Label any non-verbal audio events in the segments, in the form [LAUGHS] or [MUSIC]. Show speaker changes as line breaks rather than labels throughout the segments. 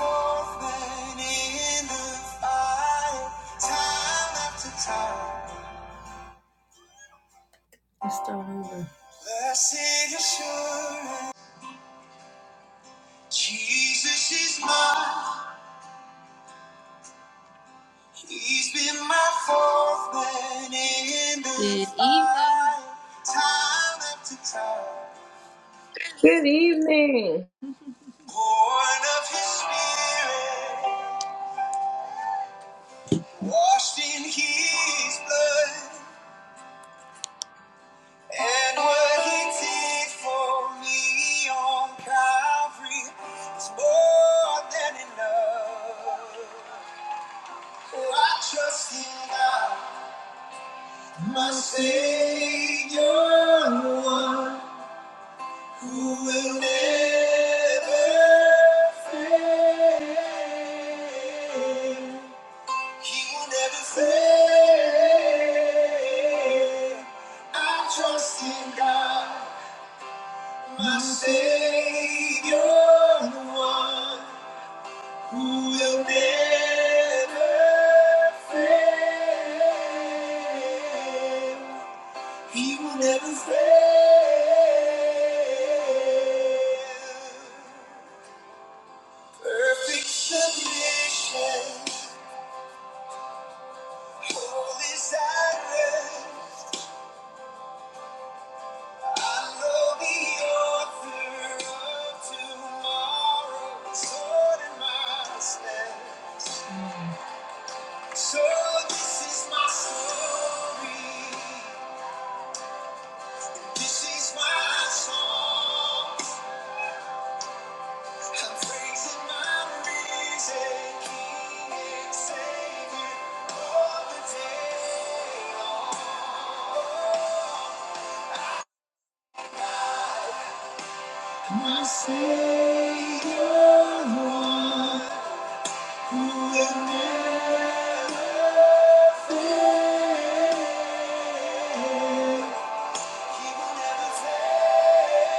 Let's start over. Blessed assurance, Jesus is mine. He's been my fourth man in the Good fight, evening. Time after time,
Good evening.
born of His Spirit, washed in His blood. And what he did for me on Calvary is more than enough. Oh, I trust in God, my Savior, the one who will never fail. He will never fail. I trust in God. My Savior, the one who will never fail. He will never fail. Perfect submission, holy silence. I know the author of tomorrow, is in my stead. So this is my story. This is my song. I'm praising my risen King and Savior all the day long. My Savior, one who will never fail. He will never fail.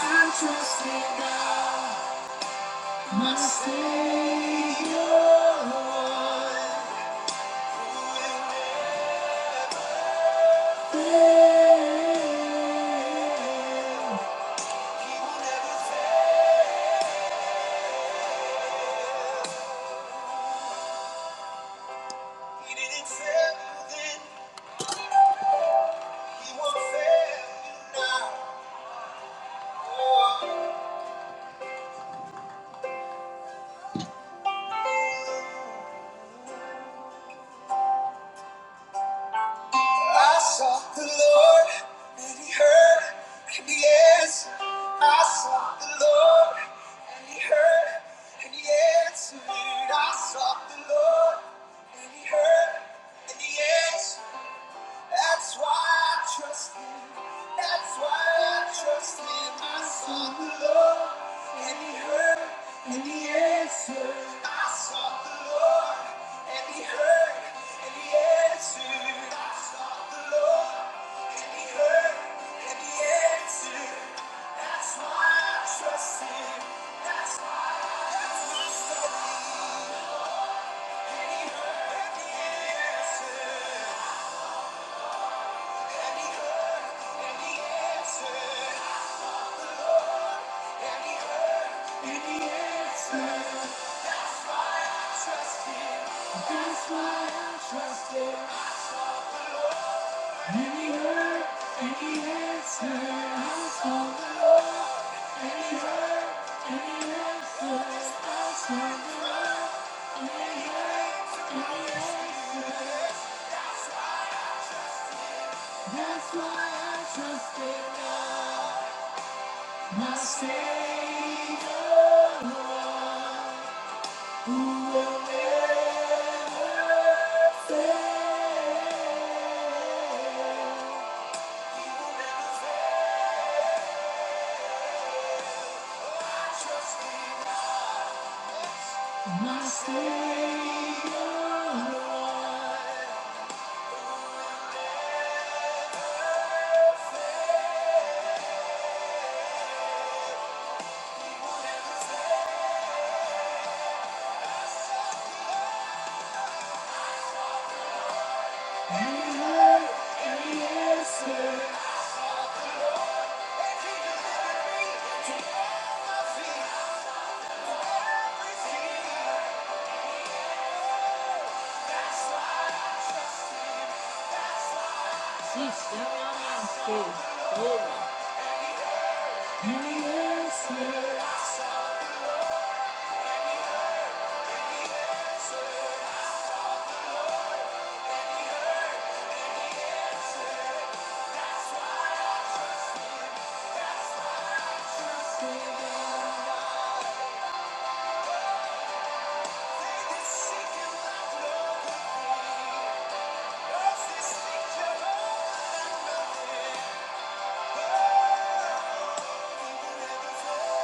I trust in God, my Savior. Fail. He will never fail. He didn't fail you then. He won't fail you now. I sought the Lord and he heard and he answered. I sought the Lord and he heard and he answered. I sought the Lord and he heard and he answered. That's why I trust him. That's why I trust him. I sought the Lord, and he heard, and he answered. I sought the Lord, and he heard, and he answered. I sought the Lord, and he heard, and he answered. That's why I trust him. That's why I trust him. And he heard, and he answered. That's why I trust in God, my Savior. my Savior, and He answers. He's Yes, yes, yes.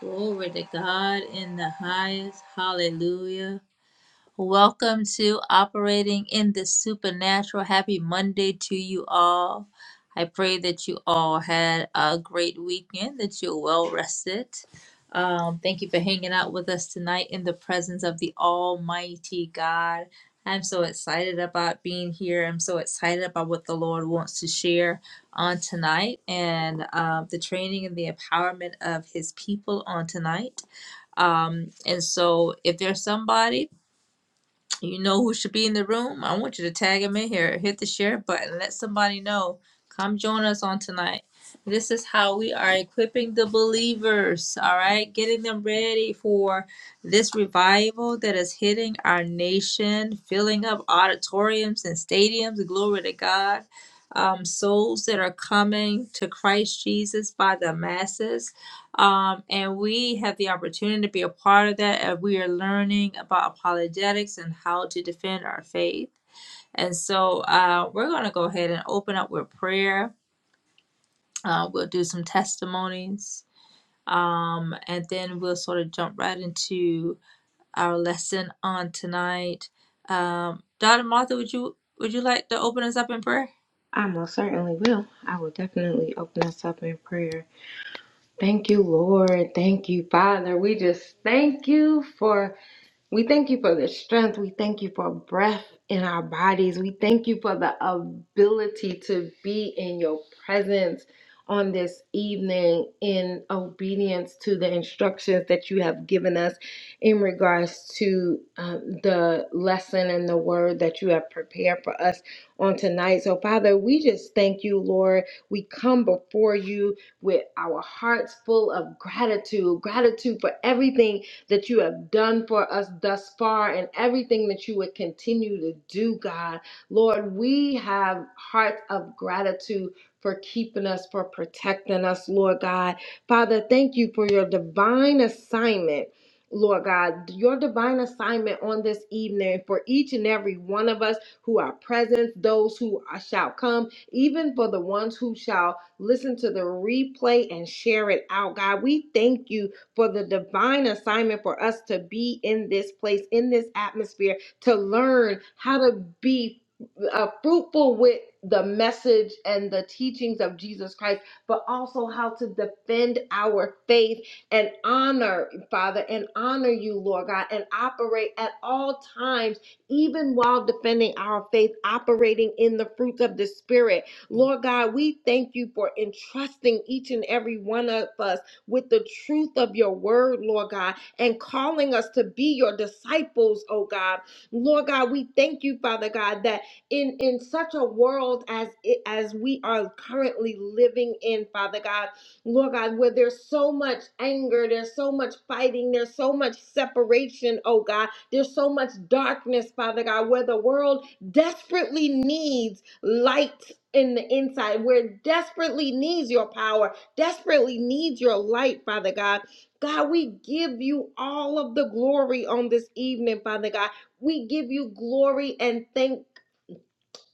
Glory to God in the highest. Hallelujah. Welcome to Operating in the Supernatural. Happy Monday to you all. I pray that you all had a great weekend, that you're well rested. Um, thank you for hanging out with us tonight in the presence of the Almighty God. I'm so excited about being here. I'm so excited about what the Lord wants to share on tonight and uh, the training and the empowerment of His people on tonight. Um, and so, if there's somebody you know who should be in the room? I want you to tag him in here. Hit the share button. Let somebody know. Come join us on tonight. This is how we are equipping the believers, all right? Getting them ready for this revival that is hitting our nation, filling up auditoriums and stadiums. Glory to God. Um, souls that are coming to Christ Jesus by the masses. Um, and we have the opportunity to be a part of that. And we are learning about apologetics and how to defend our faith. And so uh, we're going to go ahead and open up with prayer. Uh, we'll do some testimonies. Um, and then we'll sort of jump right into our lesson on tonight. Um, Donna Martha, would you would you like to open us up in prayer?
I most certainly will. I will definitely open us up in prayer. Thank you, Lord. Thank you, Father. We just thank you for We thank you for the strength. We thank you for breath in our bodies. We thank you for the ability to be in your presence on this evening in obedience to the instructions that you have given us in regards to um, the lesson and the word that you have prepared for us on tonight. So, Father, we just thank you, Lord. We come before you with our hearts full of gratitude, gratitude for everything that you have done for us thus far and everything that you would continue to do, God. Lord, we have hearts of gratitude for keeping us, for protecting us, Lord God. Father, thank you for your divine assignment. Lord God, your divine assignment on this evening for each and every one of us who are present, those who are- shall come, even for the ones who shall listen to the replay and share it out. God, we thank you for the divine assignment for us to be in this place, in this atmosphere, to learn how to be uh, fruitful with the message and the teachings of Jesus Christ, but also how to defend our faith and honor, Father, and honor you, Lord God, and operate at all times, even while defending our faith, operating in the fruits of the Spirit. Lord God, we thank you for entrusting each and every one of us with the truth of your word, Lord God, and calling us to be your disciples, oh God. Lord God, we thank you, Father God, that in, in such a world as it, as we are currently living in, Father God, Lord God, where there's so much anger, there's so much fighting, there's so much separation, oh God, there's so much darkness, Father God, where the world desperately needs light in the inside, where it desperately needs your power, desperately needs your light, Father God. God, we give you all of the glory on this evening, Father God. We give you glory and thanks.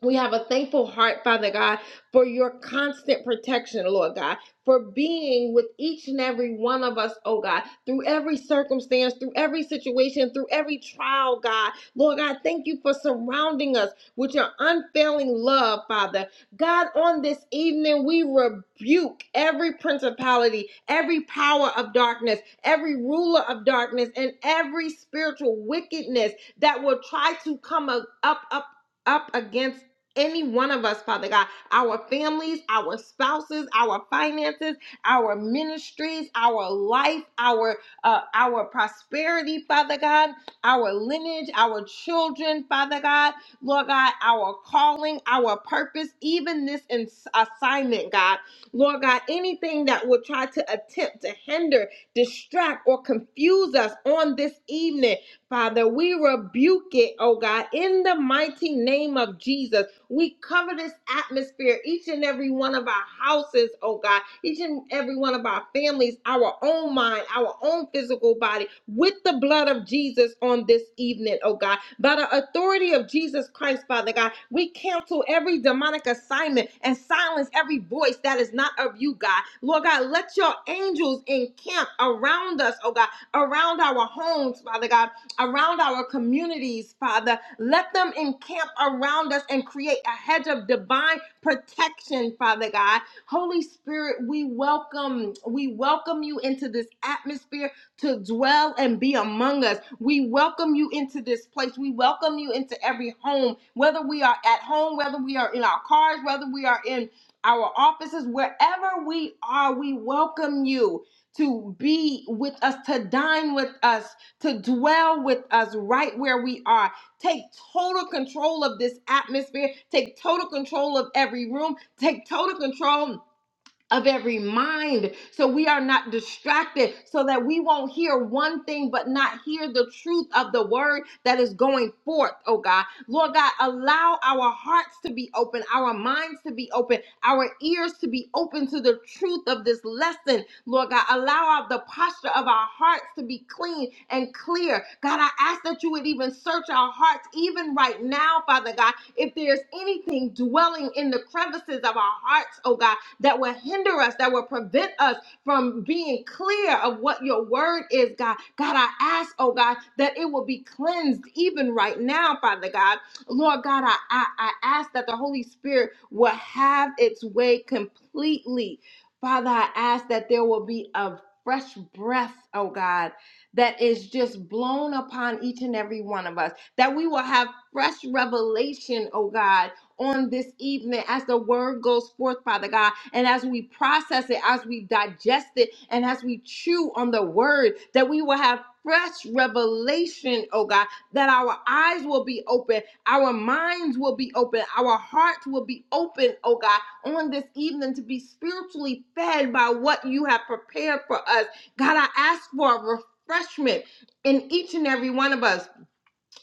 We have a thankful heart, Father God, for your constant protection, Lord God, for being with each and every one of us, oh God, through every circumstance, through every situation, through every trial, God. Lord God, thank you for surrounding us with your unfailing love, Father. God, on this evening, we rebuke every principality, every power of darkness, every ruler of darkness, and every spiritual wickedness that will try to come up, up, up up against any one of us, Father God, our families, our spouses, our finances, our ministries, our life, our uh, our prosperity, Father God, our lineage, our children, Father God, Lord God, our calling, our purpose, even this ins- assignment, God, Lord God, anything that will try to attempt to hinder, distract, or confuse us on this evening, Father, we rebuke it, oh God, in the mighty name of Jesus. We cover this atmosphere, each and every one of our houses, oh God, each and every one of our families, our own mind, our own physical body, with the blood of Jesus on this evening, oh God. By the authority of Jesus Christ, Father God, we cancel every demonic assignment and silence every voice that is not of you, God. Lord God, let your angels encamp around us, oh God, around our homes, Father God around our communities, Father. Let them encamp around us and create a hedge of divine protection, Father God. Holy Spirit, we welcome, we welcome you into this atmosphere to dwell and be among us. We welcome you into this place. We welcome you into every home, whether we are at home, whether we are in our cars, whether we are in our offices, wherever we are, we welcome you to be with us, to dine with us to dwell with us right where we are. Take total control of this atmosphere. Take total control of every room. Take total control of every mind so we are not distracted, so that we won't hear one thing but not hear the truth of the word that is going forth, oh God. Lord God, allow our hearts to be open, our minds to be open, our ears to be open to the truth of this lesson Lord God. Allow our, the posture of our hearts to be clean and clear. God, I ask that you would even search our hearts, even right now, Father God. If there's anything dwelling in the crevices of our hearts, oh God, that will hinder us, that will prevent us from being clear of what your word is, God. God, I ask, oh God, that it will be cleansed even right now, Father God. Lord God, I, I, I ask that the Holy Spirit will have its way completely Father, I ask that there will be a fresh breath, oh God, that is just blown upon each and every one of us, that we will have fresh revelation, oh God. On this evening, as the word goes forth, Father God, and as we process it, as we digest it, and as we chew on the word, that we will have fresh revelation, oh God, that our eyes will be open, our minds will be open. Our hearts will be open, oh God, on this evening to be spiritually fed by what you have prepared for us. God, I ask for a refreshment in each and every one of us.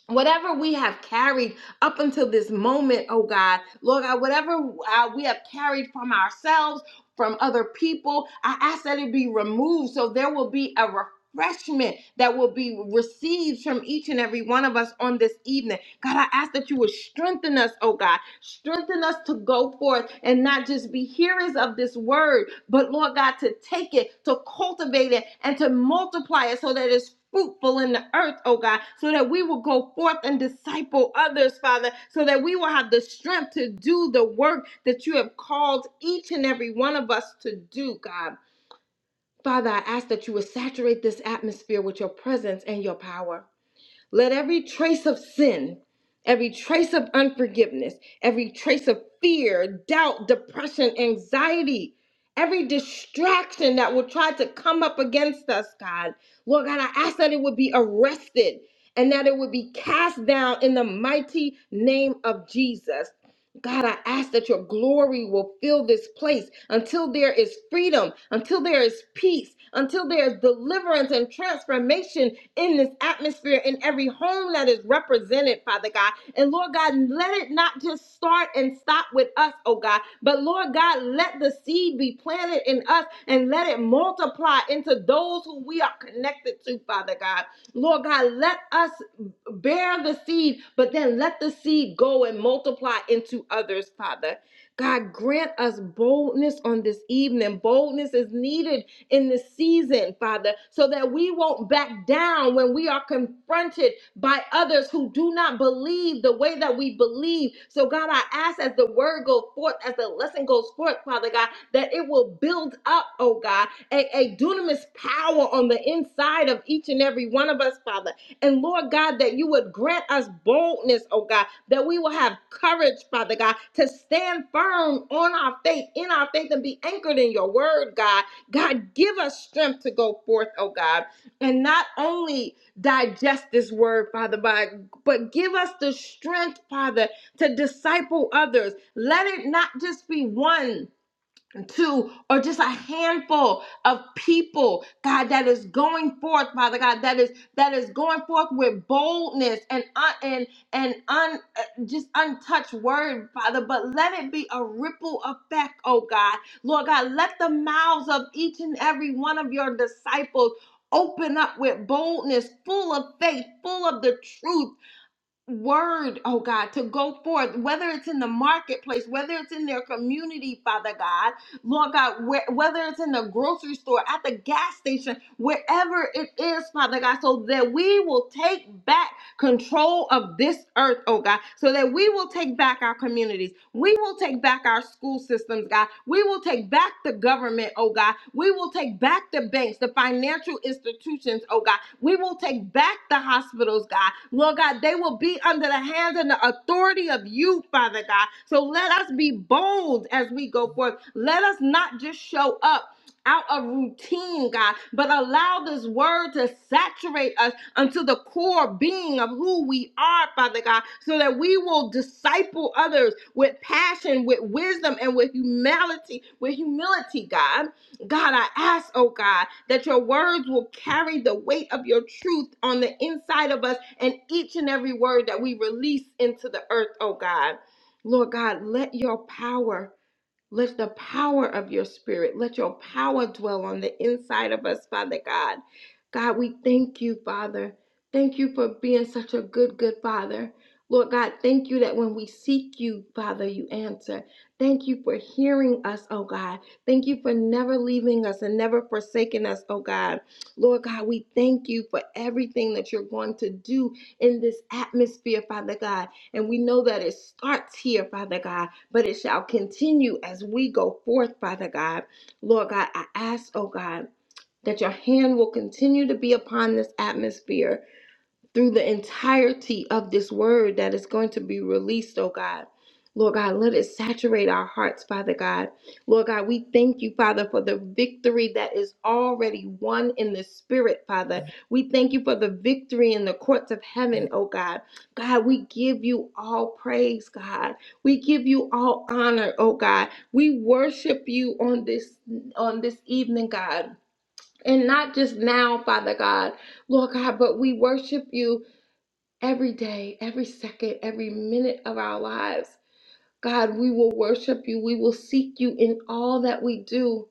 Whatever we have carried up until this moment, oh God, Lord God, whatever uh, we have carried from ourselves, from other people, I ask that it be removed so there will be a refreshment Refreshment that will be received from each and every one of us on this evening. God, I ask that you would strengthen us, oh God. Strengthen us to go forth and not just be hearers of this word, but Lord God, to take it, to cultivate it, and to multiply it so that it's fruitful in the earth, oh God, so that we will go forth and disciple others, Father, so that we will have the strength to do the work that you have called each and every one of us to do, God. Father, I ask that you would saturate this atmosphere with your presence and your power. Let every trace of sin, every trace of unforgiveness, every trace of fear, doubt, depression, anxiety, every distraction that will try to come up against us, God, Lord God, I ask that it would be arrested and that it would be cast down in the mighty name of Jesus. God, I ask that your glory will fill this place until there is freedom, until there is peace, until there is deliverance and transformation in this atmosphere, in every home that is represented, Father God. And Lord God, let it not just start and stop with us, oh God, but Lord God, let the seed be planted in us and let it multiply into those who we are connected to, Father God. Lord God, let us bear the seed, but then let the seed go and multiply into others, Father. God, grant us boldness on this evening. Boldness is needed in this season, Father, so that we won't back down when we are confronted by others who do not believe the way that we believe. So, God, I ask as the word goes forth, as the lesson goes forth, Father God, that it will build up, oh God, a, a dunamis power on the inside of each and every one of us, Father. And Lord God, that you would grant us boldness, oh God, that we will have courage, Father God, to stand firm on our faith, in our faith, and be anchored in your word, God God, give us strength to go forth, oh God, and not only digest this word, Father, but, but give us the strength, Father, to disciple others. Let it not just be one dozen, two, or just a handful of people, God, that is going forth, Father God, that is that is going forth with boldness and un, and and un, uh, just untouched word, Father. But let it be a ripple effect, oh God, Lord God, let the mouths of each and every one of your disciples. Open up with boldness, full of faith, full of the truth, word, oh God, to go forth, whether it's in the marketplace, whether it's in their community, Father God, Lord God, where, whether it's in the grocery store, at the gas station, wherever it is, Father God, so that we will take back control of this earth, oh God, so that we will take back our communities. We will take back our school systems, God. We will take back the government, oh God. We will take back the banks, the financial institutions, oh God. We will take back the hospitals, God. Lord God, they will be under the hands and the authority of you, Father God. So let us be bold as we go forth. Let us not just show up out of routine, God, but allow this word to saturate us unto the core being of who we are, Father God, so that we will disciple others with passion, with wisdom, and with humility, with humility, God. God, I ask, oh God, that your words will carry the weight of your truth on the inside of us and each and every word that we release into the earth, oh God. Lord God, let your power let the power of your spirit, let your power dwell on the inside of us, Father God. God, we thank you, Father. Thank you for being such a good, good Father. Lord God, thank you that when we seek you, Father, you answer. Thank you for hearing us, oh God. Thank you for never leaving us and never forsaking us, oh God. Lord God, we thank you for everything that you're going to do in this atmosphere, Father God. And we know that it starts here, Father God but it shall continue as we go forth, Father God. Lord God, I ask, oh God, that your hand will continue to be upon this atmosphere through the entirety of this word that is going to be released, oh God. Lord God, let it saturate our hearts, Father God. Lord God, we thank you, Father, for the victory that is already won in the spirit, Father. We thank you for the victory in the courts of heaven, oh God. God, we give you all praise, God. We give you all honor, oh God. We worship you on this on this evening, God. And not just now, Father God, Lord God, but we worship you every day, every second, every minute of our lives. God, we will worship you. We will seek you in all that we do.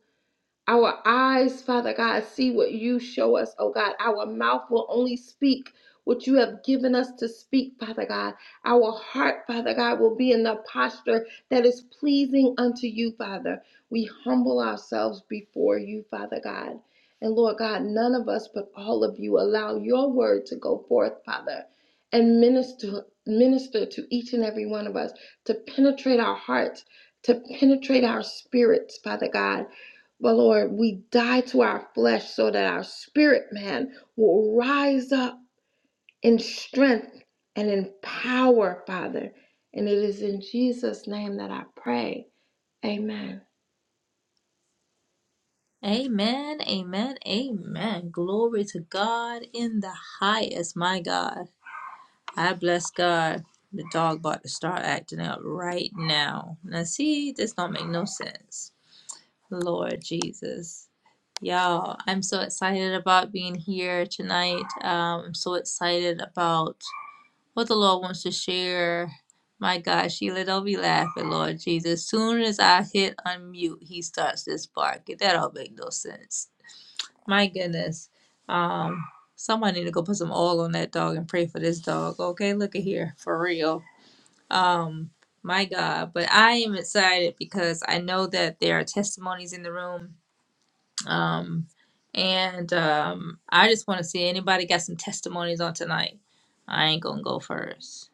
Our eyes, Father God, see what you show us, oh God. Our mouth will only speak what you have given us to speak, Father God. Our heart, Father God, will be in the posture that is pleasing unto you, Father. We humble ourselves before you, Father God. And Lord God, none of us but all of you allow your word to go forth, Father, and minister minister to each and every one of us to penetrate our hearts, to penetrate our spirits, Father God but Lord, we die to our flesh so that our spirit man will rise up in strength and in power, Father. And it is in Jesus' name that I pray. Amen.
Amen, amen, amen. Glory to God in the highest, my God. I bless God. The dog about to start acting up right now. Now see, this don't make no sense. Lord Jesus. Y'all, I'm so excited about being here tonight. Um, I'm so excited about what the Lord wants to share. My God, Sheila, don't be laughing, Lord Jesus. Soon as I hit unmute, he starts this barking. That don't make no sense. My goodness. Um, somebody need to go put some oil on that dog and pray for this dog. Okay, look at here. For real. Um, my God, but I am excited because I know that there are testimonies in the room. Um, and um, I just want to see anybody got some testimonies on tonight. I ain't gonna go first.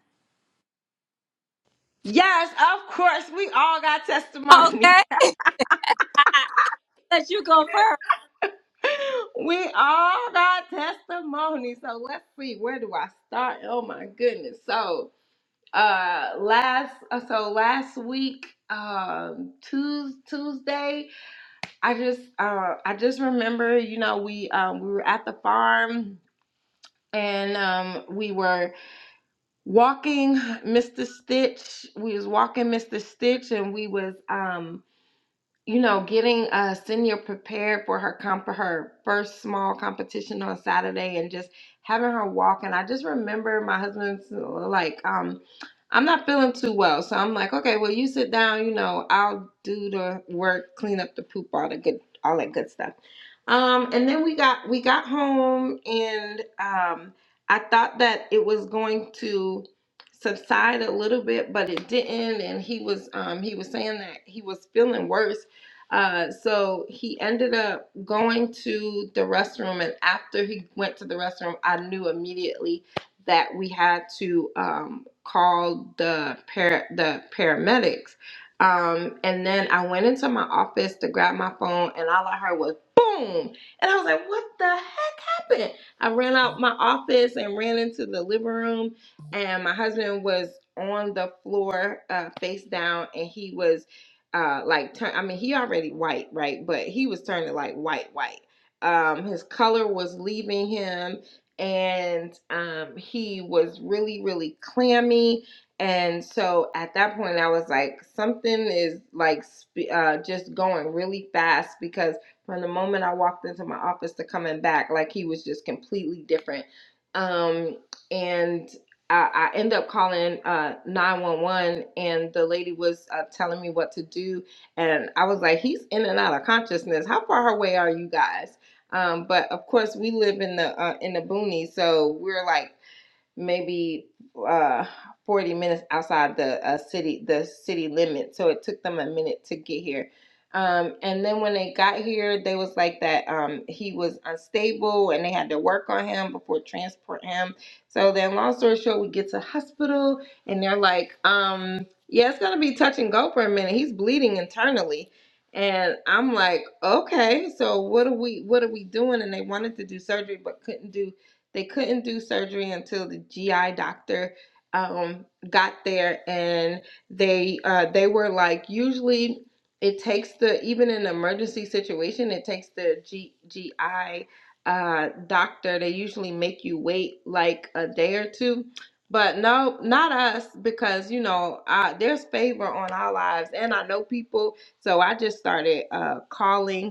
Yes, of course, we all got testimony.
Okay,
[LAUGHS]
let you go first.
We all got testimony. So let's see, where do I start? Oh my goodness. So uh last uh, so last week um Tues Tuesday I just uh I just remember, you know, we um we were at the farm and um we were walking Mr. Stitch. We was walking Mr. Stitch and we was um you know, getting uh senior prepared for her comp her first small competition on Saturday and just having her walk and I just remember my husband's like um I'm not feeling too well. So I'm like, okay, well you sit down, you know, I'll do the work, clean up the poop, all the good all that good stuff. Um and then we got we got home and um I thought that it was going to subside a little bit, but it didn't and he was um he was saying that he was feeling worse uh, so he ended up going to the restroom, and after he went to the restroom, I knew immediately that we had to um, call the para- the paramedics. Um, and then I went into my office to grab my phone, and all I heard was boom, and I was like, "What the heck happened?" I ran out my office and ran into the living room, and my husband was on the floor, uh, face down, and he was uh like turn I mean he already white, right? But he was turning like white white. Um his color was leaving him and um he was really really clammy and so at that point I was like something is like uh just going really fast because from the moment I walked into my office to coming back like he was just completely different. Um and I, I end up calling uh 911 and the lady was uh, telling me what to do and I was like he's in and out of consciousness how far away are you guys um but of course we live in the uh, in the boonies so we're like maybe uh 40 minutes outside the uh, city the city limit so it took them a minute to get here um and then when they got here they was like that um he was unstable and they had to work on him before transport him so then long story short we get to hospital and they're like um yeah it's gonna be touch and go for a minute he's bleeding internally and i'm like okay so what are we what are we doing and they wanted to do surgery but couldn't do they couldn't do surgery until the GI doctor um, got there, and they uh, they were like, usually it takes the even in an emergency situation, it takes the G, GI uh, doctor. They usually make you wait like a day or two. But no, not us, because you know uh, there's favor on our lives, and I know people, so I just started uh, calling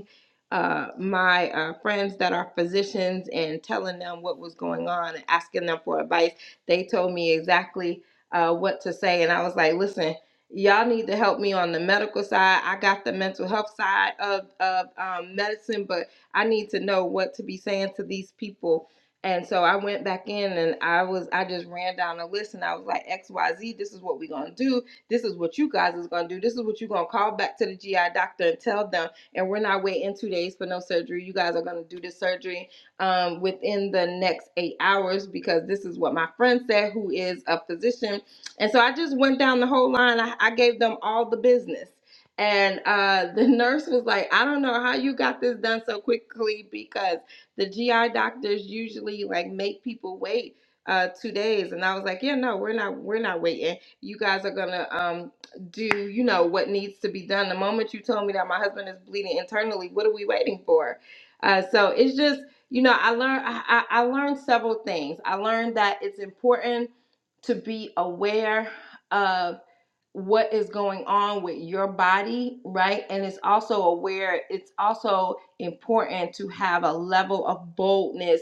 uh, my uh, friends that are physicians and telling them what was going on and asking them for advice. They told me exactly uh, what to say. And I was like, listen, y'all need to help me on the medical side. I got the mental health side of, of um, medicine, but I need to know what to be saying to these people. And so I went back in and I was I just ran down a list and I was like XYZ this is what we're going to do. This is what you guys is going to do. This is what you're going to call back to the GI doctor and tell them and we're not waiting two days for no surgery. You guys are going to do this surgery um, within the next eight hours because this is what my friend said, who is a physician. And so I just went down the whole line. I, I gave them all the business. And uh, the [LAUGHS] nurse was like, I don't know how you got this done so quickly because the GI doctors usually like make people wait uh, two days. And I was like, yeah, no, we're not, we're not waiting. You guys are gonna um, do you know what needs to be done the moment you told me that my husband is bleeding internally what are we waiting for uh, so it's just you know i learned I, I I learned several things i learned that it's important to be aware of what is going on with your body, right? And it's also aware, it's also important to have a level of boldness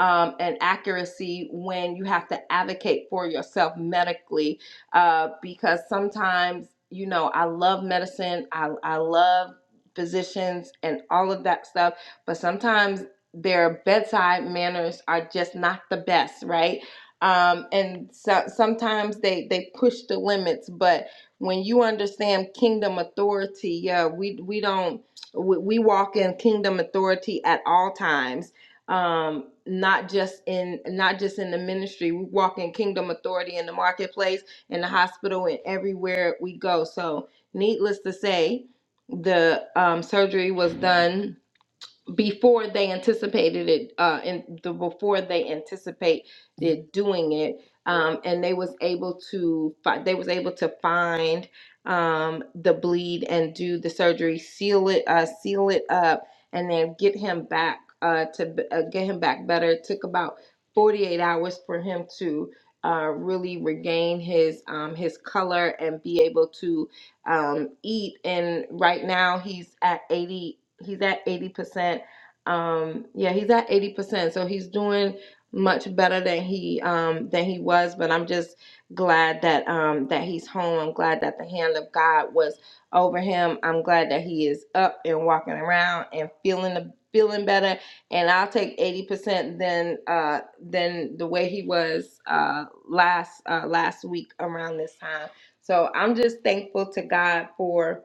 um, and accuracy when you have to advocate for yourself medically, uh, because sometimes, you know, I love medicine, I, I love physicians and all of that stuff, but sometimes their bedside manners are just not the best, right? Um, and so, sometimes they they push the limits, but when you understand kingdom authority, yeah, we we don't we, we walk in kingdom authority at all times. Um, not just in not just in the ministry, we walk in kingdom authority in the marketplace, in the hospital, and everywhere we go. So, needless to say, the um, surgery was done before they anticipated it uh in the before they anticipated doing it um and they was able to fi- they was able to find um the bleed and do the surgery seal it uh seal it up and then get him back uh to b- uh, get him back better it took about 48 hours for him to uh, really regain his um, his color and be able to um, eat and right now he's at 80 he's at 80% um, yeah, he's at 80%, so he's doing much better than he um than he was, but I'm just glad that um that he's home. I'm glad that the hand of God was over him. I'm glad that he is up and walking around and feeling the feeling better and I'll take 80% than uh than the way he was uh last uh last week around this time. So I'm just thankful to God for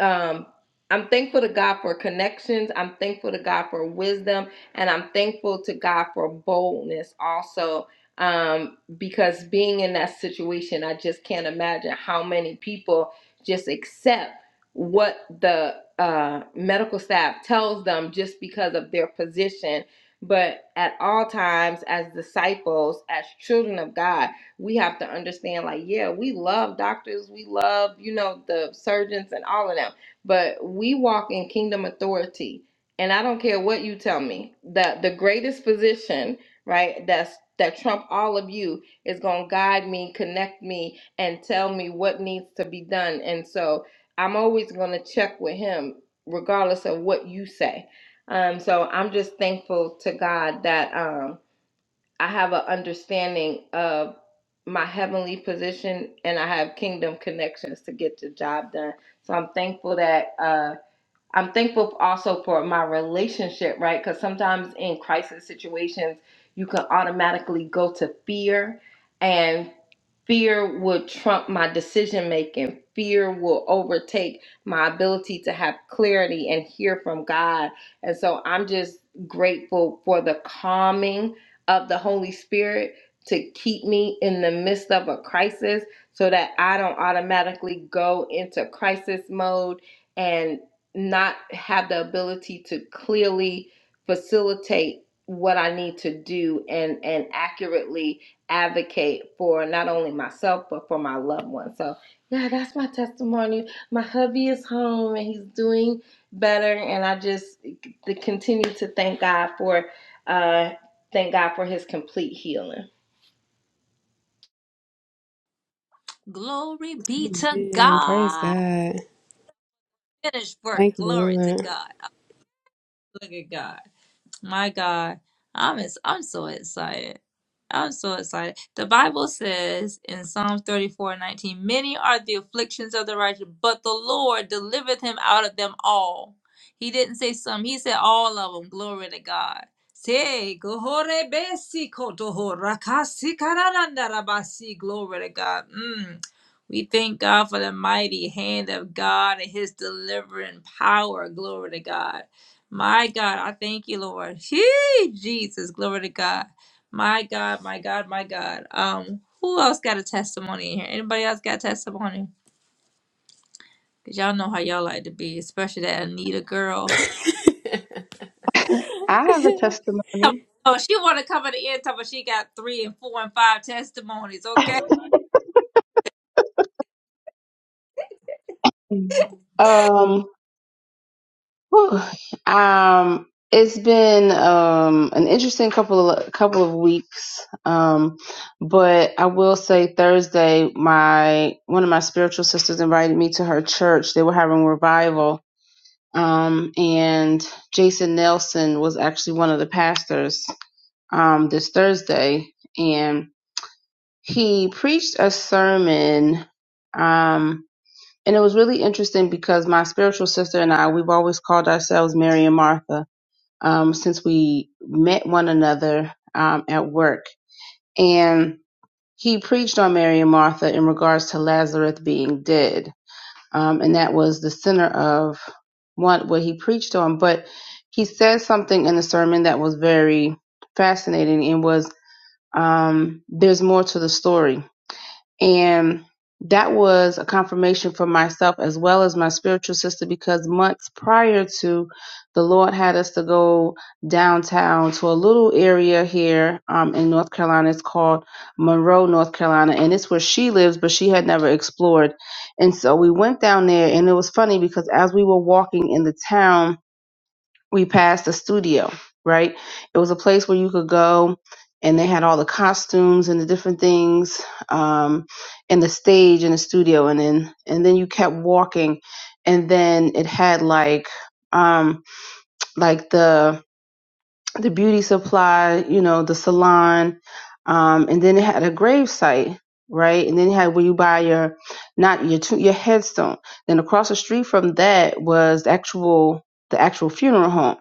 um, I'm thankful to God for connections. I'm thankful to God for wisdom. And I'm thankful to God for boldness also. Um, because being in that situation, I just can't imagine how many people just accept what the uh, medical staff tells them just because of their position. But at all times, as disciples, as children of God, we have to understand like yeah we love doctors we love you know the surgeons and all of them but we walk in kingdom authority and i don't care what you tell me that the greatest physician, right that's that trump all of you is going to guide me connect me and tell me what needs to be done and so i'm always going to check with him regardless of what you say um so i'm just thankful to god that um I have an understanding of my heavenly position and I have kingdom connections to get the job done. So I'm thankful that uh, I'm thankful also for my relationship, right? Because sometimes in crisis situations, you can automatically go to fear, and fear will trump my decision making. Fear will overtake my ability to have clarity and hear from God. And so I'm just grateful for the calming of the Holy Spirit to keep me in the midst of a crisis so that I don't automatically go into crisis mode and not have the ability to clearly facilitate what I need to do and and accurately advocate for not only myself but for my loved ones. So yeah, that's my testimony. My hubby is home and he's doing better, and I just continue to thank God for uh thank God for His complete healing.
Glory be to
Amen. Praise
God.
God.
Finished work.
Thank you,
Glory to
Lord.
God. Look at God. My God, I'm ex- I'm so excited. I'm so excited. The Bible says in Psalms 34:19, Many are the afflictions of the righteous, but the Lord delivereth him out of them all. He didn't say some, he said all of them. Glory to God. Say, "Gohore besi kotoho rakasi kararanda rabasi." Glory to God. Mm. We thank God for the mighty hand of God and his delivering power. Glory to God. My God, I thank you, Lord. Hey, Jesus, glory to God. My God, my God, my God. Um, who else got a testimony in here? Anybody else got a testimony? Cause y'all know how y'all like to be, especially that Anita girl.
[LAUGHS]
I have a testimony.
Oh, she want to cover the end top, but she got three and four and five testimonies.
[LAUGHS]
Okay.
um, whew. um, it's been um an interesting couple of couple of weeks. Um, but I will say Thursday, my one of my spiritual sisters invited me to her church. They were having revival. Um, and Jason Nelson was actually one of the pastors um, this Thursday, and he preached a sermon. Um, And it was really interesting because my spiritual sister and I, we've always called ourselves Mary and Martha um, since we met one another um, at work. And he preached on Mary and Martha in regards to Lazarus being dead. Um, and that was the center of what, what he preached on. But he said something in the sermon that was very fascinating and was um, there's more to the story and that was a confirmation for myself as well as my spiritual sister because months prior to the Lord had us to go downtown to a little area here um, in North Carolina. It's called Monroe, North Carolina, and it's where she lives, but she had never explored. And so we went down there, and it was funny because as we were walking in the town, we passed the studio, right? It was a place where you could go and they had all the costumes and the different things um, and the stage and the studio and then and then you kept walking and then it had like um like the the beauty supply, you know, the salon, um, and then it had a grave site, right? And then it had where you buy your not your to- your headstone. Then across the street from that was the actual the actual funeral home.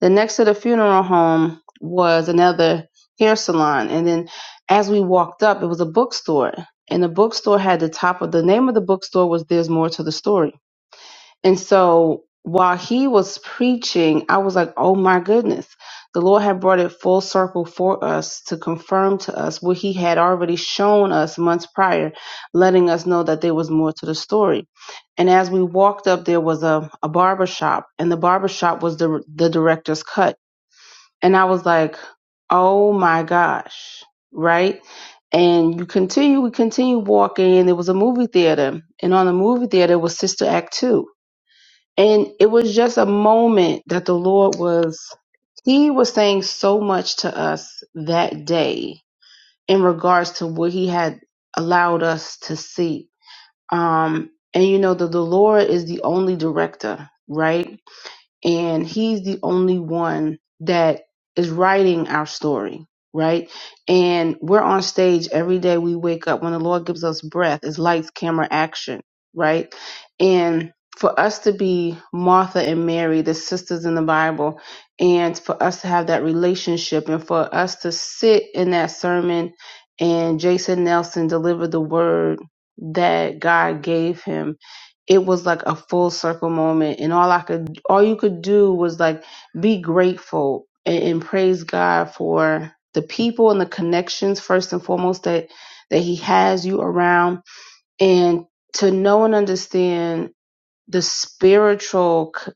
Then next to the funeral home was another hair salon, and then as we walked up, it was a bookstore. And the bookstore had the top of the name of the bookstore was "There's More to the Story." And so while he was preaching, I was like, oh my goodness. The Lord had brought it full circle for us to confirm to us what he had already shown us months prior, letting us know that there was more to the story. And as we walked up, there was a, a barber shop, and the barber shop was the, the director's cut. And I was like, oh my gosh, right? And you continue, we continue walking, and there was a movie theater. And on the movie theater was Sister Act 2 and it was just a moment that the Lord was, He was saying so much to us that day in regards to what He had allowed us to see. Um, and you know that the Lord is the only director, right? and he's the only one that is writing our story right and we're on stage every day we wake up when the lord gives us breath it's lights camera action right and for us to be martha and mary the sisters in the bible and for us to have that relationship and for us to sit in that sermon and jason nelson deliver the word that god gave him it was like a full circle moment and all i could all you could do was like be grateful and, and praise god for the people and the connections first and foremost that that he has you around and to know and understand the spiritual c-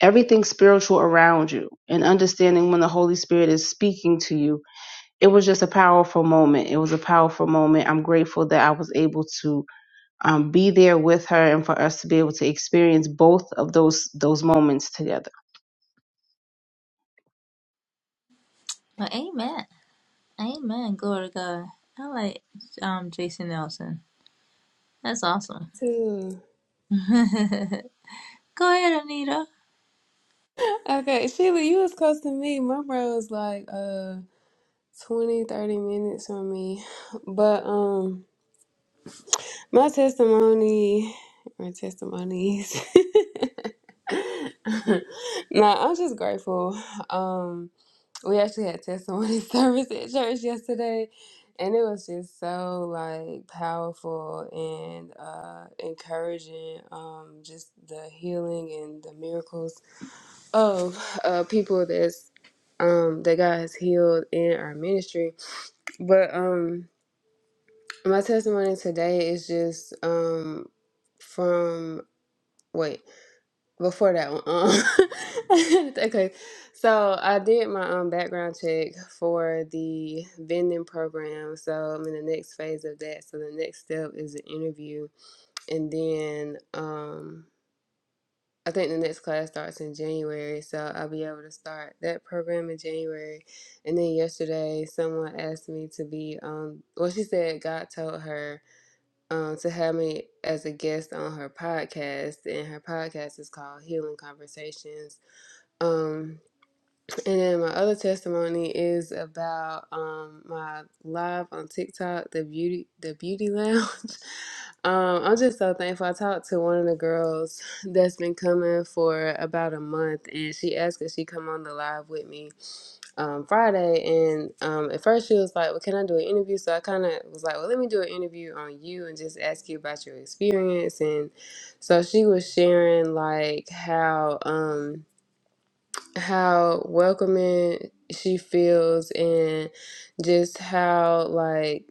everything spiritual around you and understanding when the holy spirit is speaking to you it was just a powerful moment it was a powerful moment i'm grateful that i was able to um, be there with her and for us to be able to experience both of those those moments together
Well, amen, amen. Glory to God. I like um Jason Nelson. That's awesome.
Too.
[LAUGHS] Go ahead, Anita.
Okay, Sheila, you was close to me. My bro was like uh 20, thirty minutes from me. But um my testimony or testimonies. [LAUGHS] nah, I'm just grateful. Um We actually had testimony [LAUGHS] service at church yesterday, and it was just so like powerful and uh, encouraging. Um, just the healing and the miracles of uh, people that's um, that God has healed in our ministry. But um, my testimony today is just um, from wait before that one. Um, [LAUGHS] okay, so I did my um, background check for the vending program. So I'm in the next phase of that. So the next step is an interview, and then um, I think the next class starts in January. So I'll be able to start that program in January. And then yesterday, someone asked me to be. Um, well, she said God told her um, to have me as a guest on her podcast, and her podcast is called Healing Conversations. Um, and then my other testimony is about um, my live on TikTok, the beauty, the beauty lounge. [LAUGHS] Um, I'm just so thankful. I talked to one of the girls [LAUGHS] that's been coming for about a month, and she asked if she come on the live with me um, Friday. And um, at first she was like, "Well, can I do an interview?" So I kind of was like, "Well, let me do an interview on you and just ask you about your experience." And so she was sharing like how. Um, how welcoming she feels and just how like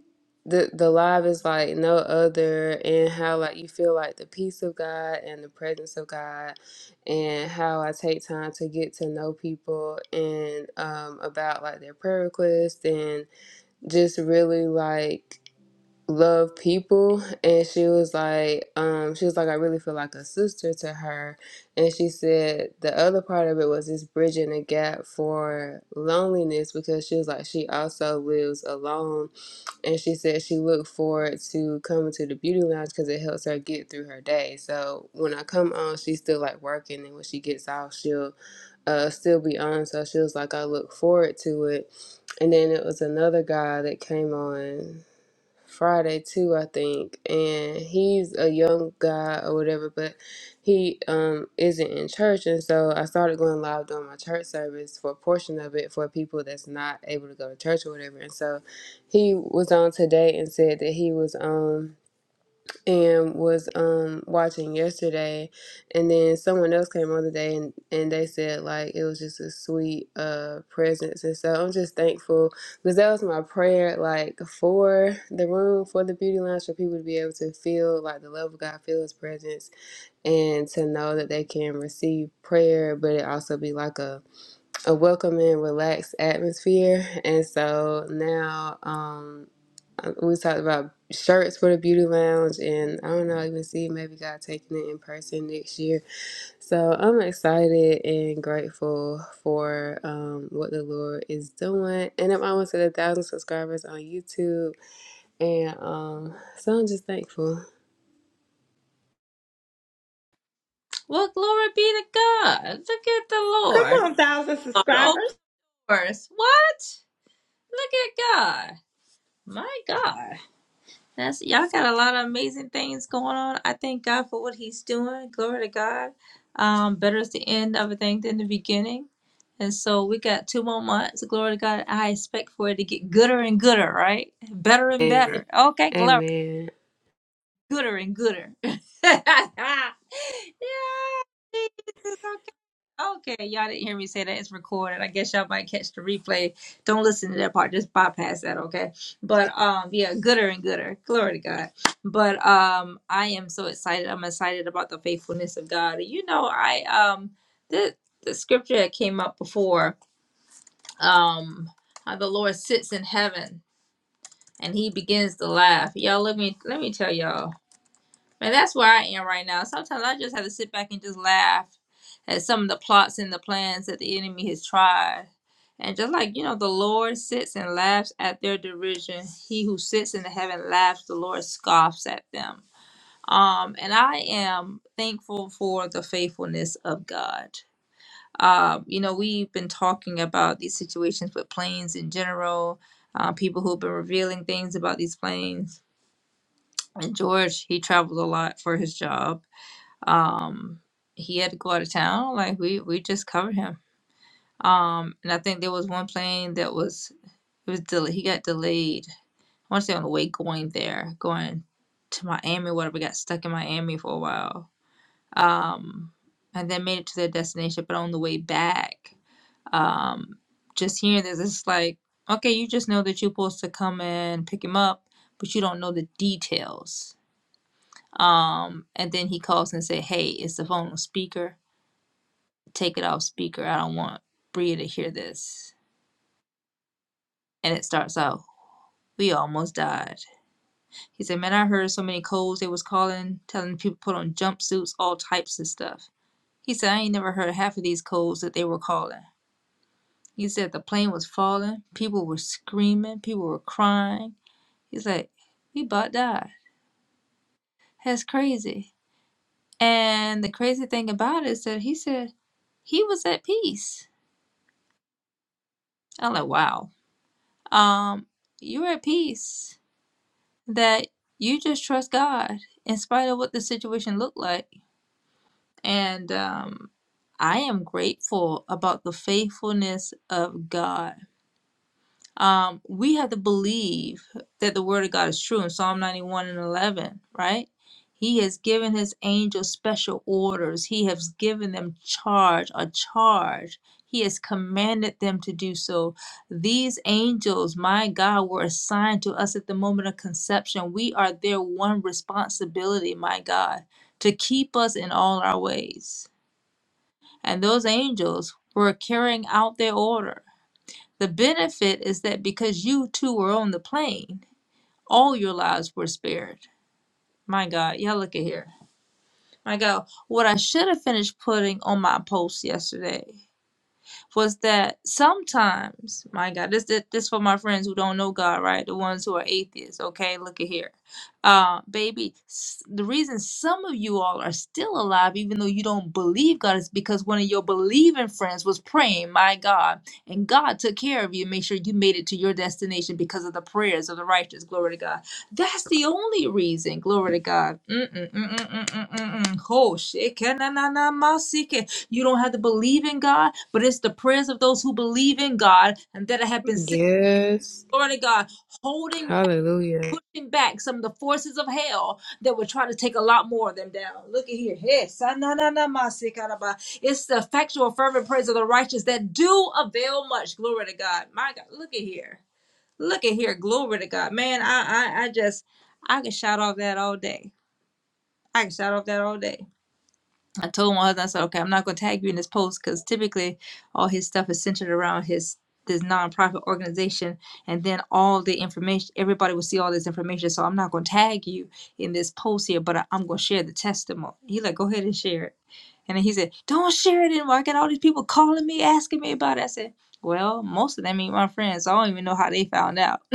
the the live is like no other and how like you feel like the peace of God and the presence of God and how I take time to get to know people and um about like their prayer requests and just really like love people and she was like um she was like I really feel like a sister to her and she said the other part of it was this bridging the gap for loneliness because she was like she also lives alone and she said she looked forward to coming to the beauty lounge because it helps her get through her day so when I come on she's still like working and when she gets off she'll uh still be on so she was like I look forward to it and then it was another guy that came on Friday too, I think. And he's a young guy or whatever, but he um isn't in church and so I started going live during my church service for a portion of it for people that's not able to go to church or whatever. And so he was on today and said that he was on and was um watching yesterday and then someone else came on today and and they said like it was just a sweet uh presence and so i'm just thankful because that was my prayer like for the room for the beauty lounge for people to be able to feel like the love of god feel his presence and to know that they can receive prayer but it also be like a a welcoming relaxed atmosphere and so now um um, we talked about shirts for the beauty lounge, and I don't know, even see maybe God taking it in person next year. So I'm excited and grateful for um, what the Lord is doing, and I'm almost at a thousand subscribers on YouTube, and um, so I'm just thankful.
Well, glory be to God. Look at the
Come
Lord.
on, thousand
Lord
subscribers.
course. What? Look at God. My God. That's y'all got a lot of amazing things going on. I thank God for what he's doing. Glory to God. Um, better is the end of a thing than the beginning. And so we got two more months. Glory to God. I expect for it to get gooder and gooder, right? Better and
And
better. Okay, glory
Amen.
gooder and gooder. [LAUGHS] yeah, Jesus, okay. Okay, y'all didn't hear me say that. It's recorded. I guess y'all might catch the replay. Don't listen to that part. Just bypass that, okay? But um, yeah, gooder and gooder. Glory to God. But um, I am so excited. I'm excited about the faithfulness of God. You know, I um, the the scripture that came up before um, how the Lord sits in heaven and He begins to laugh. Y'all, let me let me tell y'all. And that's where I am right now. Sometimes I just have to sit back and just laugh at some of the plots and the plans that the enemy has tried. And just like, you know, the Lord sits and laughs at their derision. He who sits in the heaven laughs, the Lord scoffs at them. Um, and I am thankful for the faithfulness of God. Um, you know, we've been talking about these situations with planes in general, uh, people who've been revealing things about these planes. And George, he travels a lot for his job um, he had to go out of town. Like we we just covered him. Um, and I think there was one plane that was it was del- he got delayed. I want to say on the way going there, going to Miami, whatever. Got stuck in Miami for a while. Um, and then made it to their destination, but on the way back, um, just hearing this, it's like okay, you just know that you're supposed to come and pick him up, but you don't know the details. Um, and then he calls and say, "Hey, is the phone on speaker?" take it off speaker. I don't want Bria to hear this. And it starts out, we almost died. He said, man, I heard so many codes they was calling, telling people to put on jumpsuits, all types of stuff. He said, I ain't never heard half of these codes that they were calling. He said the plane was falling, people were screaming, people were crying. He's like, we about died. That's crazy. And the crazy thing about it is that he said he was at peace. I'm like, wow. Um, you're at peace that you just trust God in spite of what the situation looked like. And um, I am grateful about the faithfulness of God um, we have to believe that the word of God is true in Psalm 91 and 11, right? He has given his angels special orders. He has given them charge, a charge. He has commanded them to do so. These angels, my God, were assigned to us at the moment of conception. We are their one responsibility, my God, to keep us in all our ways. And those angels were carrying out their order the benefit is that because you two were on the plane, all your lives were spared. My God, y'all look at here. My God, what I should have finished putting on my post yesterday was that sometimes, my God, this this this for my friends who don't know God, right? The ones who are atheists. Okay, look at here, uh, baby. s- The reason some of you all are still alive, even though you don't believe God, is because one of your believing friends was praying, my God, and God took care of you, and made sure you made it to your destination because of the prayers of the righteous. Glory to God. That's the only reason. Glory to God. Mm-mm, mm-mm, mm-mm, mm-mm. Oh, shekinah na na ma You don't have to believe in God, but it's the prayers of those who believe in God and that have been sick.
Yes.
Glory to God, holding,
Hallelujah.
pushing back some of the forces of hell that would try to take a lot more of them down. Look at here. Hey, sa na na na ma It's the effectual, fervent prayers of the righteous that do avail much. Glory to God. My God, look at here. Look at here, glory to God, man. I, I, I just, I can shout off that all day. I can shout off that all day. I told my husband, I said, okay, I'm not gonna tag you in this post because typically all his stuff is centered around his this nonprofit organization, and then all the information, everybody will see all this information. So I'm not gonna tag you in this post here, but I, I'm gonna share the testimony. He like, go ahead and share it. And then he said, Don't share it anymore. I got all these people calling me, asking me about it. I said, Well, most of them ain't my friends, so I don't even know how they found out. [LAUGHS]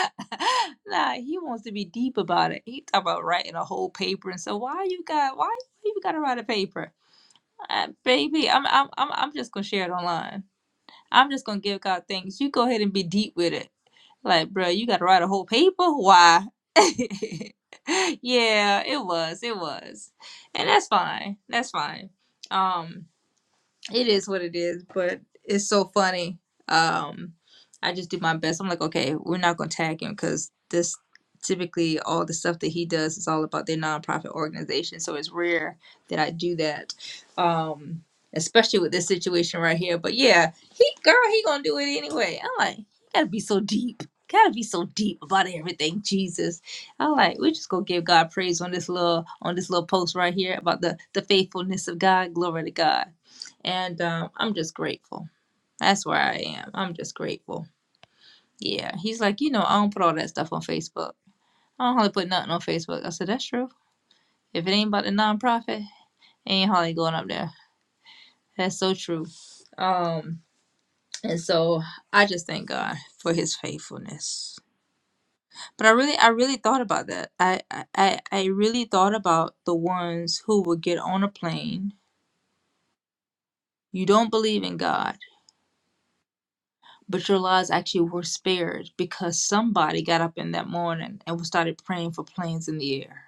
[LAUGHS] nah, he wants to be deep about it. He talk about writing a whole paper and so why you got why you even gotta write a paper? Uh, baby, I'm I'm I'm I'm just gonna share it online. I'm just gonna give God thanks. You go ahead and be deep with it. Like, bro, you gotta write a whole paper? Why? [LAUGHS] yeah, it was, it was. And that's fine. That's fine. Um it is what it is, but it's so funny. Um, I just do my best. I'm like, okay, we're not gonna tag him because this typically all the stuff that he does is all about their nonprofit organization. So it's rare that I do that, um, especially with this situation right here. But yeah, he girl, he gonna do it anyway. I'm like, you gotta be so deep. Gotta be so deep about everything, Jesus. I am like we just gonna give God praise on this little on this little post right here about the the faithfulness of God. Glory to God and um, I'm just grateful. That's where I am. I'm just grateful. Yeah. He's like, you know, I don't put all that stuff on Facebook. I don't hardly put nothing on Facebook. I said, that's true. If it ain't about the nonprofit, ain't hardly going up there. That's so true. Um, and so I just thank God for his faithfulness. But I really I really thought about that. I I, I I really thought about the ones who would get on a plane. You don't believe in God but your lives actually were spared because somebody got up in that morning and started praying for planes in the air.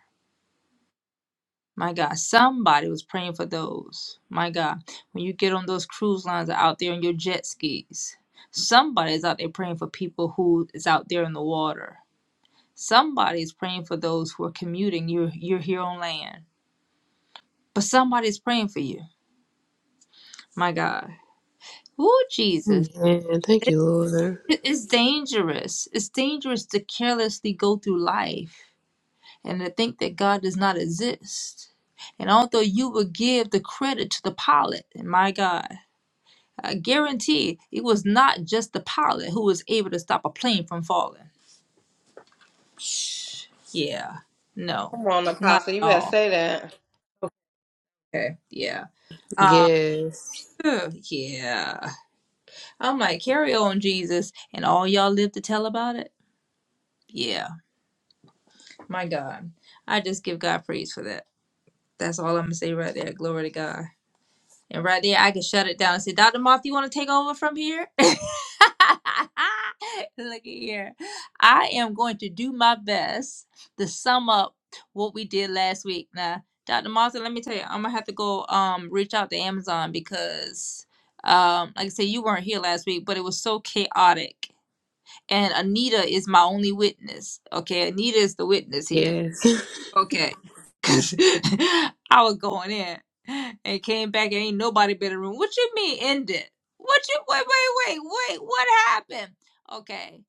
My God, somebody was praying for those. My God, when you get on those cruise lines or out there on your jet skis, somebody's out there praying for people who is out there in the water. Somebody's praying for those who are commuting. You're you're here on land, but somebody's praying for you. My God, oh Jesus,
Amen. Thank you, Lord.
It- it's dangerous. It's dangerous to carelessly go through life and to think that God does not exist. And although you will give the credit to the pilot, my God, I guarantee it was not just the pilot who was able to stop a plane from falling. Shh. Yeah, no,
Come on,
not
Apostle, you
at
better
all.
say that.
Okay, yeah. Uh,
Yes.
ugh, yeah. I'm like, carry on, Jesus, and all y'all live to tell about it? Yeah, my God. I just give God praise for that. That's all I'm going to say right there. Glory to God. And right there, I can shut it down and say, Dr. Moth, you want to take over from here? [LAUGHS] Look at here. I am going to do my best to sum up what we did last week. Now, Dr. Moth, let me tell you, I'm gonna have to go um reach out to Amazon because um, like I said, you weren't here last week, but it was so chaotic. And Anita is my only witness. Okay, Anita is the witness here
Yes. [LAUGHS]
Okay. [LAUGHS] 'Cause I was going in and came back and ain't nobody been in the room. What you mean ended? What you wait, wait, wait, wait, what happened? Okay.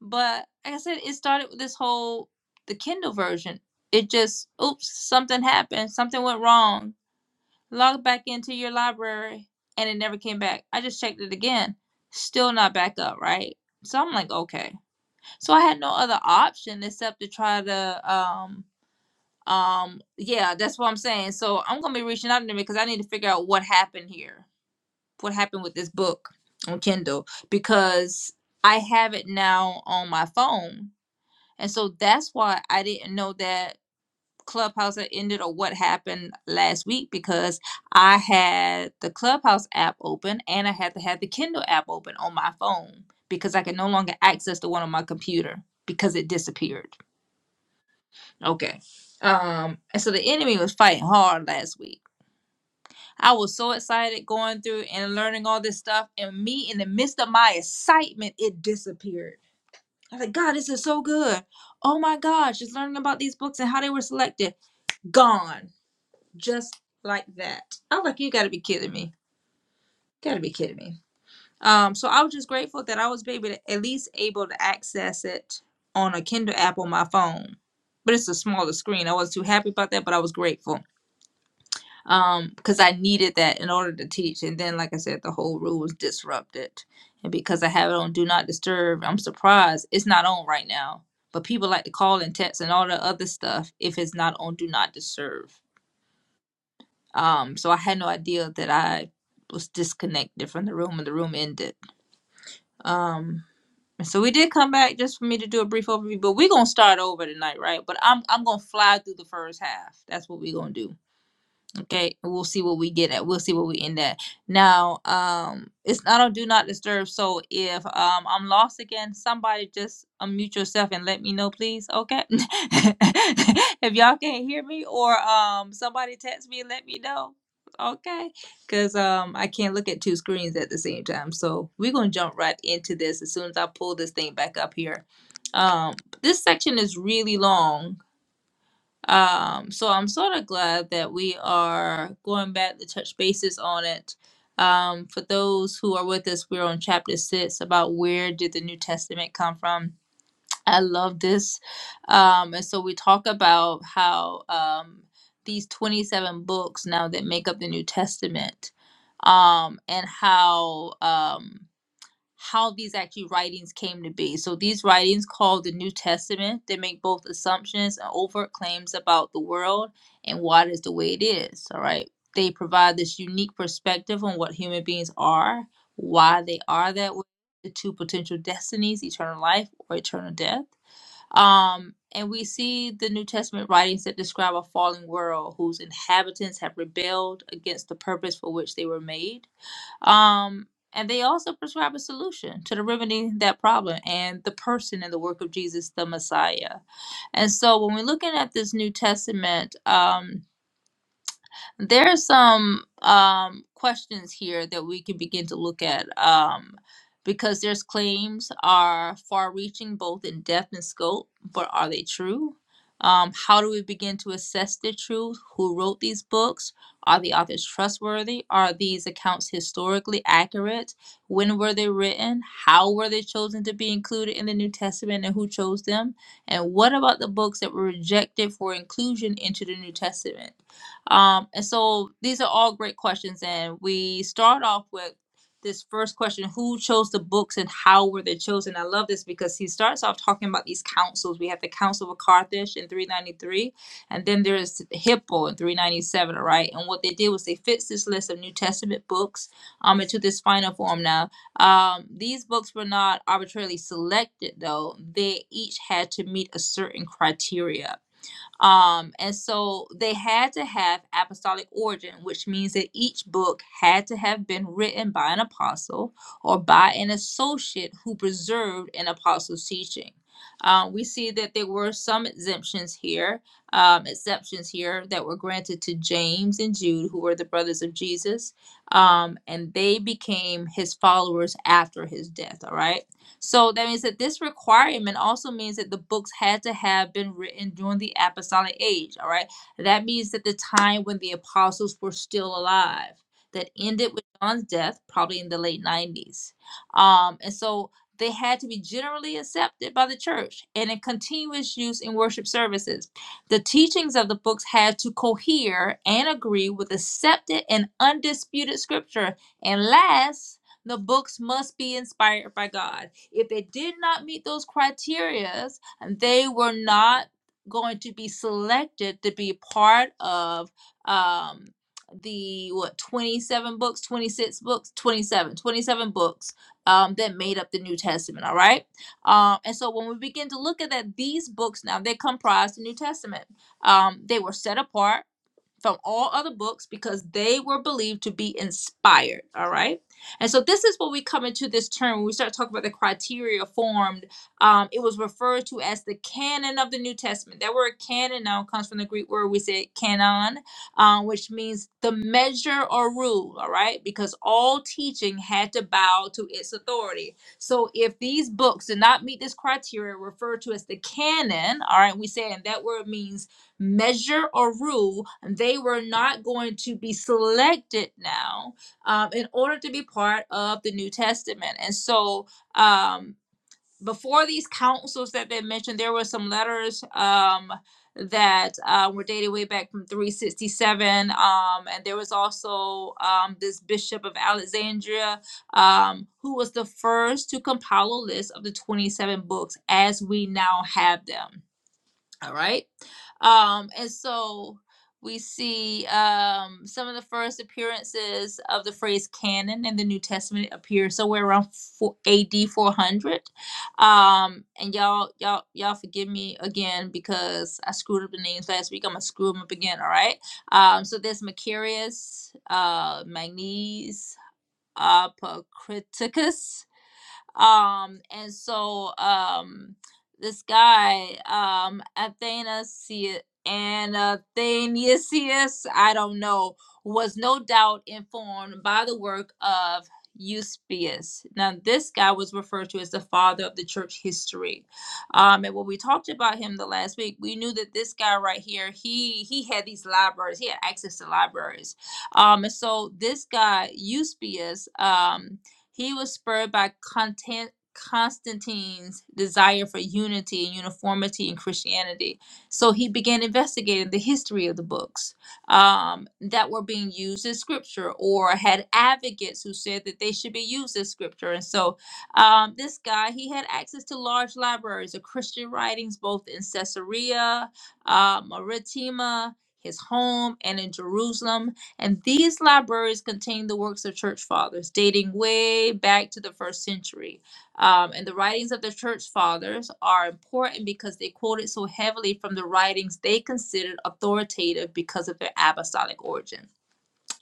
But like I said, it started with this whole the Kindle version. It just oops, something happened, something went wrong. Log back into your library and it never came back. I just checked it again. Still not back up, right? So I'm like, okay. So I had no other option except to try to um um, yeah, that's what I'm saying. So I'm gonna be reaching out to them because I need to figure out what happened here, what happened with this book on Kindle, because I have it now on my phone, and so that's why I didn't know that Clubhouse had ended or what happened last week because I had the Clubhouse app open and I had to have the Kindle app open on my phone because I could no longer access the one on my computer because it disappeared. Okay. Um, and so the enemy was fighting hard last week. I was so excited going through and learning all this stuff, and me in the midst of my excitement, it disappeared. I was like, God, this is so good. Oh my gosh, just learning about these books and how they were selected. Gone. Just like that. I was like, you gotta be kidding me. gotta be kidding me. Um, so I was just grateful that I was able to at least able to access it on a Kindle app on my phone. But it's a smaller screen. I was too happy about that, but I was grateful. um because i needed that in order to teach and then like i said the whole rule was disrupted and because i have it on do not disturb i'm surprised it's not on right now but people like to call and text and all the other stuff if it's not on do not disturb um so i had no idea that i was disconnected from the room and the room ended um and so we did come back just for me to do a brief overview but we're gonna start over tonight right but i'm i'm gonna fly through the first half that's what we're gonna do Okay, we'll see what we get at. We'll see what we end at. Now, um, it's not on do not disturb. So if um I'm lost again, somebody just unmute yourself and let me know, please. Okay. [LAUGHS] if y'all can't hear me or um somebody text me and let me know. Okay. Cause um I can't look at two screens at the same time. So we're gonna jump right into this as soon as I pull this thing back up here. Um this section is really long um, so I'm sort of glad that we are going back to touch bases on it. Um, for those who are with us, we're on chapter six about where did the New Testament come from. I love this. Um, and so we talk about how um, these 27 books now that make up the New Testament um, and how. Um, how these actually writings came to be. So these writings called the New Testament, they make both assumptions and overt claims about the world and why it is the way it is. All right. They provide this unique perspective on what human beings are, why they are that way, the two potential destinies, eternal life or eternal death. Um, and we see the New Testament writings that describe a fallen world whose inhabitants have rebelled against the purpose for which they were made um, and they also prescribe a solution to the remedying that problem and the person and the work of Jesus the Messiah. And so when we're looking at this New Testament, um, there's some um, questions here that we can begin to look at um, because there's claims are far-reaching both in depth and scope, but are they true? Um, how do we begin to assess the truth? Who wrote these books? Are the authors trustworthy? Are these accounts historically accurate? When were they written? How were they chosen to be included in the New Testament and who chose them? And what about the books that were rejected for inclusion into the New Testament? Um, and so these are all great questions. And we start off with this first question Who chose the books and how were they chosen? I love this because he starts off talking about these councils. We have the Council of Carthage in 393, and then there's Hippo in 397, all right? And what they did was they fixed this list of New Testament books um, into this final form now. Um, these books were not arbitrarily selected, though, they each had to meet a certain criteria um, and so they had to have apostolic origin, which means that each book had to have been written by an apostle or by an associate who preserved an apostle's teaching. Um, we see that there were some exemptions here, um, exceptions here that were granted to James and Jude, who were the brothers of Jesus, um, and they became his followers after his death. All right. So that means that this requirement also means that the books had to have been written during the apostolic age, all right? That means that the time when the apostles were still alive, that ended with John's death, probably in the late 90s. Um, and so they had to be generally accepted by the church and in continuous use in worship services. The teachings of the books had to cohere and agree with accepted and undisputed scripture. And last, the books must be inspired by God. If they did not meet those criteria, they were not going to be selected to be part of um, the what 27 books 26 books 27 27 books um, that made up the new testament all right um, and so when we begin to look at that these books now they comprise the new testament um, they were set apart from all other books because they were believed to be inspired. All right. And so this is what we come into this term when we start talking about the criteria formed. Um, it was referred to as the canon of the New Testament. That word canon now comes from the Greek word we said canon, um, which means the measure or rule. All right. Because all teaching had to bow to its authority. So if these books did not meet this criteria, referred to as the canon, all right, we say, and that word means measure or rule, they were not going to be selected now um, in order to be part of the New Testament. And so, um, before these councils that they mentioned, there were some letters um, that uh, were dated way back from 367. Um, and there was also um, this Bishop of Alexandria um, who was the first to compile a list of the 27 books as we now have them all right. Um, and so we see um, some of the first appearances of the phrase canon in the New Testament appear somewhere around four, AD 400. Um, and y'all, y'all, y'all forgive me again because I screwed up the names last week. I'm gonna screw them up again. All right. Um, so there's Macarius, uh, Magnes, Apocriticus um and so um this guy um athanasius and athanasius i don't know was no doubt informed by the work of eusebius now this guy was referred to as the father of the church history um and when we talked about him the last week we knew that this guy right here he he had these libraries he had access to libraries um and so this guy eusebius um he was spurred by Contan- Constantine's desire for unity and uniformity in Christianity. So he began investigating the history of the books um, that were being used as scripture or had advocates who said that they should be used as scripture. And so um, this guy, he had access to large libraries of Christian writings both in Caesarea, uh, Maritima, his home, and in Jerusalem. And these libraries contain the works of church fathers dating way back to the first century. Um, and the writings of the church fathers are important because they quoted so heavily from the writings they considered authoritative because of their apostolic origin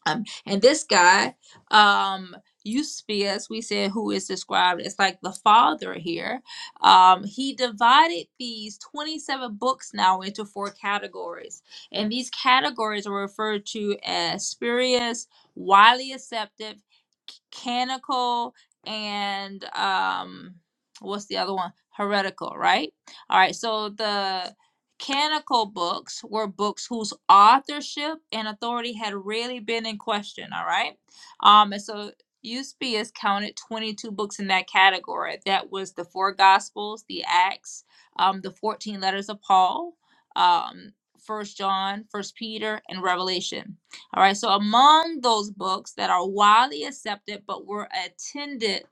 um, and this guy um, used to be, as we said, who is described as like the father here. Um, he divided these 27 books now into four categories. And these categories are referred to as spurious, widely accepted, canonical, and um, what's the other one? Heretical, right? All right. So the Canonical books were books whose authorship and authority had really been in question, all right? Um, and so Eusebius counted 22 books in that category. That was the four Gospels, the Acts, um, the 14 letters of Paul, um, First John, First Peter, and Revelation. All right, so among those books that are widely accepted but were attended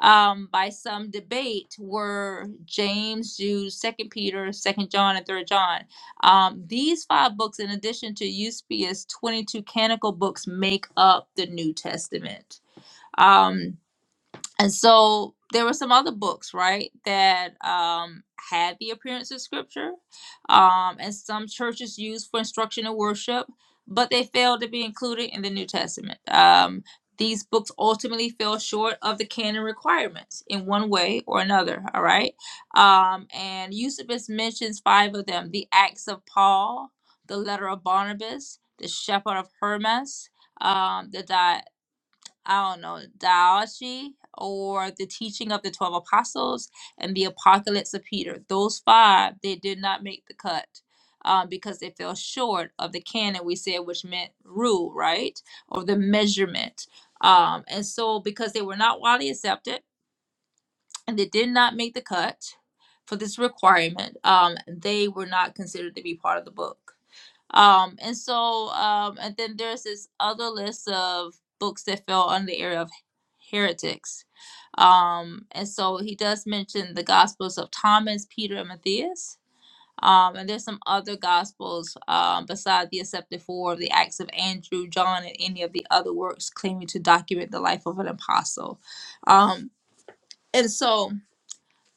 um, by some debate were James, Jude, Second Peter, Second John, and Third John. Um, these five books, in addition to Eusebius' twenty-two canonical books, make up the New Testament. Um, and so there were some other books right that um, had the appearance of scripture um, and some churches used for instruction and worship but they failed to be included in the new testament um, these books ultimately fell short of the canon requirements in one way or another all right um, and eusebius mentions five of them the acts of paul the letter of barnabas the shepherd of hermas um, the I don't know, Diology or the teaching of the 12 apostles and the apocalypse of Peter. Those five, they did not make the cut um, because they fell short of the canon we said, which meant rule, right? Or the measurement. Um, and so, because they were not widely accepted and they did not make the cut for this requirement, um, they were not considered to be part of the book. Um, and so, um, and then there's this other list of books that fell under the area of heretics. Um, and so he does mention the Gospels of Thomas, Peter, and Matthias. Um, and there's some other Gospels um, beside the accepted four of the Acts of Andrew, John, and any of the other works claiming to document the life of an apostle. Um, and so,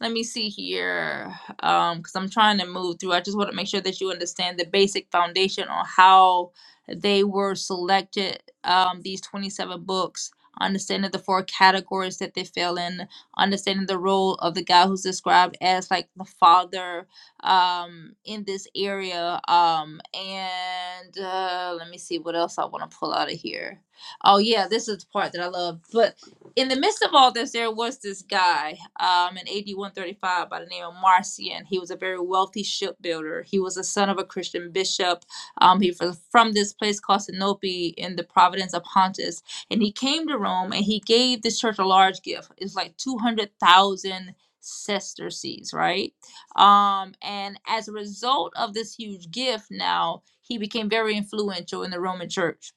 let me see here, um, because I'm trying to move through. I just want to make sure that you understand the basic foundation on how they were selected. Um, these 27 books, understanding the four categories that they fell in, understanding the role of the guy who's described as like the father, um, in this area. Um, and uh, let me see what else I want to pull out of here. Oh yeah, this is the part that I love. but in the midst of all this, there was this guy um, in AD 135 by the name of Marcion. He was a very wealthy shipbuilder. He was the son of a Christian bishop. Um, he was from this place called Sinope in the province of Pontus. And he came to Rome and he gave the church a large gift. It's like 200,000 sesterces, right? Um, and as a result of this huge gift, now he became very influential in the Roman church.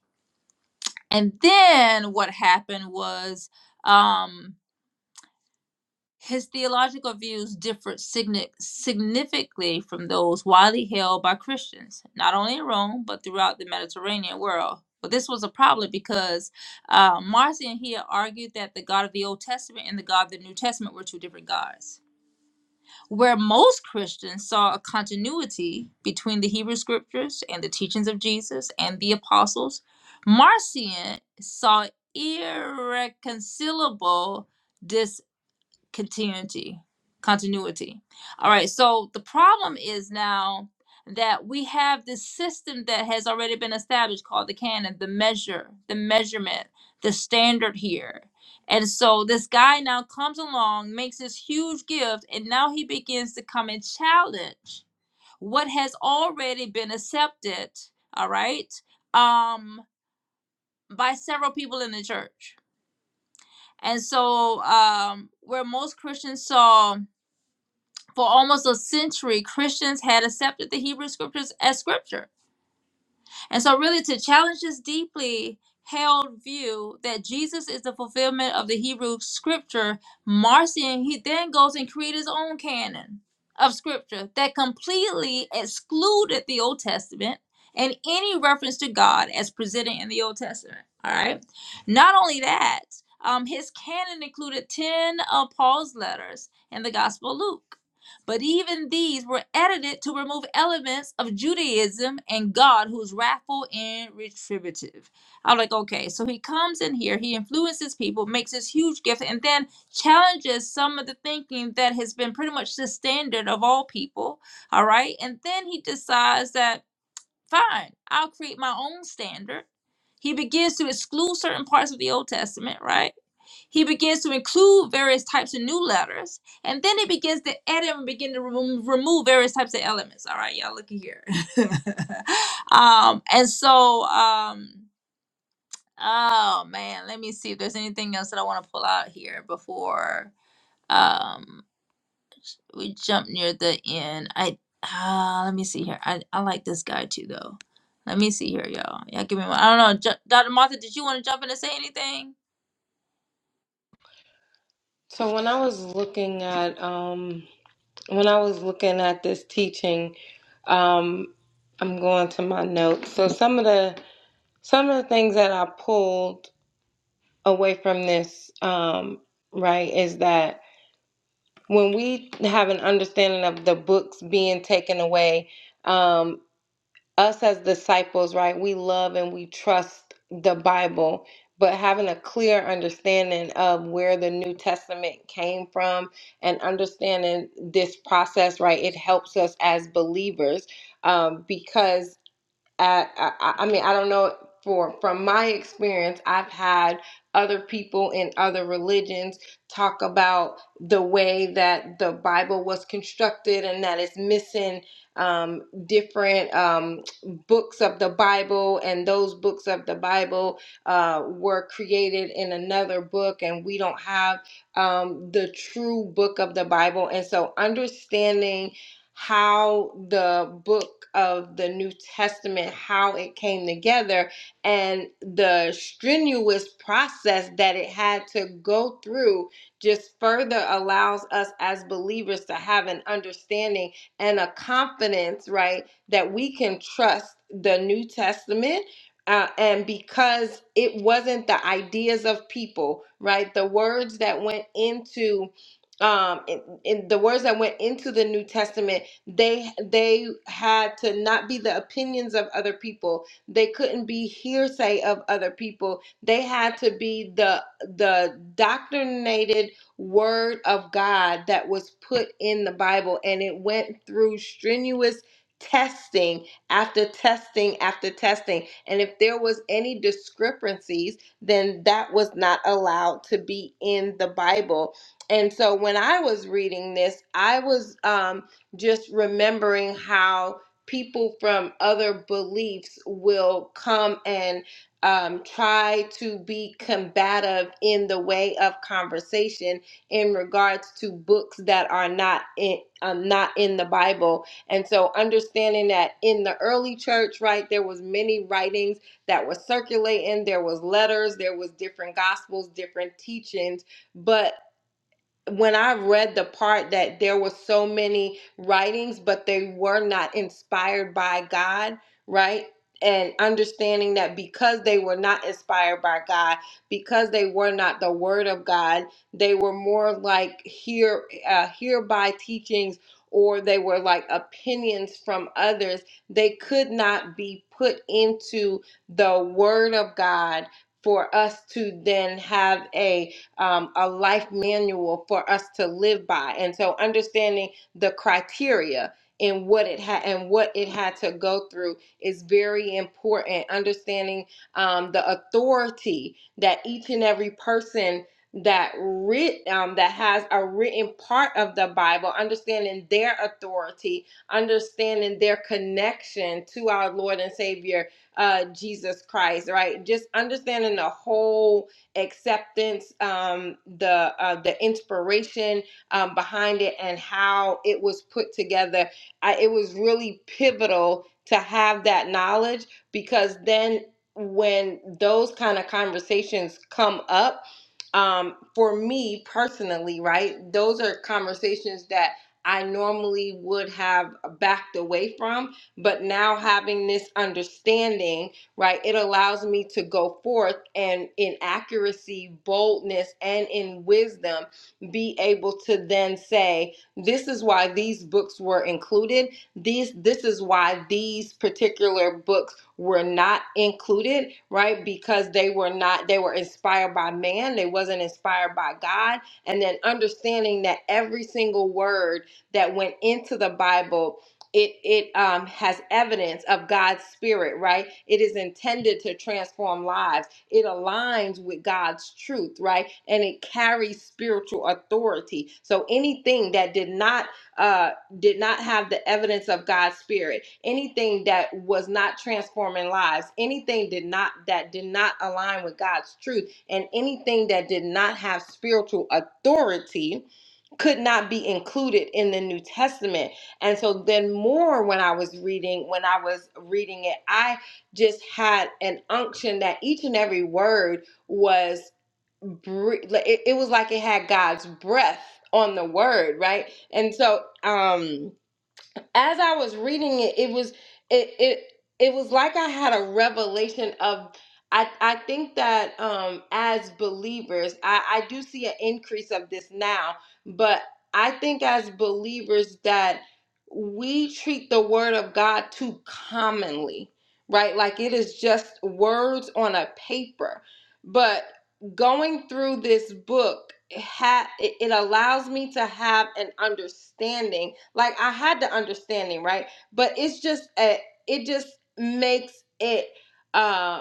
And then what happened was. Um, his theological views differed significantly from those widely held by Christians, not only in Rome, but throughout the Mediterranean world. But this was a problem because uh, Marcion here argued that the God of the Old Testament and the God of the New Testament were two different gods. Where most Christians saw a continuity between the Hebrew scriptures and the teachings of Jesus and the apostles, Marcion saw irreconcilable continuity continuity all right so the problem is now that we have this system that has already been established called the canon the measure the measurement the standard here and so this guy now comes along makes this huge gift and now he begins to come and challenge what has already been accepted all right um by several people in the church and so um where most christians saw for almost a century, Christians had accepted the Hebrew scriptures as scripture. And so, really, to challenge this deeply held view that Jesus is the fulfillment of the Hebrew scripture, Marcion, he then goes and creates his own canon of scripture that completely excluded the Old Testament and any reference to God as presented in the Old Testament. All right. Not only that, um, his canon included 10 of Paul's letters in the Gospel of Luke. But even these were edited to remove elements of Judaism and God, who's wrathful and retributive. I'm like, okay, so he comes in here, he influences people, makes this huge gift, and then challenges some of the thinking that has been pretty much the standard of all people. All right. And then he decides that, fine, I'll create my own standard. He begins to exclude certain parts of the Old Testament, right? He begins to include various types of new letters, and then he begins to edit and begin to remo- remove various types of elements. All right, y'all, look here. [LAUGHS] um, and so, um, oh man, let me see if there's anything else that I want to pull out here before um, we jump near the end. I uh, let me see here. I, I like this guy too, though. Let me see here, y'all. Y'all give me one. I don't know. Ju- Dr. Martha, did you want to jump in and say anything?
So when I was looking at um when I was looking at this teaching, um, I'm going to my notes. So some of the some of the things that I pulled away from this, um, right, is that when we have an understanding of the books being taken away, um, us as disciples, right, we love and we trust the Bible, but having a clear understanding of where the New Testament came from and understanding this process, right, it helps us as believers um, because I, I, I mean, I don't know for from my experience, I've had other people in other religions talk about the way that the Bible was constructed and that it's missing um, different um, books of the Bible, and those books of the Bible uh, were created in another book, and we don't have um, the true book of the Bible. And so, understanding how the book of the New Testament, how it came together and the strenuous process that it had to go through just further allows us as believers to have an understanding and a confidence, right, that we can trust the New Testament. Uh, and because it wasn't the ideas of people, right? The words that went into um in, in the words that went into the new testament they they had to not be the opinions of other people they couldn't be hearsay of other people they had to be the the doctrinated word of god that was put in the bible and it went through strenuous testing after testing after testing and if there was any discrepancies then that was not allowed to be in the bible and so when I was reading this, I was um, just remembering how people from other beliefs will come and um, try to be combative in the way of conversation in regards to books that are not in um, not in the Bible. And so understanding that in the early church, right, there was many writings that were circulating. There was letters, there was different gospels, different teachings, but when I read the part that there were so many writings, but they were not inspired by God, right? And understanding that because they were not inspired by God, because they were not the Word of God, they were more like here, uh, hereby teachings, or they were like opinions from others. They could not be put into the Word of God for us to then have a um, a life manual for us to live by. And so understanding the criteria and what it had and what it had to go through is very important. Understanding um, the authority that each and every person that writ um, that has a written part of the Bible, understanding their authority, understanding their connection to our Lord and Savior uh, Jesus Christ, right? Just understanding the whole acceptance, um, the uh, the inspiration um, behind it, and how it was put together. I, it was really pivotal to have that knowledge because then when those kind of conversations come up, um, for me personally, right, those are conversations that I normally would have backed away from, but now having this understanding right? It allows me to go forth and in accuracy, boldness, and in wisdom be able to then say, this is why these books were included. These this is why these particular books were not included, right? Because they were not they were inspired by man, they wasn't inspired by God. And then understanding that every single word that went into the Bible it it um has evidence of God's spirit, right? It is intended to transform lives. It aligns with God's truth, right? And it carries spiritual authority. So anything that did not uh did not have the evidence of God's spirit, anything that was not transforming lives, anything did not that did not align with God's truth, and anything that did not have spiritual authority, could not be included in the New Testament and so then more when I was reading, when I was reading it, I just had an unction that each and every word was bre- like, it, it was like it had God's breath on the word, right? And so um as I was reading it, it was it it it was like I had a revelation of I I think that um as believers, I I do see an increase of this now, but I think as believers that we treat the word of God too commonly, right? Like it is just words on a paper. But going through this book it ha- it it allows me to have an understanding like i had the understanding right but it's just a, it just makes it uh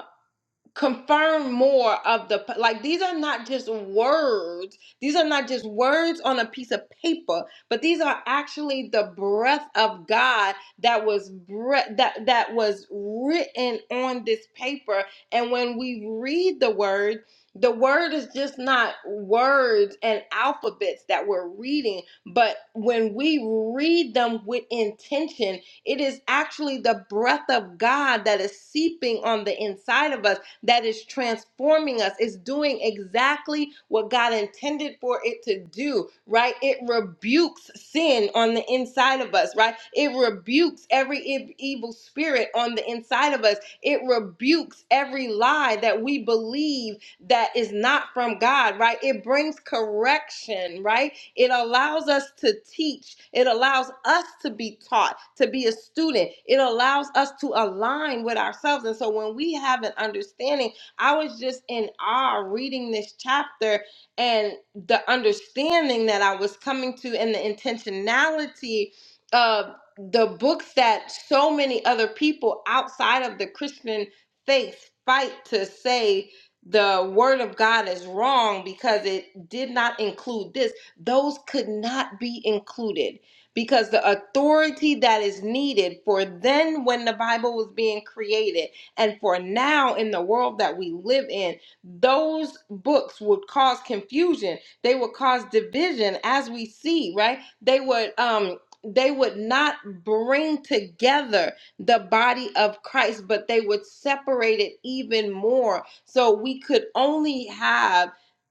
confirm more of the like these are not just words these are not just words on a piece of paper but these are actually the breath of god that was bre- that that was written on this paper and when we read the word the word is just not words and alphabets that we're reading but when we read them with intention it is actually the breath of god that is seeping on the inside of us that is transforming us. It's doing exactly what God intended for it to do, right? It rebukes sin on the inside of us, right? It rebukes every e- evil spirit on the inside of us. It rebukes every lie that we believe that is not from God, right? It brings correction, right? It allows us to teach. It allows us to be taught, to be a student. It allows us to align with ourselves. And so when we have an understanding, I was just in awe reading this chapter and the understanding that I was coming to and the intentionality of the books that so many other people outside of the Christian faith fight to say the word of God is wrong because it did not include this those could not be included because the authority that is needed for then when the Bible was being created and for now in the world that we live in, those books would cause confusion. They would cause division as we see, right? They would um they would not bring together the body of Christ, but they would separate it even more. So we could only have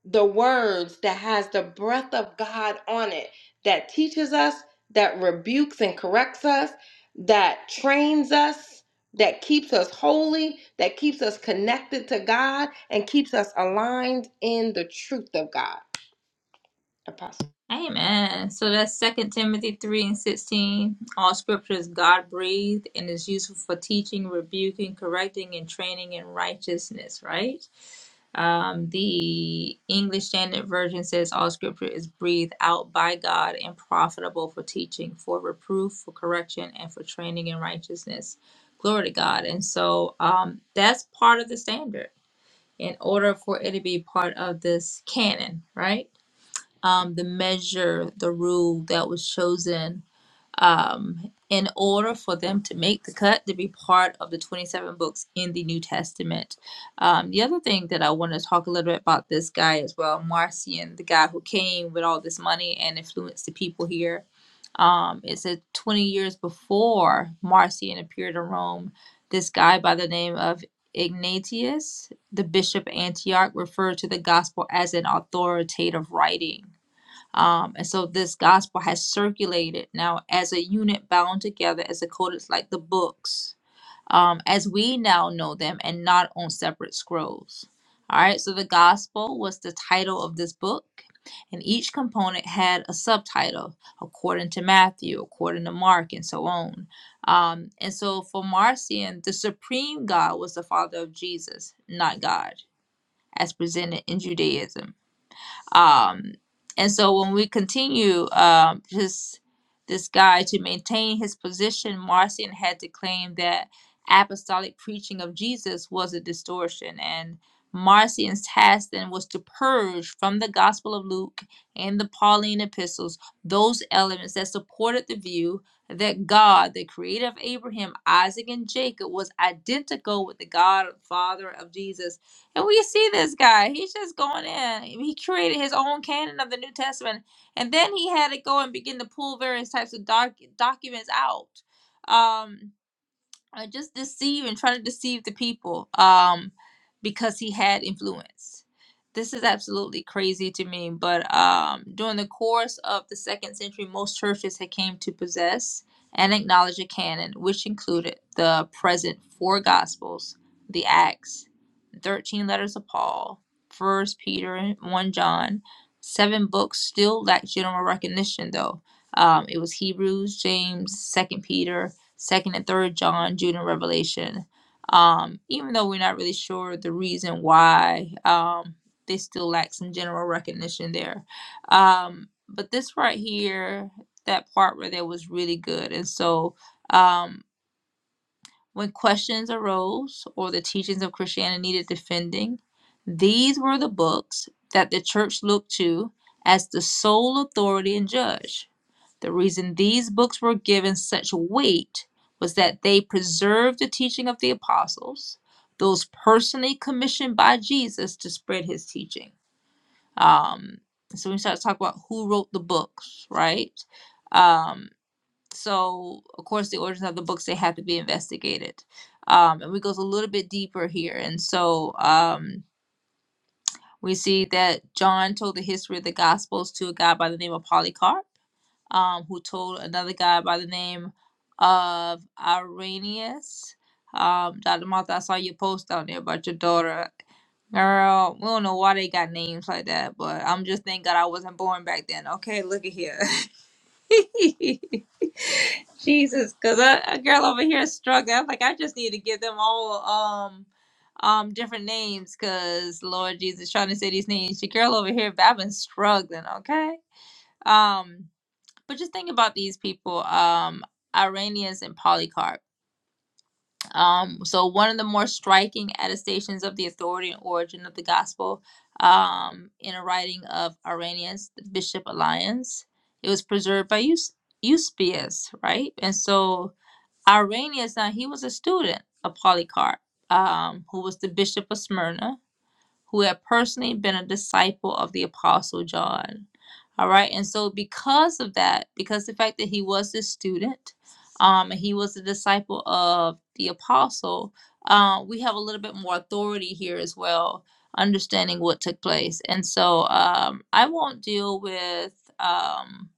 the words that has the breath of God on it that teaches us, that rebukes and corrects us, that trains us, that keeps us holy, that keeps us connected to God and keeps us aligned in the truth of God. Apostle.
Amen. So that's Second Timothy 3 and 16. All scripture is God breathed and is useful for teaching, rebuking, correcting, and training in righteousness, right? Um, the English Standard Version says all scripture is breathed out by God and profitable for teaching, for reproof, for correction, and for training in righteousness. Glory to God. And so um, that's part of the standard in order for it to be part of this canon, right? um, the measure, the rule that was chosen um, in order for them to make the cut to be part of the 27 books in the New Testament. Um, the other thing that I want to talk a little bit about this guy as well, Marcion, the guy who came with all this money and influenced the people here. Um, it said 20 years before Marcion appeared in Rome, this guy by the name of Ignatius, the bishop of Antioch, referred to the gospel as an authoritative writing um, and so this gospel has circulated now as a unit bound together as a code. It's like the books, um, as we now know them, and not on separate scrolls. All right. So the gospel was the title of this book, and each component had a subtitle according to Matthew, according to Mark, and so on. Um, and so for Marcion, the supreme God was the father of Jesus, not God, as presented in Judaism. Um, and so when we continue um, this this guy to maintain his position, Marcion had to claim that apostolic preaching of Jesus was a distortion, and Marcion's task then was to purge from the Gospel of Luke and the Pauline epistles those elements that supported the view that God, the creator of Abraham, Isaac, and Jacob, was identical with the God, Father of Jesus and we see this guy. He's just going in. He created his own canon of the New Testament. And then he had to go and begin to pull various types of doc- documents out. Um, uh, just deceive and try to deceive the people um because he had influence this is absolutely crazy to me but um during the course of the second century most churches had came to possess and acknowledge a canon which included the present four gospels the acts 13 letters of paul first peter and 1 john seven books still lack general recognition though um, it was hebrews james second peter second and third john jude and revelation um, even though we're not really sure the reason why um, they still lack some general recognition there um, but this right here that part where there was really good and so um, when questions arose or the teachings of christianity needed defending these were the books that the church looked to as the sole authority and judge the reason these books were given such weight was that they preserved the teaching of the apostles, those personally commissioned by Jesus to spread his teaching. Um, so we start to talk about who wrote the books, right? Um, so, of course, the origins of the books, they have to be investigated. Um, and we go a little bit deeper here. And so um, we see that John told the history of the Gospels to a guy by the name of Polycarp um, who told another guy by the name of Irenaeus. Um, Dr. Martha, I saw your post down there about your daughter. Girl, we don't know why they got names like that, but I'm just thank God I wasn't born back then. Okay, look at here. [LAUGHS] Jesus, because a girl over here is struggling. I'm like, I just need to give them all um um different names because Lord Jesus trying to say these names. Your girl over here, but I've been struggling, okay? Um but just think about these people, um, Iranians and Polycarp. Um, so one of the more striking attestations of the authority and origin of the gospel um, in a writing of Irenaeus, the Bishop Alliance, it was preserved by Eus- Eusebius, right? And so Irenaeus, now he was a student of Polycarp, um, who was the Bishop of Smyrna who had personally been a disciple of the Apostle John. All right. And so, because of that, because the fact that he was this student, um, and he was a disciple of the Apostle, uh, we have a little bit more authority here as well, understanding what took place. And so, um, I won't deal with. Um,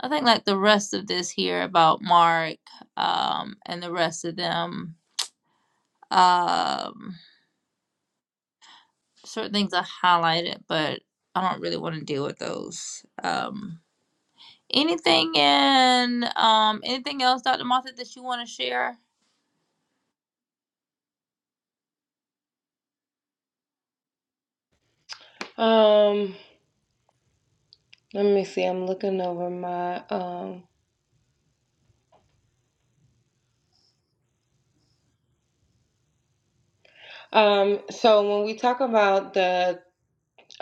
I think like the rest of this here about Mark um, and the rest of them. Um, certain things I highlighted, but I don't really want to deal with those. Um, anything in um, anything else, Dr. Martha, that you want to share?
Um let me see. I'm looking over my um um so when we talk about the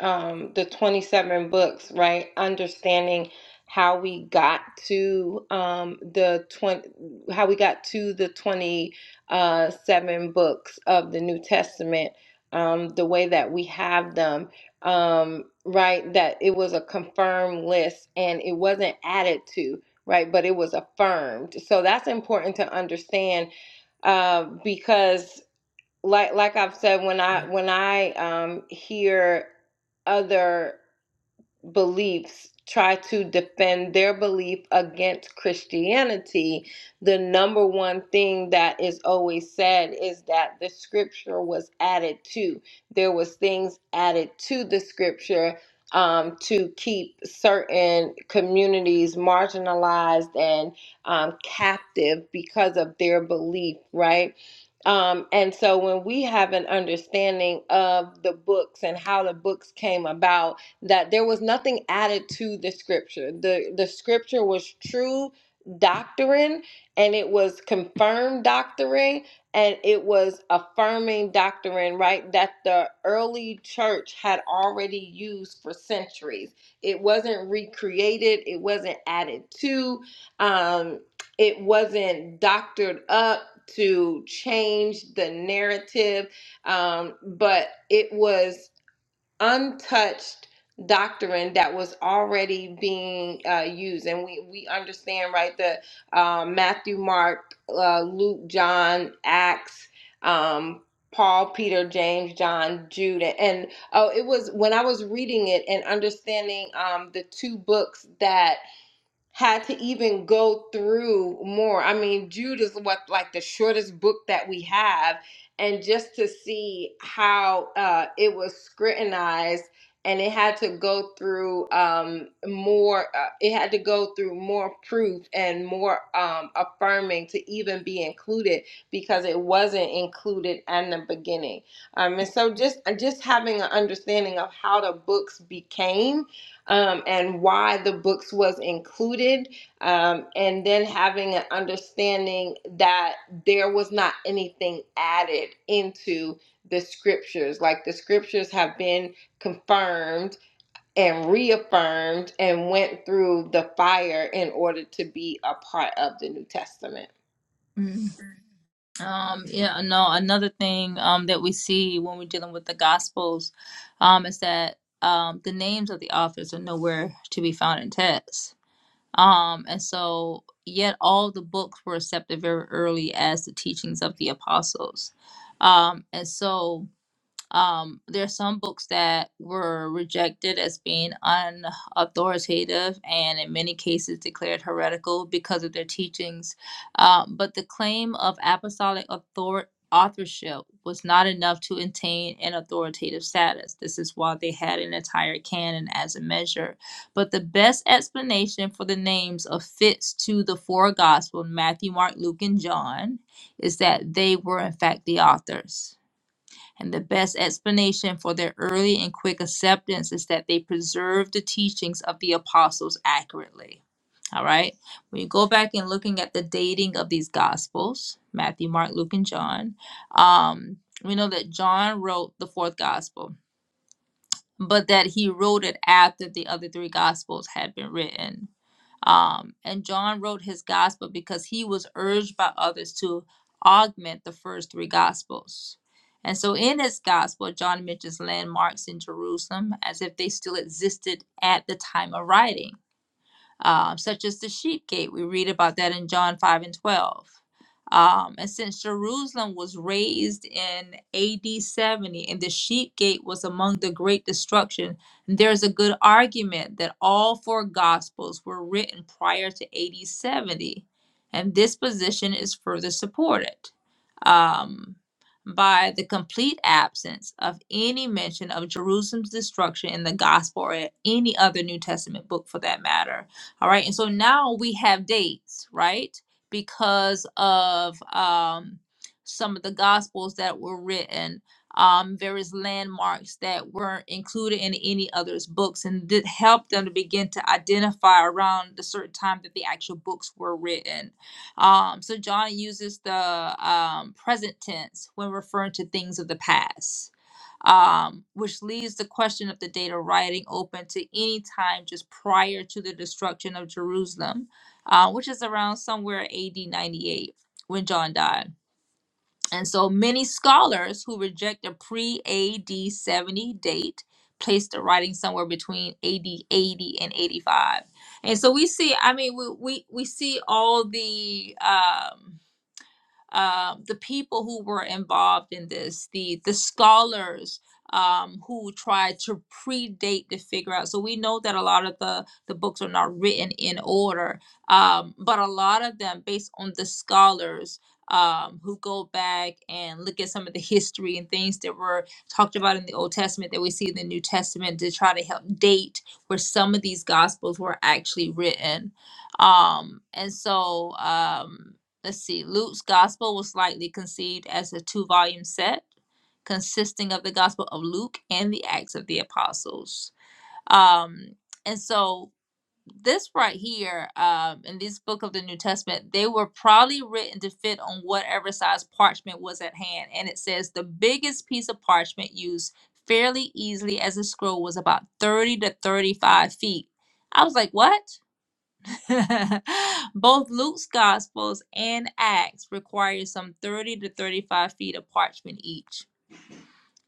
um, the 27 books, right? Understanding how we got to um, the 20, how we got to the 27 books of the New Testament, um, the way that we have them, um, right? That it was a confirmed list and it wasn't added to. Right, but it was affirmed. So that's important to understand uh, because like like I've said, when I when I um hear other beliefs try to defend their belief against Christianity, the number one thing that is always said is that the scripture was added to. There was things added to the scripture um, to keep certain communities marginalized and um, captive because of their belief, right? Um, and so when we have an understanding of the books and how the books came about, that there was nothing added to the scripture. The the scripture was true doctrine and it was confirmed doctrine and it was affirming doctrine, right? That the early church had already used for centuries. It wasn't recreated, it wasn't added to, um, it wasn't doctored up to change the narrative, um, but it was untouched doctrine that was already being uh, used and we, we understand right the uh, matthew mark uh, luke john acts um, paul peter james john jude and oh it was when i was reading it and understanding um, the two books that had to even go through more. I mean, Jude is what like the shortest book that we have, and just to see how uh, it was scrutinized and it had to go through um, more. Uh, it had to go through more proof and more um, affirming to even be included because it wasn't included in the beginning. Um, and so just just having an understanding of how the books became um, and why the books was included um, and then having an understanding that there was not anything added into the scriptures like the scriptures have been confirmed and reaffirmed and went through the fire in order to be a part of the new testament
Mm. Um, yeah, no, another thing um, that we see when we're dealing with the Gospels um, is that um, the names of the authors are nowhere to be found in texts. Um, and so, yet all the books were accepted very early as the teachings of the apostles. Um, and so, Um, there are some books that were rejected as being unauthoritative and in many cases declared heretical because of their teachings. Um, but the claim of apostolic author- authorship was not enough to attain an authoritative status. This is why they had an entire canon as a measure. But the best explanation for the names of fits to the four gospels Matthew, Mark, Luke, and John is that they were, in fact, the authors and the best explanation for their early and quick acceptance is that they preserved the teachings of the apostles accurately. All right. When you go back and looking at the dating of these gospels, Matthew, Mark, Luke, and John, um, we know that John wrote the fourth gospel but that he wrote it after the other three gospels had been written. Um, and John wrote his gospel because he was urged by others to augment the first three gospels. And so in his gospel, John mentions landmarks in Jerusalem as if they still existed at the time of writing um, such as the sheep gate. We read about that in John 5 and 12. Um, and since Jerusalem was raised in AD 70 and the sheep gate was among the great destruction, there's a good argument that all four gospels were written prior to AD 70. And this position is further supported um, by the complete absence of any mention of Jerusalem's destruction in the gospel or any other New Testament book for that matter all right. And so now we have dates, right? Because of um, some of the gospels that were written, um, various landmarks that weren't included in any others' books, and did help them to begin to identify around the certain time that the actual books were written. Um, so John uses the um, present tense when referring to things of the past um, which leaves the question of the date of writing open to any time just prior to the destruction of Jerusalem, uh, which is around somewhere AD 98 when John died. And so many scholars who reject a pre AD 70 date place the writing somewhere between AD 80 and 85. And so we see, I mean, we, we, we see all the. Um, um, the people who were involved in this, the the scholars um, who tried to predate the figure out. So we know that a lot of the the books are not written in order, um, but a lot of them, based on the scholars um, who go back and look at some of the history and things that were talked about in the Old Testament that we see in the New Testament to try to help date where some of these gospels were actually written. Um, and so. Um, Let's see. Luke's gospel was likely conceived as a two volume set consisting of the gospel of Luke and the Acts of the Apostles. Um, and so this right here um, in this book of the New Testament, they were probably written to fit on whatever size parchment was at hand. And it says the biggest piece of parchment used fairly easily as a scroll was about 30 to 35 feet. I was like, what? [LAUGHS] Both Luke's Gospels and Acts require some 30 to 35 feet of parchment each.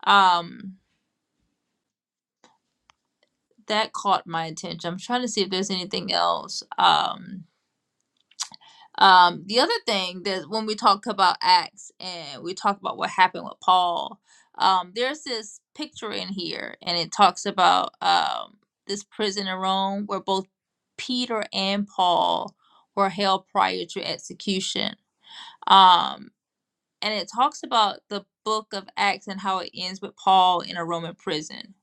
Um, that caught my attention. I'm trying to see if there's anything else. Um, um, the other thing that when we talk about Acts and we talk about what happened with Paul, um, there's this picture in here and it talks about um, this prison in Rome where both Peter and Paul were held prior to execution. Um, and it talks about the book of Acts and how it ends with Paul in a Roman prison.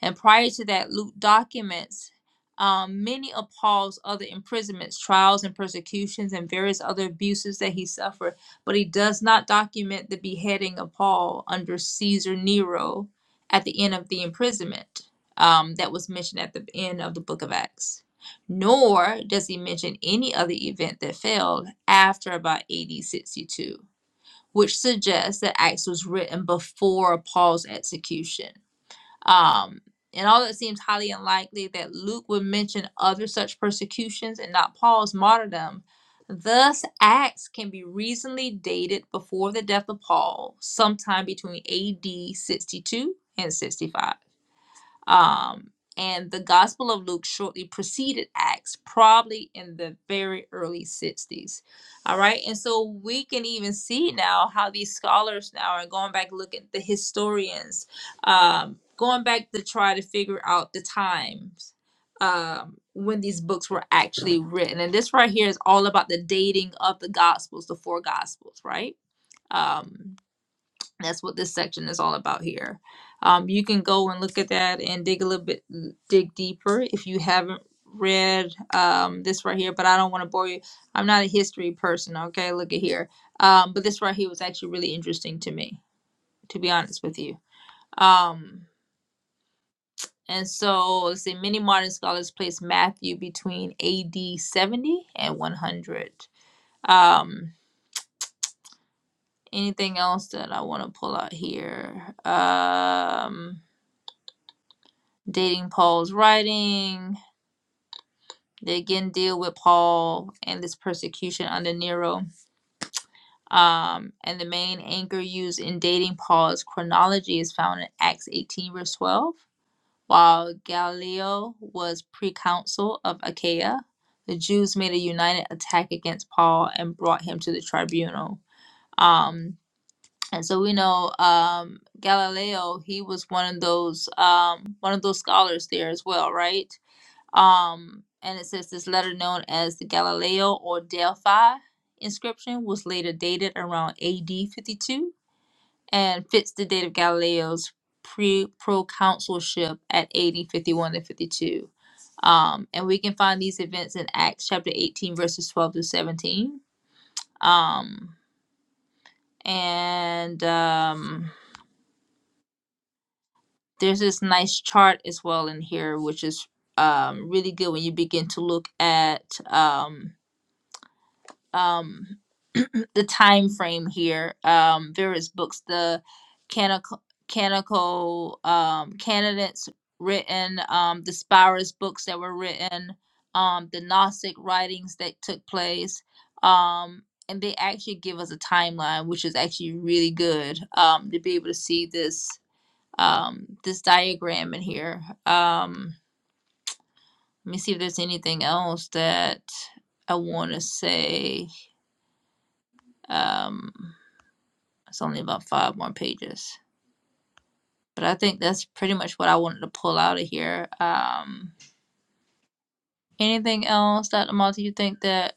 And prior to that, Luke documents um, many of Paul's other imprisonments, trials, and persecutions, and various other abuses that he suffered. But he does not document the beheading of Paul under Caesar Nero at the end of the imprisonment um, that was mentioned at the end of the book of Acts. Nor does he mention any other event that failed after about AD 62 which suggests that Acts was written before Paul's execution. Um, and although it seems highly unlikely that Luke would mention other such persecutions and not Paul's martyrdom, thus Acts can be reasonably dated before the death of Paul, sometime between AD 62 and 65. Um, and the Gospel of Luke shortly preceded Acts, probably in the very early 60s. All right. And so we can even see now how these scholars now are going back, look at the historians, um, going back to try to figure out the times um, when these books were actually written. And this right here is all about the dating of the Gospels, the four Gospels, right? Um, that's what this section is all about here. Um, you can go and look at that and dig a little bit, dig deeper if you haven't read um, this right here. But I don't want to bore you. I'm not a history person. Okay, look at here. Um, but this right here was actually really interesting to me, to be honest with you. Um, and so let's see. Many modern scholars place Matthew between A.D. 70 and 100. Um, anything else that I want to pull out here? Um, dating Paul's writing. They again deal with Paul and this persecution under Nero. Um, and the main anchor used in dating Paul's chronology is found in Acts 18, verse 12. While Galileo was proconsul of Achaia, the Jews made a united attack against Paul and brought him to the tribunal. Um, and so we know um, Galileo, he was one of those um, one of those scholars there as well, right? Um, and it says this letter, known as the Galileo or Delphi inscription, was later dated around AD 52 and fits the date of Galileo's pre proconsulship at AD 51 to 52. Um, and we can find these events in Acts chapter 18, verses 12 through 17. Um, and um, there's this nice chart as well in here, which is um, really good when you begin to look at. Um, um [CLEARS THROAT] the time frame here um various books the canonical canonical um candidates written um the spirus books that were written um the gnostic writings that took place um and they actually give us a timeline which is actually really good um to be able to see this um this diagram in here um let me see if there's anything else that i want to say um It's only about five more pages. But I think that's pretty much what I wanted to pull out of here. Um, anything else, Dr. Malta, you think that,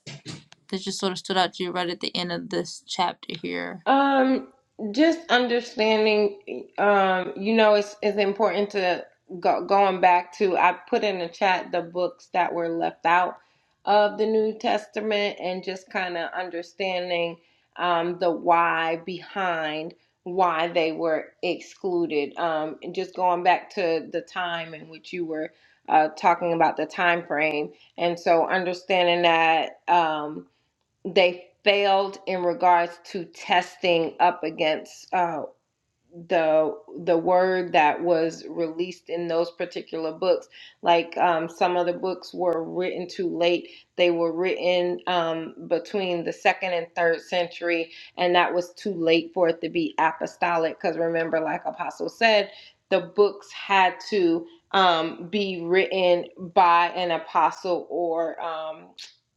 that just sort of stood out to you right at the end of this chapter here?
Um, just understanding, um, you know, it's it's important to go, going back to. I put in the chat the books that were left out of the New Testament, and just kind of understanding um, the why behind why they were excluded. Um, and just going back to the time in which you were uh, talking about the time frame, and so understanding that. Um, they failed in regards to testing up against uh, the the word that was released in those particular books like um, some of the books were written too late they were written um, between the second and third century and that was too late for it to be apostolic because remember like apostle said the books had to um, be written by an apostle or um,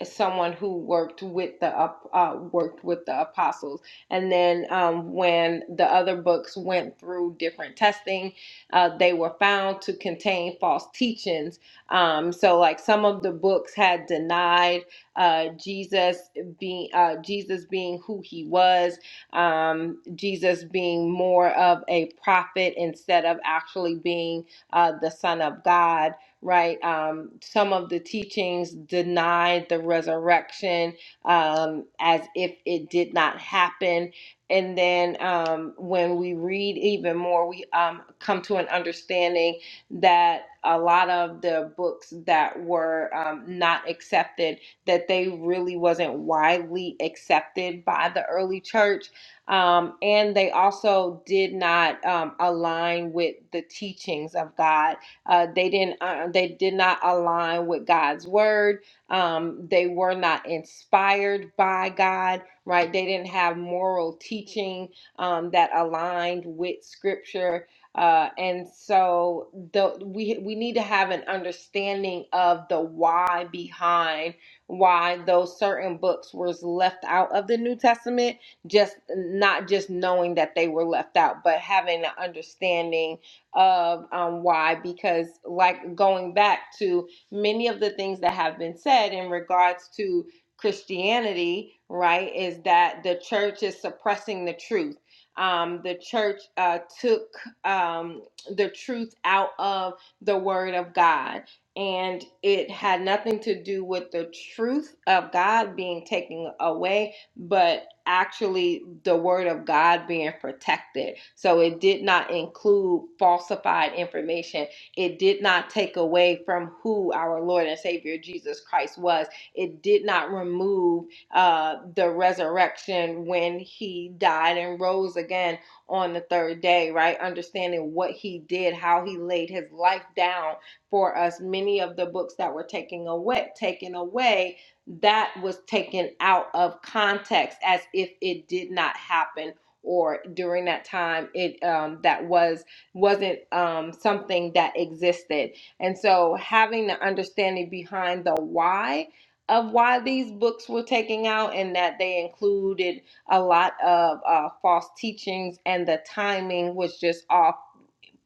someone who worked with the ap- uh, worked with the apostles and then um, when the other books went through different testing, uh, they were found to contain false teachings. Um, so, like some of the books had denied uh, Jesus being uh, Jesus being who he was, um, Jesus being more of a prophet instead of actually being uh, the Son of God. Right? Um, some of the teachings denied the resurrection um, as if it did not happen. And then um, when we read even more, we um, come to an understanding that a lot of the books that were um, not accepted, that they really wasn't widely accepted by the early church. Um, and they also did not um, align with the teachings of God. Uh, they didn't. Uh, they did not align with God's word um, they were not inspired by God, right? They didn't have moral teaching um, that aligned with Scripture, uh, and so the we we need to have an understanding of the why behind why those certain books were left out of the New Testament. Just not just knowing that they were left out, but having an understanding of um, why, because like going back to many of the things that have been said in regards to Christianity, right, is that the church is suppressing the truth. Um, the church uh, took um, the truth out of the Word of God, and it had nothing to do with the truth of God being taken away, but actually the Word of God being protected. So it did not include falsified information it did not take away from who our Lord and Savior Jesus Christ was. It did not remove uh, the resurrection when he died and rose again on the third day, right? Understanding what he did, how he laid his life down for us. Many of the books that were taken away, taken away, that was taken out of context as if it did not happen or during that time it um, that was wasn't um, something that existed. And so having the understanding behind the why of why these books were taken out and that they included a lot of uh, false teachings and the timing was just off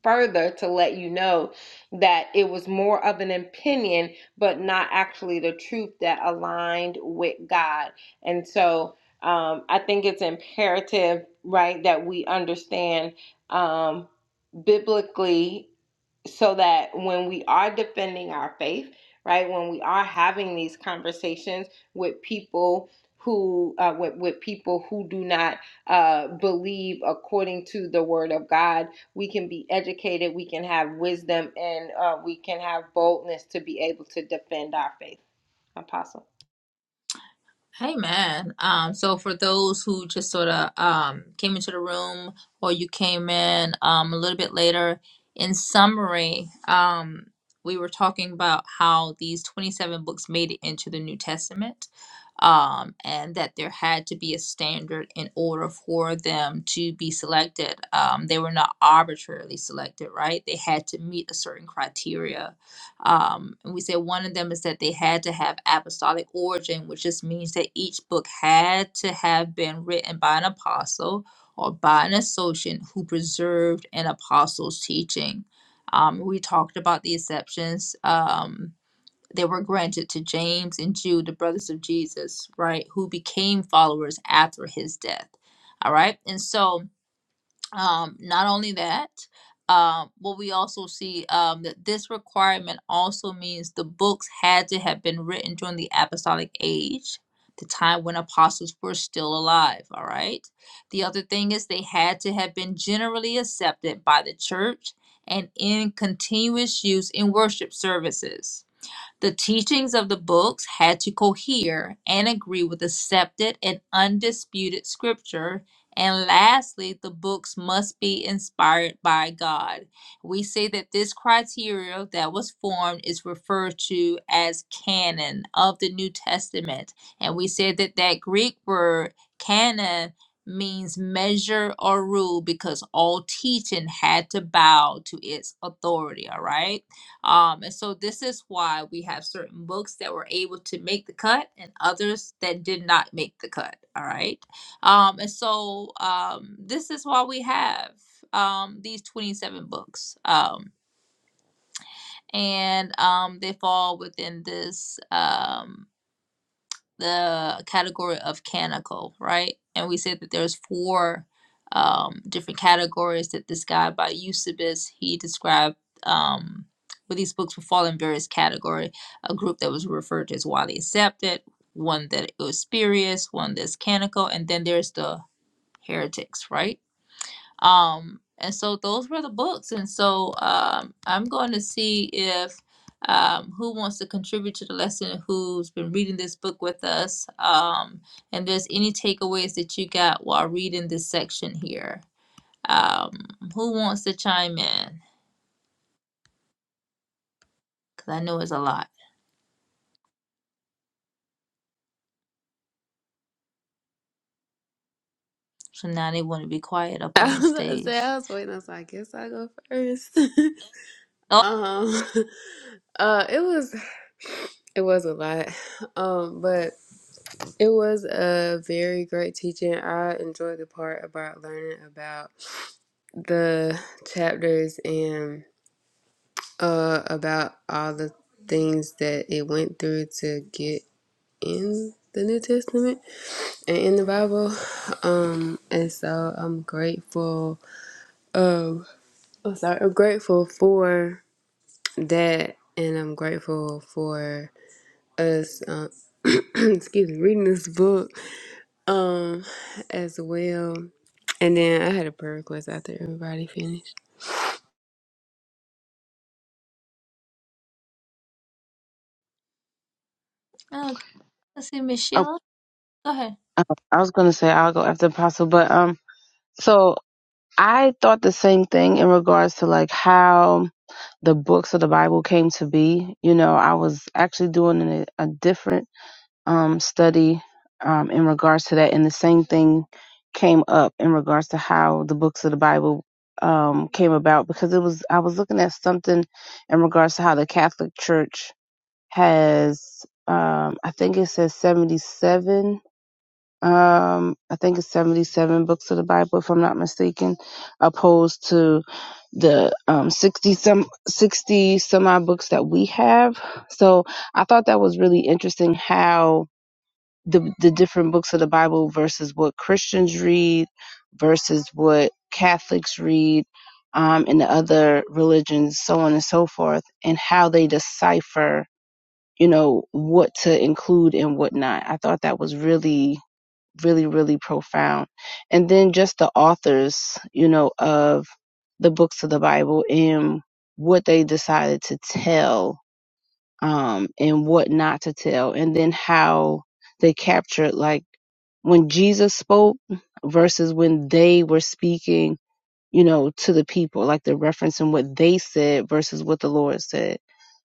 further to let you know that it was more of an opinion but not actually the truth that aligned with god and so um, i think it's imperative right that we understand um, biblically so that when we are defending our faith, right, when we are having these conversations with people who uh, with, with people who do not uh, believe according to the word of God, we can be educated, we can have wisdom, and uh, we can have boldness to be able to defend our faith. Apostle.
Hey man. Um, so for those who just sort of um, came into the room or you came in um, a little bit later, in summary, um, we were talking about how these 27 books made it into the New Testament um, and that there had to be a standard in order for them to be selected. Um, they were not arbitrarily selected, right? They had to meet a certain criteria um, and we said one of them is that they had to have apostolic origin, which just means that each book had to have been written by an apostle or by an associate who preserved an apostle's teaching. Um, we talked about the exceptions um, that were granted to James and Jude, the brothers of Jesus, right, who became followers after his death. All right. And so um, not only that, um, what we also see um, that this requirement also means the books had to have been written during the apostolic age, the time when apostles were still alive. All right. The other thing is they had to have been generally accepted by the church and in continuous use in worship services the teachings of the books had to cohere and agree with accepted and undisputed scripture. And lastly, the books must be inspired by God. We say that this criteria that was formed is referred to as canon of the New Testament. And we say that that Greek word canon means measure or rule because all teaching had to bow to its authority, all right? Um, and so this is why we have certain books that were able to make the cut and others that did not make the cut. All right. Um, and so um, this is why we have um, these 27 books. Um, and um, they fall within this. um, the category of canonical, right? And we said that there's four um, different categories that this guy by Eusebius he described um, where these books would fall in various category. A group that was referred to as widely accepted, one that it was spurious, one that's canonical, and then there's the heretics, right? Um, and so those were the books. And so um, I'm going to see if um, who wants to contribute to the lesson, who's been reading this book with us, um, and there's any takeaways that you got while reading this section here. Um, who wants to chime in? Because I know it's a lot. So now they want to be quiet up on
I
the
was about to say,
stage.
I was waiting. I was like, I guess I'll go first. [LAUGHS]
Oh,
Um, [LAUGHS] uh, it was it was a lot, um, but it was a very great teaching. I enjoyed the part about learning about the chapters and uh about all the things that it went through to get in the New Testament and in the Bible. Um, and so I'm grateful. Um, I'm sorry. I'm grateful for that, and I'm grateful for. us uh, [CLEARS THROAT] excuse me reading this book um as well and then i had a prayer request after everybody finished
okay. Let's see, Miss
oh,
Sheila. Go ahead.
uh, i was going to say i'll go after apostle but um so i thought the same thing in regards to like how the books of the bible came to be you know i was actually doing a, a different um, study um, in regards to that, and the same thing came up in regards to how the books of the Bible um, came about because it was I was looking at something in regards to how the Catholic Church has um, I think it says seventy seven. Um, I think it's 77 books of the Bible, if I'm not mistaken, opposed to the um 60 some 60 some odd books that we have so i thought that was really interesting how the the different books of the Bible versus what Christians read versus what Catholics read um, and the other religions, so on and so forth, and how they decipher, you know, what to include and what not. I thought that was really, really, really profound. And then just the authors, you know, of the books of the Bible and what they decided to tell um, and what not to tell, and then how they captured like when Jesus spoke versus when they were speaking, you know, to the people, like they're referencing what they said versus what the Lord said.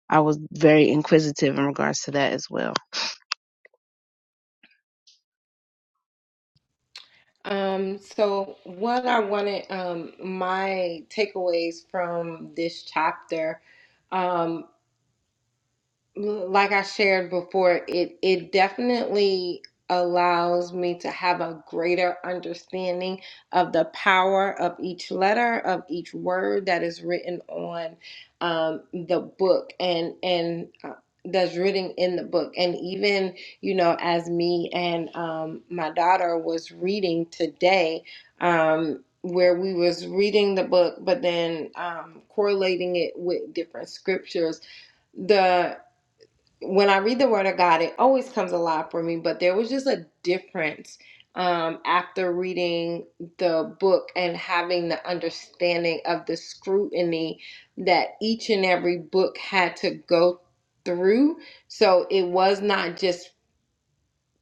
I was very inquisitive in regards to that as well.
Um, so what I wanted, um, my takeaways from this chapter um, like I shared before, it it definitely allows me to have a greater understanding of the power of each letter of each word that is written on um, the book and and uh, that's written in the book and even you know as me and um, my daughter was reading today um, where we was reading the book but then um, correlating it with different scriptures the when I read the Word of God, it always comes alive for me. But there was just a difference um, after reading the book and having the understanding of the scrutiny that each and every book had to go through. So it was not just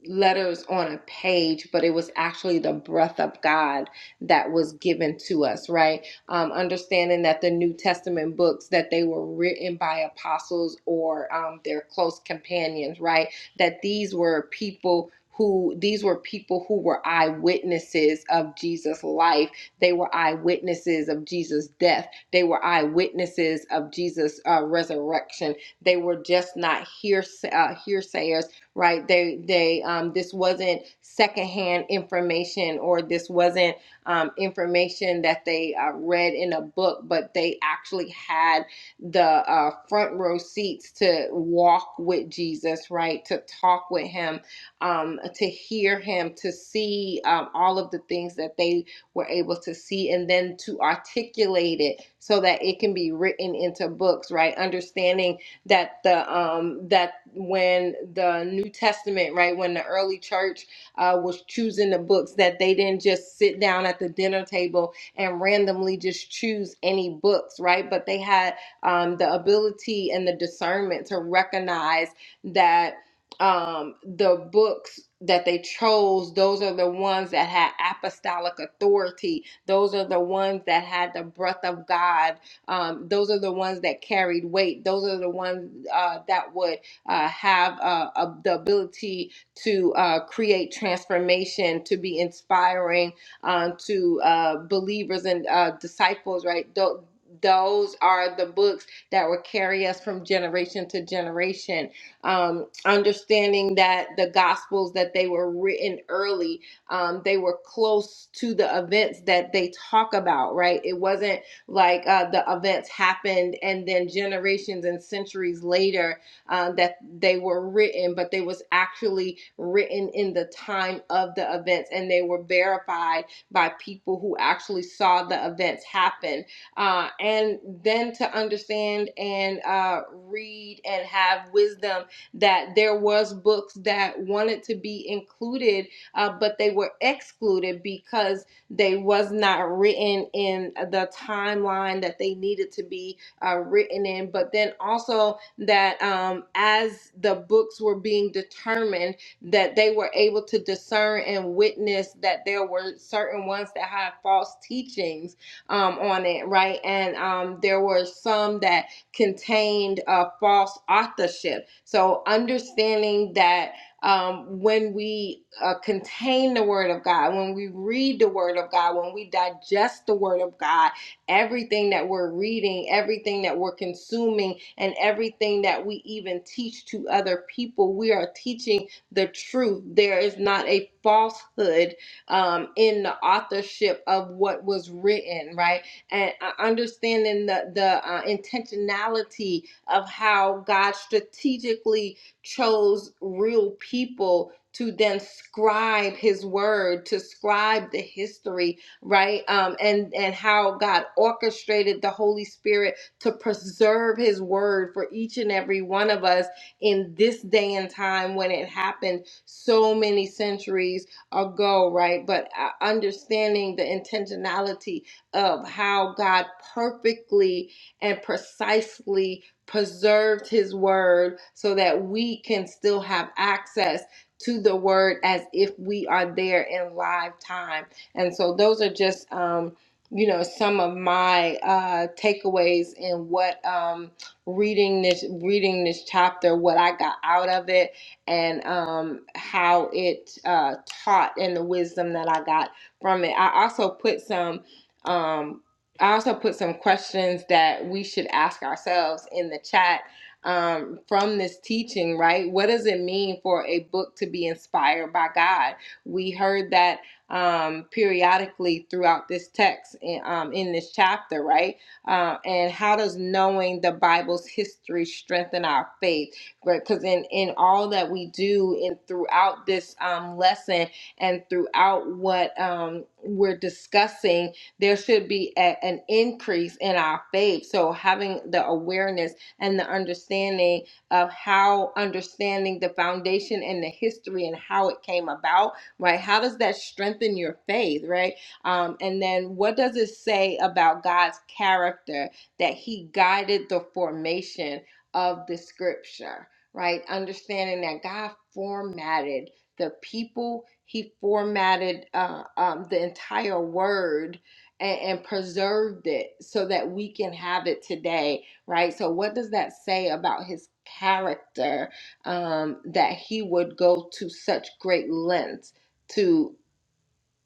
letters on a page, but it was actually the breath of God that was given to us, right? Um, understanding that the New Testament books that they were written by apostles or um, their close companions, right? That these were people who these were people who were eyewitnesses of Jesus' life. They were eyewitnesses of Jesus' death. They were eyewitnesses of Jesus' uh, resurrection. They were just not hearsay, uh, hearsayers right? They they um, this wasn't secondhand information or this wasn't um, information that they uh, read in a book, but they actually had the uh, front row seats to walk with Jesus, right? To talk with him, um, to hear him, to see um, all of the things that they were able to see, and then to articulate it so that it can be written into books, right? Understanding that the um that when the New Testament, right, when the early church uh, was choosing the books, that they didn't just sit down at the dinner table and randomly just choose any books, right? But they had um, the ability and the discernment to recognize that um, the books that they chose, those are the ones that had apostolic authority. Those are the ones that had the breath of God um, those are the ones that carried weight. Those are the ones uh, that would uh, have uh, a, the ability to uh, create transformation, to be inspiring uh, to uh, believers and uh, disciples, right? Tho- those are the books that will carry us from generation to generation. Um, understanding that the gospels that they were written early, um, they were close to the events that they talk about, right? It wasn't like uh, the events happened and then generations and centuries later uh, that they were written but they was actually written in the time of the events and they were verified by people who actually saw the events happen uh, and then to understand and uh, read and have wisdom that there was books that wanted to be included uh, but they were excluded because they was not written in the timeline that they needed to be uh, written in. But then also that um, as the books were being determined, that they were able to discern and witness that there were certain ones that had false teachings um, on it, right? And um, there were some that contained uh, false authorship. So understanding that um, when we uh, contain the Word of God, when we read the Word of God, when we digest the Word of God, everything that we're reading, everything that we're consuming, and everything that we even teach to other people, we are teaching the truth. There is not a falsehood um, in the authorship of what was written, right? And uh, understanding the the uh, intentionality of how God strategically chose real people to then scribe his word to scribe the history right um, and and how god orchestrated the holy spirit to preserve his word for each and every one of us in this day and time when it happened so many centuries ago right but uh, understanding the intentionality of how god perfectly and precisely preserved his word so that we can still have access to the word as if we are there in live time. And so those are just um you know some of my uh takeaways in what um reading this reading this chapter what I got out of it and um how it uh taught and the wisdom that I got from it. I also put some um I also put some questions that we should ask ourselves in the chat um, from this teaching, right? What does it mean for a book to be inspired by God? We heard that um, periodically throughout this text in, um, in this chapter, right? Uh, and how does knowing the Bible's history strengthen our faith? Because in, in all that we do and throughout this um, lesson and throughout what um, we're discussing, there should be a, an increase in our faith. So having the awareness and the understanding of how understanding the foundation and the history and how it came about, right? How does that strengthen your faith, right? Um, and then what does it say about God's character that He guided the formation of the scripture, right? Understanding that God formatted the people, He formatted uh, um, the entire word and, and preserved it so that we can have it today, right? So, what does that say about his character um, that he would go to such great lengths to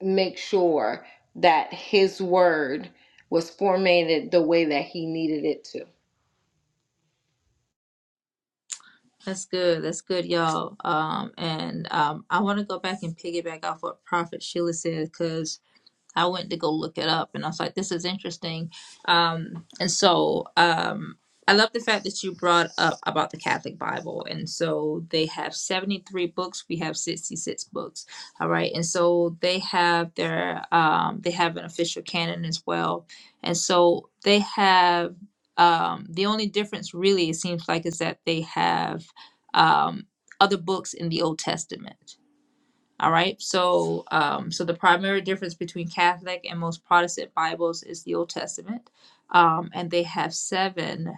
make sure that his word was formatted the way that he needed it to?
That's good. That's good, y'all. Um, and um, I want to go back and piggyback off what Prophet Sheila said because I went to go look it up and I was like, this is interesting. Um, and so um, I love the fact that you brought up about the Catholic Bible. And so they have 73 books, we have 66 books. All right. And so they have their, um, they have an official canon as well. And so they have, um, the only difference really, it seems like, is that they have um, other books in the Old Testament all right. So, um, so the primary difference between Catholic and most Protestant Bibles is the Old Testament, um, and they have seven.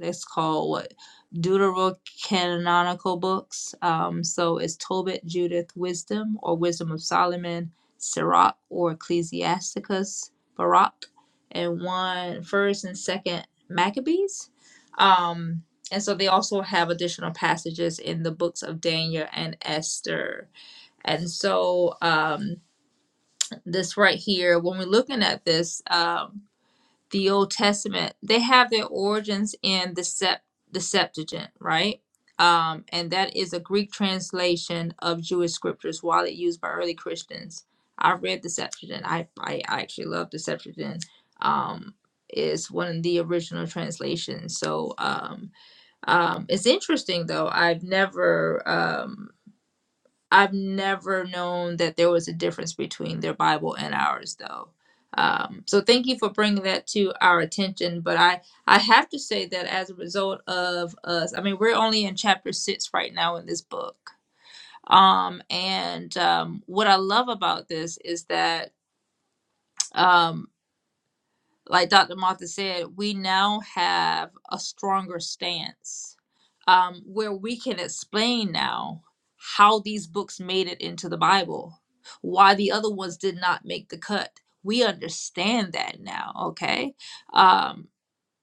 It's called what Deuterocanonical books. Um, so it's Tobit, Judith, Wisdom, or Wisdom of Solomon, Sirach, or Ecclesiasticus, Barak, and one First and Second Maccabees. Um, and so they also have additional passages in the books of Daniel and Esther. And so, um, this right here, when we're looking at this, um, the Old Testament, they have their origins in the Sept- the Septuagint, right? Um, and that is a Greek translation of Jewish scriptures, widely used by early Christians. I read the Septuagint. I I, I actually love the Septuagint. Um, is one of the original translations. So um, um, it's interesting though. I've never. um, I've never known that there was a difference between their Bible and ours, though. Um, so thank you for bringing that to our attention. But I, I have to say that as a result of us, I mean, we're only in chapter six right now in this book. Um, and um, what I love about this is that. um, like Dr. Martha said, we now have a stronger stance um, where we can explain now how these books made it into the Bible, why the other ones did not make the cut. We understand that now, okay? Um,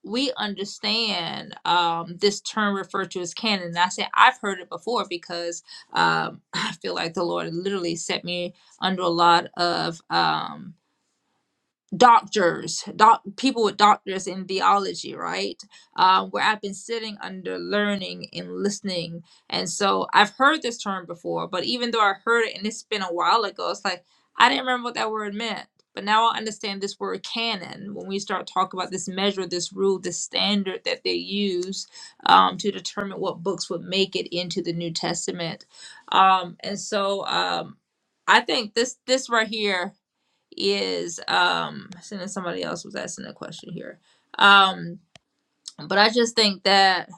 we understand um, this term referred to as canon. And I said, I've heard it before because um, [LAUGHS] I feel like the Lord literally set me under a lot of. Um, doctors, doc, people with doctors in theology, right? Um, where I've been sitting under learning and listening. And so I've heard this term before, but even though I heard it and it's been a while ago, it's like I didn't remember what that word meant. But now I understand this word canon when we start talking about this measure, this rule, this standard that they use um, to determine what books would make it into the New Testament. Um, and so um, I think this this right here is um and somebody else was asking a question here um but i just think that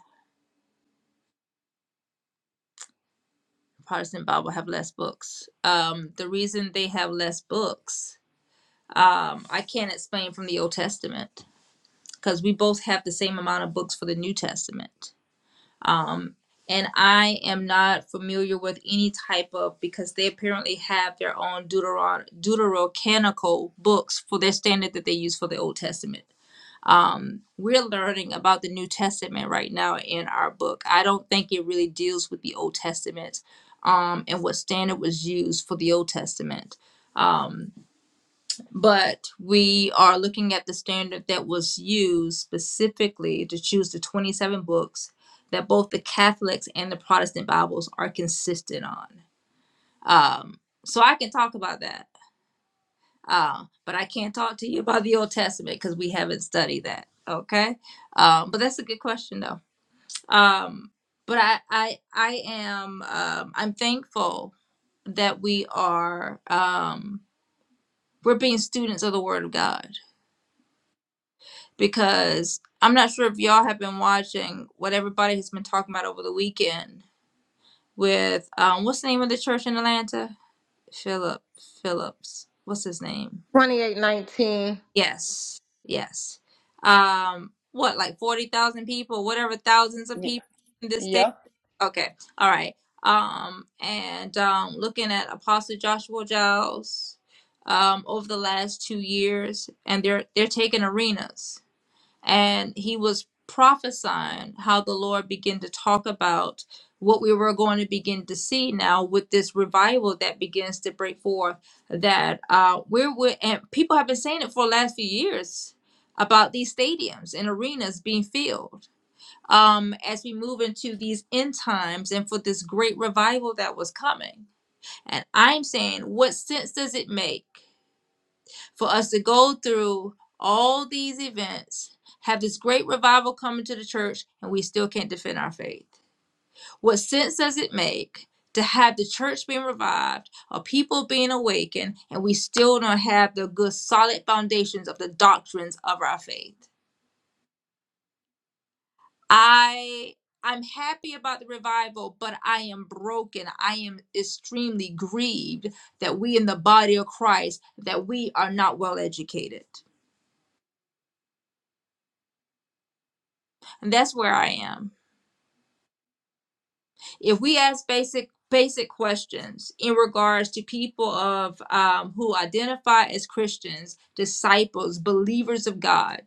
protestant bible have less books um the reason they have less books um i can't explain from the old testament because we both have the same amount of books for the new testament um and i am not familiar with any type of because they apparently have their own deuteron deuterocanical books for their standard that they use for the old testament um, we're learning about the New Testament right now in our book. I don't think it really deals with the Old Testament um, and what standard was used for the Old Testament. Um, but we are looking at the standard that was used specifically to choose the 27 books that both the Catholics and the Protestant Bibles are consistent on. Um, so I can talk about that uh, but I can't talk to you about the Old Testament because we haven't studied that. Okay. Um, but that's a good question though. Um, but I, I, I am, um, I'm thankful that we are, um, we're being students of the Word of God because I'm not sure if y'all have been watching what everybody has been talking about over the weekend with, um, what's the name of the church in Atlanta? Philip Phillips. What's his name?
2819.
Yes, yes. Um, what, like 40,000 people, whatever, thousands of people in this state?
Yep.
Okay, all right. Um, and um, looking at Apostle Joshua Giles um, over the last two years, and they're they're taking arenas and he was prophesying how the Lord began to talk about what we were going to begin to see now with this revival that begins to break forth. That uh, we're with, and people have been saying it for the last few years about these stadiums and arenas being filled um, as we move into these end times and for this great revival that was coming. And I'm saying, what sense does it make? for us to go through all these events, have this great revival coming to the church, and we still can't defend our faith. What sense does it make to have the church being revived or people being awakened, and we still don't have the good solid foundations of the doctrines of our faith? I I'm happy about the revival, but I am broken. I am extremely grieved that we in the body of Christ that we are not well educated. And that's where I am. if we ask basic basic questions in regards to people of um, who identify as christians disciples believers of god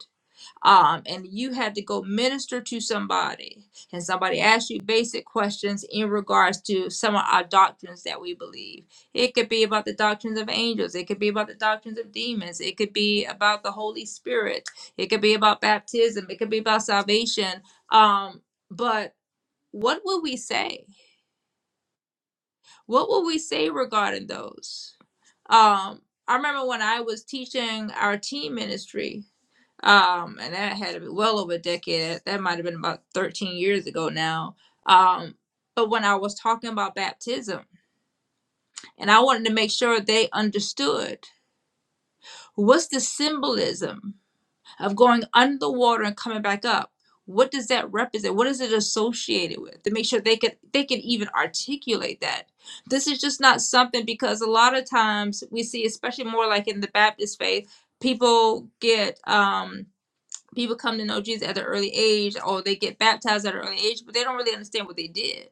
um, and you had to go minister to somebody and somebody asks you basic questions in regards to some of our doctrines that we believe it could be about the doctrines of angels it could be about the doctrines of demons it could be about the holy spirit it could be about baptism it could be about salvation um, but what would we say what will we say regarding those? Um, I remember when I was teaching our teen ministry, um, and that had to be well over a decade. That might have been about 13 years ago now. Um, but when I was talking about baptism, and I wanted to make sure they understood what's the symbolism of going under the water and coming back up what does that represent what is it associated with to make sure they could they can even articulate that this is just not something because a lot of times we see especially more like in the baptist faith people get um people come to know jesus at an early age or they get baptized at an early age but they don't really understand what they did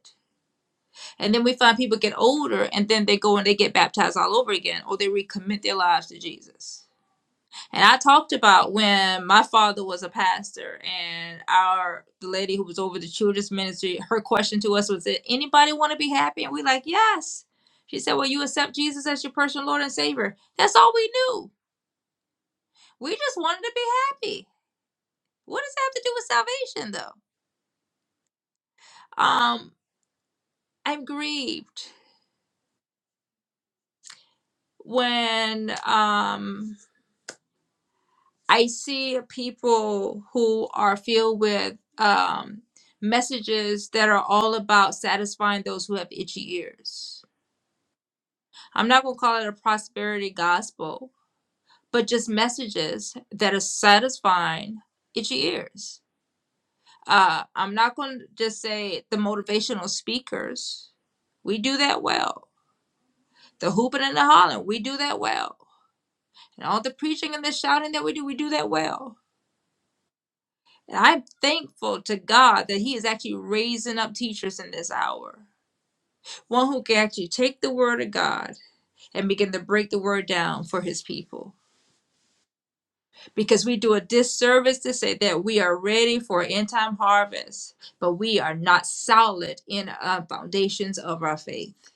and then we find people get older and then they go and they get baptized all over again or they recommit their lives to jesus and I talked about when my father was a pastor, and our the lady who was over the children's ministry, her question to us was, "Did anybody want to be happy?" And we like, "Yes." She said, "Well, you accept Jesus as your personal Lord and Savior." That's all we knew. We just wanted to be happy. What does that have to do with salvation, though? Um, I'm grieved when um I see people who are filled with um, messages that are all about satisfying those who have itchy ears. I'm not going to call it a prosperity gospel, but just messages that are satisfying itchy ears. Uh, I'm not going to just say the motivational speakers. We do that well. The hooping and the hollering, we do that well. And all the preaching and the shouting that we do, we do that well And I'm thankful to God that He is actually raising up teachers in this hour. One who can actually take the word of God and begin to break the word down for His people. Because we do a disservice to say that we are ready for end time harvest, but we are not solid in our foundations of our faith.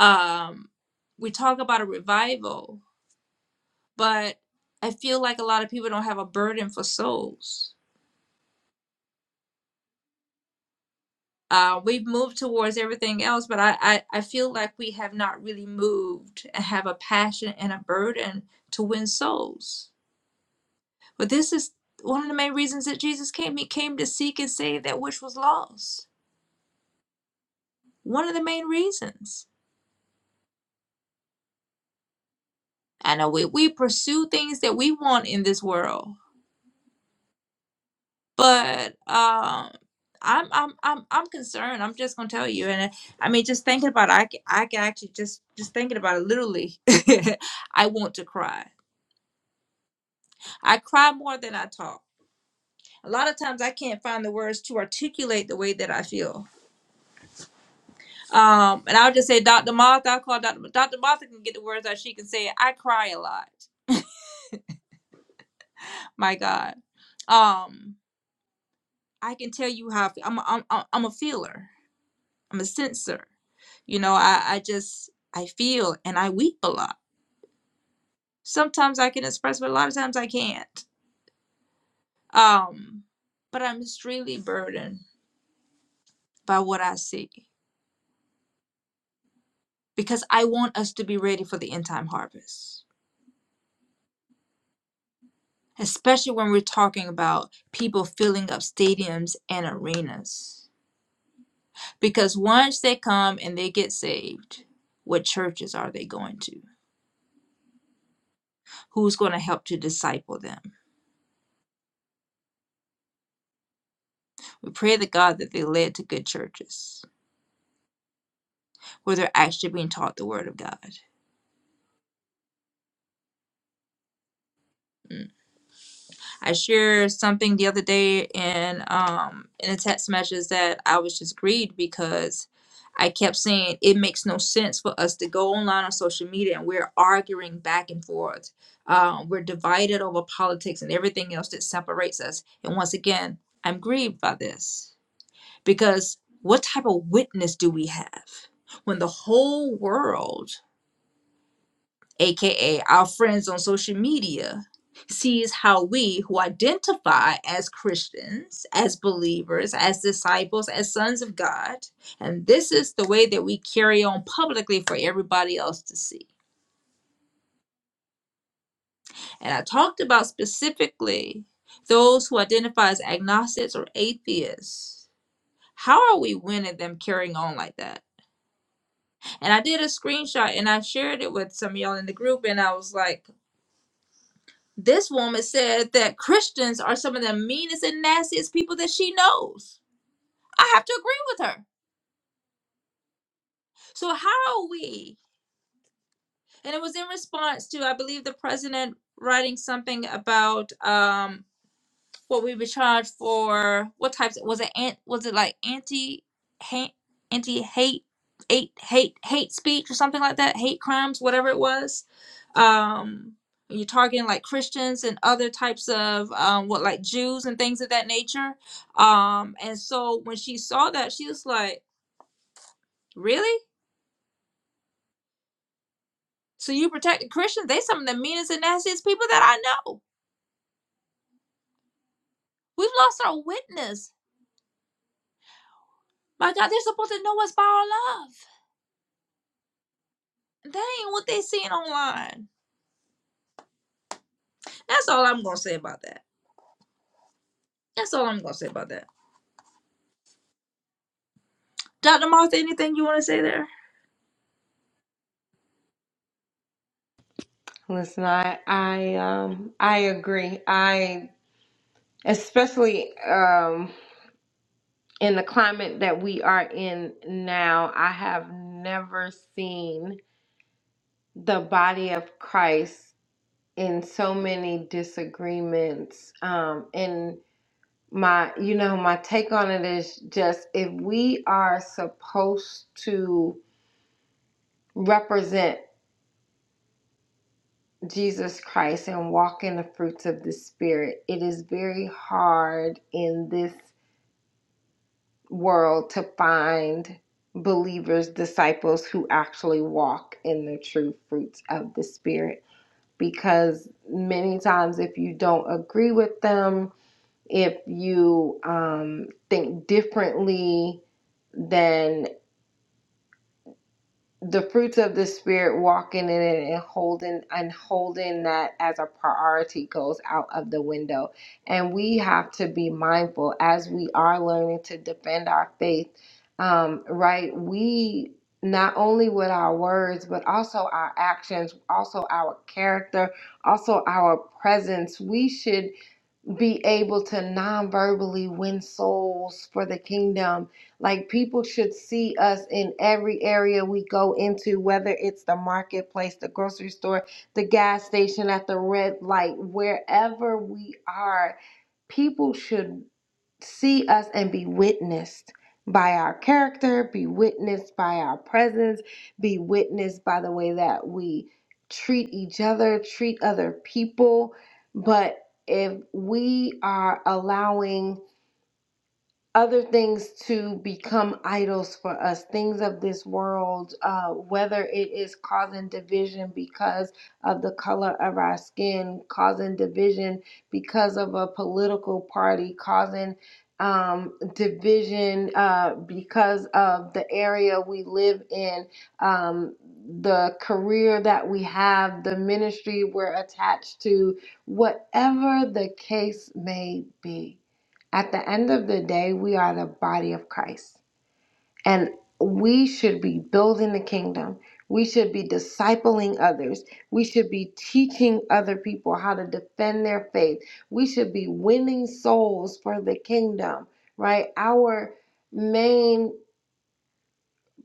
Um, we talk about a revival, but I feel like a lot of people don't have a burden for souls uh, we've moved towards everything else, but I, I, I feel like we have not really moved and have a passion and a burden to win souls. But this is one of the main reasons that Jesus came. He came to seek and save that which was lost. One of the main reasons. I know we, we pursue things that we want in this world, but um, I'm, I'm I'm I'm concerned. I'm just gonna tell you, and uh, I mean, just thinking about it, I can, I can actually just just thinking about it literally. [LAUGHS] I want to cry I cry more than I talk. A lot of times I can't find the words to articulate the way that I feel. Um, and I'll just say, Dr. Martha, I'll call Dr. Dr. Martha can get the words out. She can say, it. I cry a lot. My God. Um, I can tell you how I feel. I'm, i I'm, a- I'm a feeler. I'm a sensor. You know, I, I just, I feel and I weep a lot. Sometimes I can express, but a lot of times I can't. Um, but I'm extremely burdened by what I see. because I want us to be ready for the end time harvest, especially when we're talking about people filling up stadiums and arenas. Because once they come and they get saved, what churches are they going to? Who's going to help to disciple them? We pray to God that they're led to good churches where they're actually being taught the Word of God. I shared something the other day in um in a text message that I was just grieved because I kept saying it makes no sense for us to go online on social media and we're arguing back and forth. Um, we're divided over politics and everything else that separates us. And once again, I'm grieved by this because what type of witness do we have when the whole world aka our friends on social media, sees how we who identify as Christians, as believers, as disciples, as sons of God, and this is the way that we carry on publicly for everybody else to see. And I talked about specifically those who identify as agnostics or atheists. How are we winning them carrying on like that? And I did a screenshot and I shared it with some of y'all in the group, and I was like, This woman said that Christians are some of the meanest and nastiest people that she knows. I have to agree with her. So, how are we? And it was in response to, I believe, the president writing something about um, what we were charged for what types was it ant was it like anti hate anti hate hate hate hate speech or something like that hate crimes whatever it was um and you're targeting like christians and other types of um what like jews and things of that nature um and so when she saw that she was like really so you protected christians they some of the meanest and nastiest people that i know we've lost our witness my god they're supposed to know us by our love That ain't what they seeing online. That's all I'm gonna say about that. That's all I'm gonna say about that. Dr. Martha, anything you wanna say there?
Listen, I I um I agree. I especially um in the climate that we are in now, I have never seen the body of Christ in so many disagreements. Um, and my, you know, my take on it is just if we are supposed to represent Jesus Christ and walk in the fruits of the Spirit, it is very hard in this world to find believers, disciples who actually walk in the true fruits of the Spirit. Because many times, if you don't agree with them, if you um, think differently, than the fruits of the spirit walking in it and holding and holding that as a priority goes out of the window and we have to be mindful as we are learning to defend our faith um, right we not only with our words but also our actions also our character also our presence we should be able to non-verbally win souls for the kingdom like people should see us in every area we go into whether it's the marketplace the grocery store the gas station at the red light wherever we are people should see us and be witnessed by our character, be witnessed by our presence, be witnessed by the way that we treat each other, treat other people. But if we are allowing other things to become idols for us, things of this world, uh, whether it is causing division because of the color of our skin, causing division because of a political party, causing um, division uh, because of the area we live in, um, the career that we have, the ministry we're attached to, whatever the case may be at the end of the day, we are the body of Christ. And we should be building the kingdom. We should be discipling others. We should be teaching other people how to defend their faith. We should be winning souls for the kingdom, right? Our main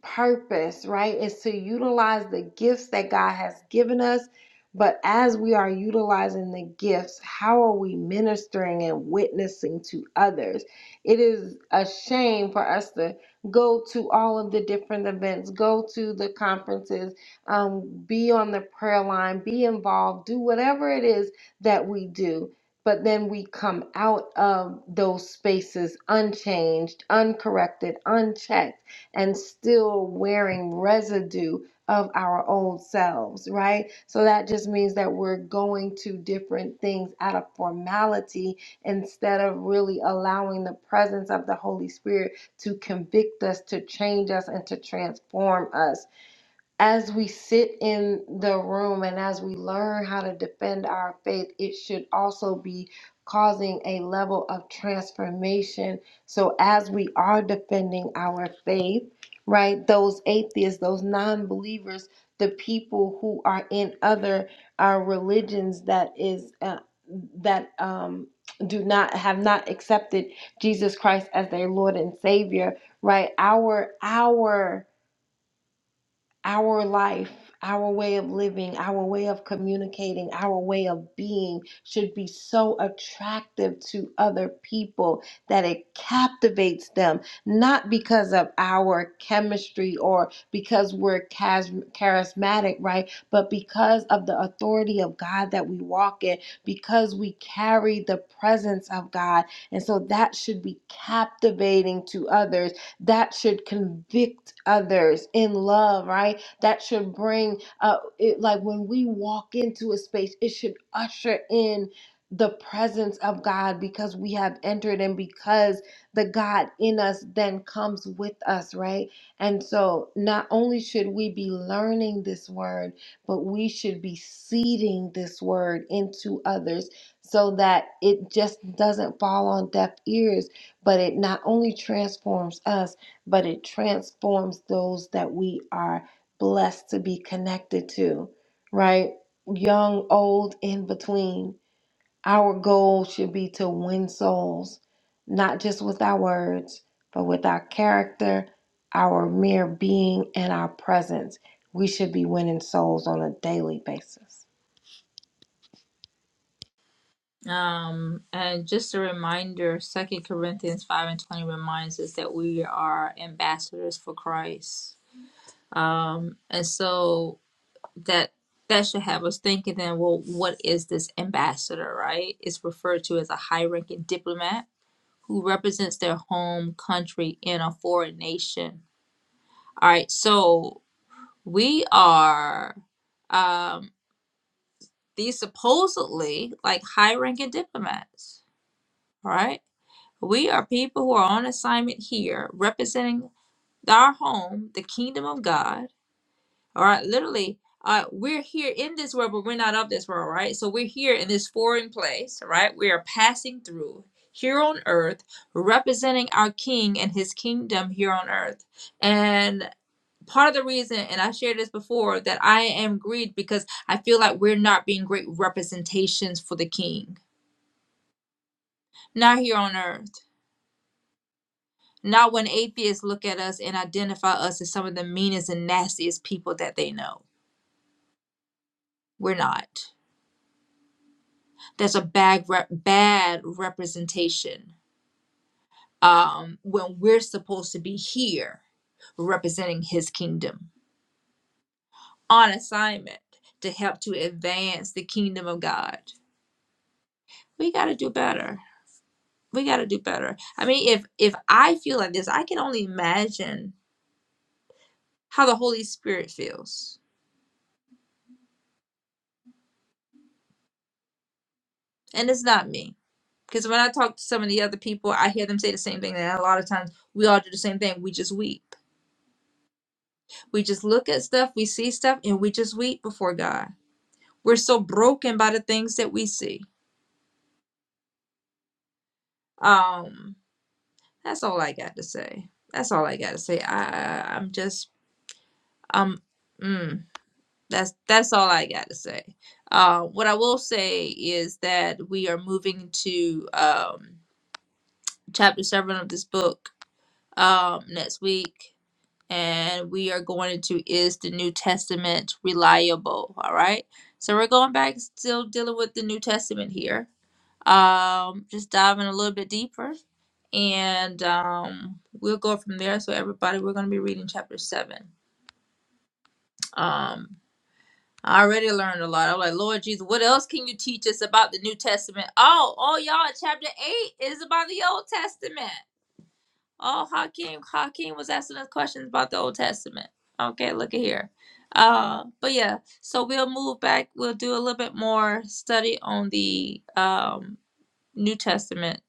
purpose, right, is to utilize the gifts that God has given us. But as we are utilizing the gifts, how are we ministering and witnessing to others? It is a shame for us to go to all of the different events, go to the conferences, um, be on the prayer line, be involved, do whatever it is that we do. But then we come out of those spaces unchanged, uncorrected, unchecked and still wearing residue of our own selves, right? So that just means that we're going to different things out of formality instead of really allowing the presence of the Holy Spirit to convict us, to change us, and to transform us as we sit in the room and as we learn how to defend our faith, it should also be causing a level of transformation. So, as we are defending our faith, right, those atheists, those non believers, the people who are in other uh, religions that is, uh, that, um, do not have not accepted Jesus Christ as their Lord and Savior, right? Our, our, our life, our way of living, our way of communicating, our way of being should be so attractive to other people that it captivates them, not because of our chemistry or because we're chas- charismatic, right? But because of the authority of God that we walk in, because we carry the presence of God. And so that should be captivating to others that should convict others in love, right? that should bring uh it, like when we walk into a space it should usher in the presence of God because we have entered and because the God in us then comes with us, right? And so not only should we be learning this word, but we should be seeding this word into others so that it just doesn't fall on deaf ears, but it not only transforms us, but it transforms those that we are blessed to be connected to, right? Young, old, in between. Our goal should be to win souls, not just with our words, but with our character, our mere being, and our presence. We should be winning souls on a daily basis.
Um, and just a reminder, Second Corinthians five and twenty reminds us that we are ambassadors for Christ. Um, and so that that should have us thinking then, well, what is this ambassador, right? It's referred to as a high ranking diplomat who represents their home country in a foreign nation. All right, so we are um, these supposedly like high ranking diplomats, right? We are people who are on assignment here representing our home, the kingdom of God, all right? Literally, uh, we're here in this world, but we're not of this world, right? So we're here in this foreign place, right? We are passing through here on earth, representing our king and his kingdom here on earth. and. part of the reason and i shared this before that i am grieved because i feel like we're not being great representations for the king not here on earth not when atheists look at us and identify us as some of the meanest and nastiest people that they know we're not that's a bad rep- bad representation um when we're supposed to be here representing his kingdom on assignment to help to advance the kingdom of god we got to do better we got to do better. I mean, if if I feel like this, I can only imagine how the Holy Spirit feels. And it's not me. Because when I talk to some of the other people, I hear them say the same thing. And a lot of times we all do the same thing. We just weep. We just look at stuff, we see stuff, and we just weep before God. We're so broken by the things that we see. Um, that's all I got to say. That's all I got to say. I, I I'm just um. Mm. That's that's all I got to say. Uh, what I will say is that we are moving to um, chapter seven of this book um, next week, and we are going into is the New Testament reliable? All right, so we're going back, still dealing with the New Testament here. Um, just diving a little bit deeper, and um, we'll go from there. So everybody, we're going to be reading chapter seven. Um. I already learned a lot. I'm like, Lord Jesus, what else can you teach us about the New Testament? Oh, oh, y'all, chapter eight is about the Old Testament. Oh, Hakeem, Hakeem was asking us questions about the Old Testament. Okay, look at here. Uh, but yeah, so we'll move back. We'll do a little bit more study on the um New Testament,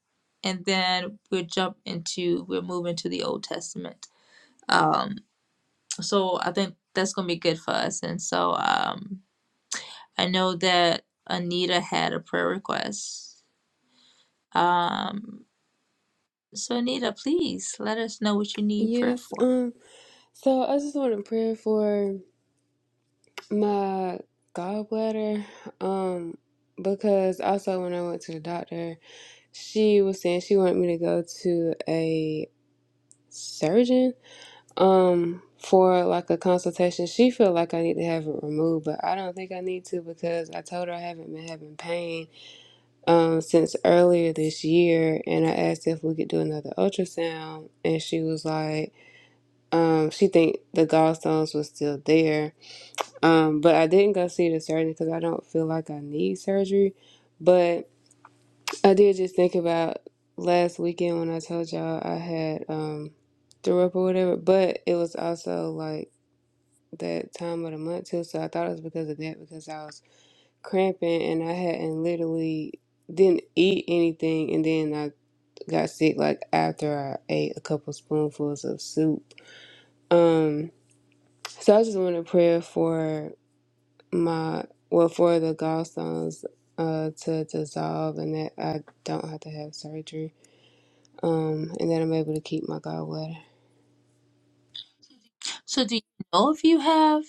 and then we'll jump into we'll move into the Old Testament. Um, so I think that's gonna be good for us. And so um I know that Anita had a prayer request. Um, so Anita, please let us know what you need prayer
yes
for.
um so i just want to pray for my gallbladder um because also when i went to the doctor she was saying she wanted me to go to a surgeon um for like a consultation she feel like i need to have it removed but i don't think i need to because i told her i haven't been having pain um, since earlier this year, and I asked if we could do another ultrasound, and she was like, um, she think the gallstones was still there, um, but I didn't go see the surgeon because I don't feel like I need surgery, but I did just think about last weekend when I told y'all I had um, threw up or whatever, but it was also like that time of the month too, so I thought it was because of that because I was cramping and I hadn't literally didn't eat anything and then I got sick like after I ate a couple spoonfuls of soup. Um, so I just want to pray for my well for the gallstones uh to dissolve and that I don't have to have surgery. Um, and that I'm able to keep my gallbladder.
So do you know if you have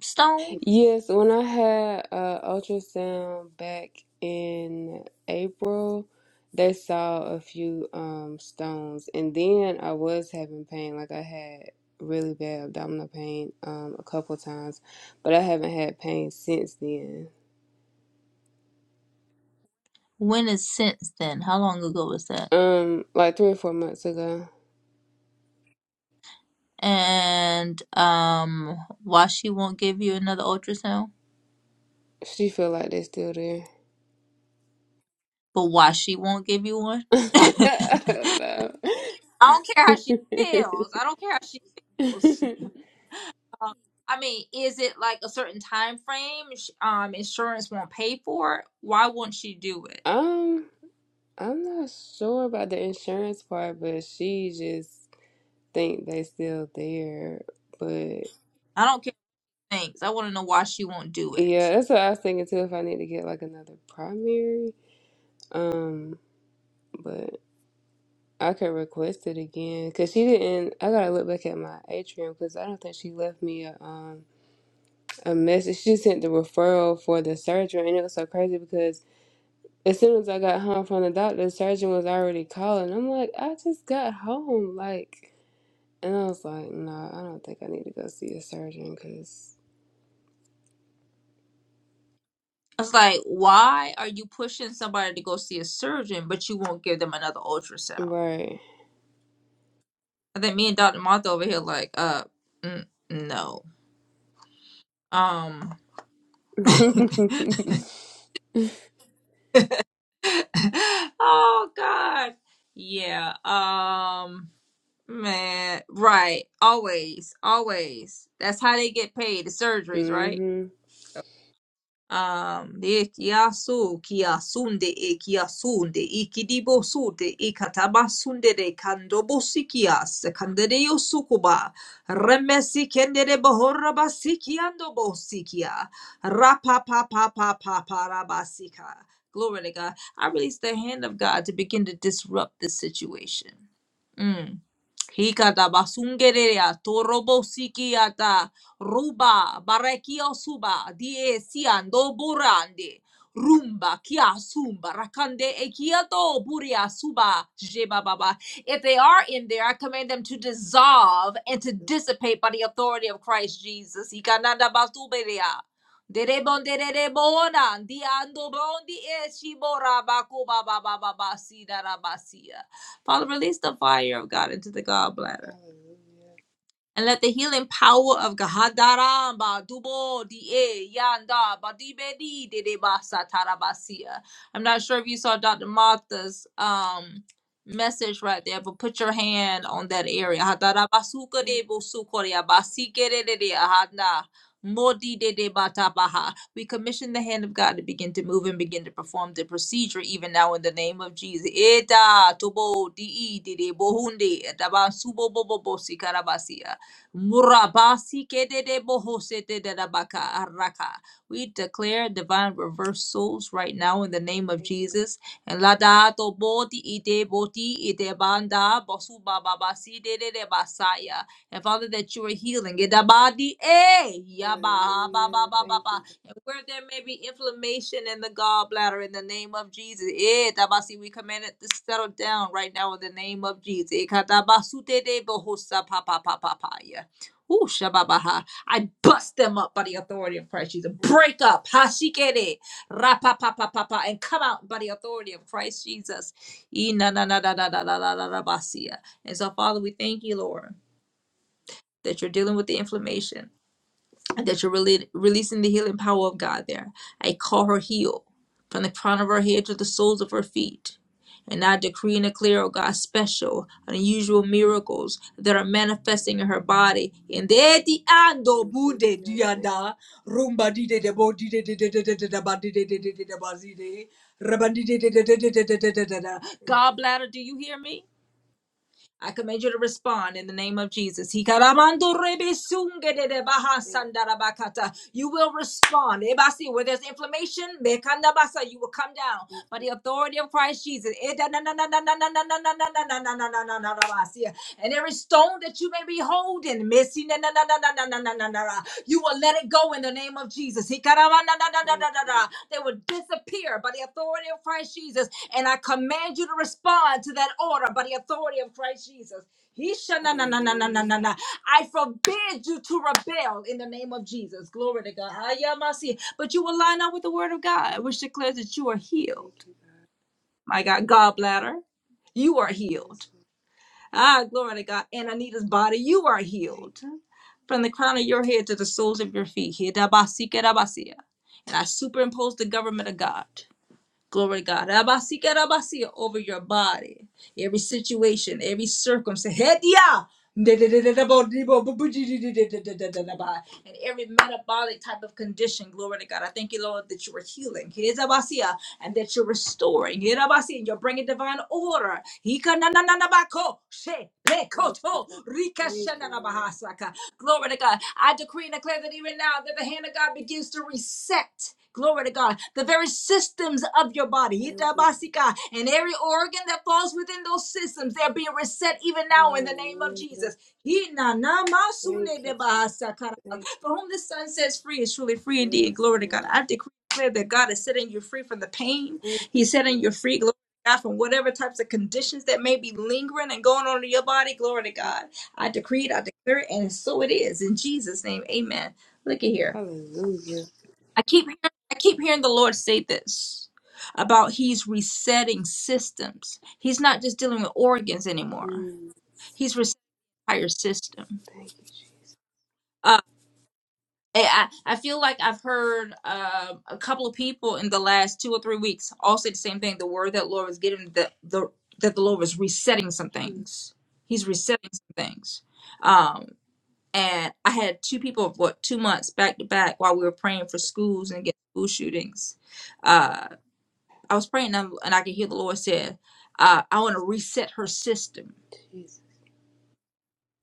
stones?
Yes, when I had uh, ultrasound back in April, they saw a few um, stones, and then I was having pain. Like I had really bad abdominal pain um, a couple times, but I haven't had pain since then.
When is since then? How long ago was that?
Um, like three or four months ago,
And um, why she won't give you another ultrasound?
she feel like they're still there.
But why she won't give you one?
[LAUGHS]
[LAUGHS]
I don't
I don't care how she feels. I don't care how she those?
know.
[LAUGHS] Um, I mean, is it like a certain time frame? sh- Um, insurance won't pay for it. Why won't she do it?
[LAUGHS] um. I'm not sure about the insurance part, but she just think they still there. But
I don't care. Thanks. I want to know why she won't do it.
yeah, that's what I was thinking too. If I need to get like another primary, um, but I could request it again because she didn't. I gotta look back at my atrium because I don't think she left me a um a message. She sent the referral for the surgery, and it was so crazy because as soon as I got home from the doctor, the surgeon was already calling. I'm like, I just got home, like. And I was like, no, nah, I don't think I need to go see a surgeon because,
I was like, why are you pushing somebody to go see a surgeon, but you won't give them another ultrasound?
right.
I think me and Dr. Martha over here like, uh, n- no. Um,
[LAUGHS] mm-hmm.
[LAUGHS] oh God. Yeah. Um, man. Right. Always. Always. That's how they get paid. The surgeries, right? um de kiasu kiasunde e kiasunde ikidibosute ikatabasunde de kandobosikias kandereyo sukuba remesi kendere bohorra basikiando bosikia rapa pa pa pa pa pa rabasika glory to God I release the hand of God to begin to disrupt this situation mm. Hikata basungerea torobosikiata Ruba, barekio suba, die siando burande. Rumba, kia sumba, rakande ekiato buria suba, jeba baba. If they are in there, I command them to dissolve and to dissipate by the authority of Christ Jesus. Ikananda basuberia. Derebon derebona, Di diando di eshibora bakuba baba baba sida rabasia. Father, release the fire of God into the gallbladder
Hallelujah.
and let the healing power of Gahadaramba Dubo Di Yanda Badibedi Dedebasa Tarabasia. I'm not sure if you saw Dr. Martha's um message right there, but put your hand on that area. Hadarabasuka de Bosukoria Basike de Ahana. Modi de de batabaha. We commission the hand of God to begin to move and begin to perform the procedure even now in the name of Jesus. Eta tobo di de bohunde etaban subo bobo bosi karabasia. Murabasi kedede bohosete dadabaka araka. We declare divine reversals right now in the name of
Thank you.
Jesus. And lada to boti ide boti ide banda bosu bababasi dedede basaya. And Father, that you are healing. Idabadi eh yaba ba ba
Hallelujah.
ba ba
Thank
ba.
you.
And where there may be inflammation in the gallbladder, in the name of Jesus, eh tabasi, we command it to settle down right now in the name of Jesus. Ikatabasutede bohosa pa pa pa pa pa ya. Ooh, shababaha. I bust them up by the authority of Christ Jesus. Break up. Hashikere. Rapapapapapa. And come out by the authority of Christ Jesus. Inananadadadadadadabasia. And so, Father, we thank you, Lord, that you're dealing with the inflammation that you're really releasing the healing power of God there. I call her healed from the crown of her head to the soles of her feet. And I decree and declare, oh God, special, unusual miracles that are manifesting in her body. In the di ando
Thank you.
bude
Hallelujah. Thank
diada rumba di de de bo di de de de de de de de ba di de
you.
de
Thank
de de de ba zi de reba di de de de de de de de
you.
de de de. God bladder, do you hear me? I command you to respond in the name of Jesus.
Thank
You will respond. Ebasi, Where there's inflammation, you will come down
you.
by the authority of Christ Jesus. And every stone that you may be holding, missing, you will let it go in the name of Jesus.
Thank you.
Hikarabanadadadadada. They will disappear by the authority of Christ Jesus. And I command you to respond to that order by the authority of Christ Jesus. He
Hallelujah.
Hishananananananana. I forbid you to rebel in the name of Jesus. Glory to God. Hayamasi. But you will line up with the word of God, which declares that you are healed.
Thank you, God.
My God, gallbladder, you are healed
Yes, Lord.
ah, glory to God. In Anita's body, you are
Thank
healed
you.
from the crown of your head to the soles of your feet. Hidabasi, kedabasi. And I superimpose the government of God. Glory to God. Rabasika rabasia over your body. Every situation, every circumstance. Hedia! And every metabolic type of condition, glory to God. I thank you, Lord, that you are healing. Hezabasia, And that you're restoring. Herabasia, And you're bringing divine order. Hikanananabako,
Thank you,
shepekoto,
God. Thank you, Lord.
rikashanarabahasaka. Glory to God. I decree and declare that even now that the hand of God begins to reset. Glory to God. The very systems of your body.
Thank you.
Itabasika. And every organ that falls within those systems, they're being reset even now in the name of
Hallelujah.
Jesus. Hinanamasune
Thank you, Jesus.
debahasakara.
Thank you.
For whom the Son sets free is truly free indeed.
Yes,
Glory to God.
Lord.
I decree and declare that God is setting you free from the pain.
Thank you,
He's setting
Lord.
you free. Glory to God from whatever types of
Thank
conditions that may be lingering and going on in your body. Glory to
you.
God. I decree it, I declare it, and so it is. In Jesus' name, amen. Look at here.
Hallelujah.
I keep I keep hearing the Lord say this about he's resetting systems. He's not just dealing with organs anymore.
Mm,
He's resetting the entire system.
thank you, Jesus.
Uh, I, I feel like I've heard uh, a couple of people in the last two or three weeks all say the same thing. The word that Lord was giving that the that the Lord was resetting some
Mm,
things. He's resetting some things. Um, and I had two people of what two months back to back while we were praying for schools and against school shootings. Uh, I was praying and, and I could hear the Lord said, uh, "I want to reset her system."
Jesus,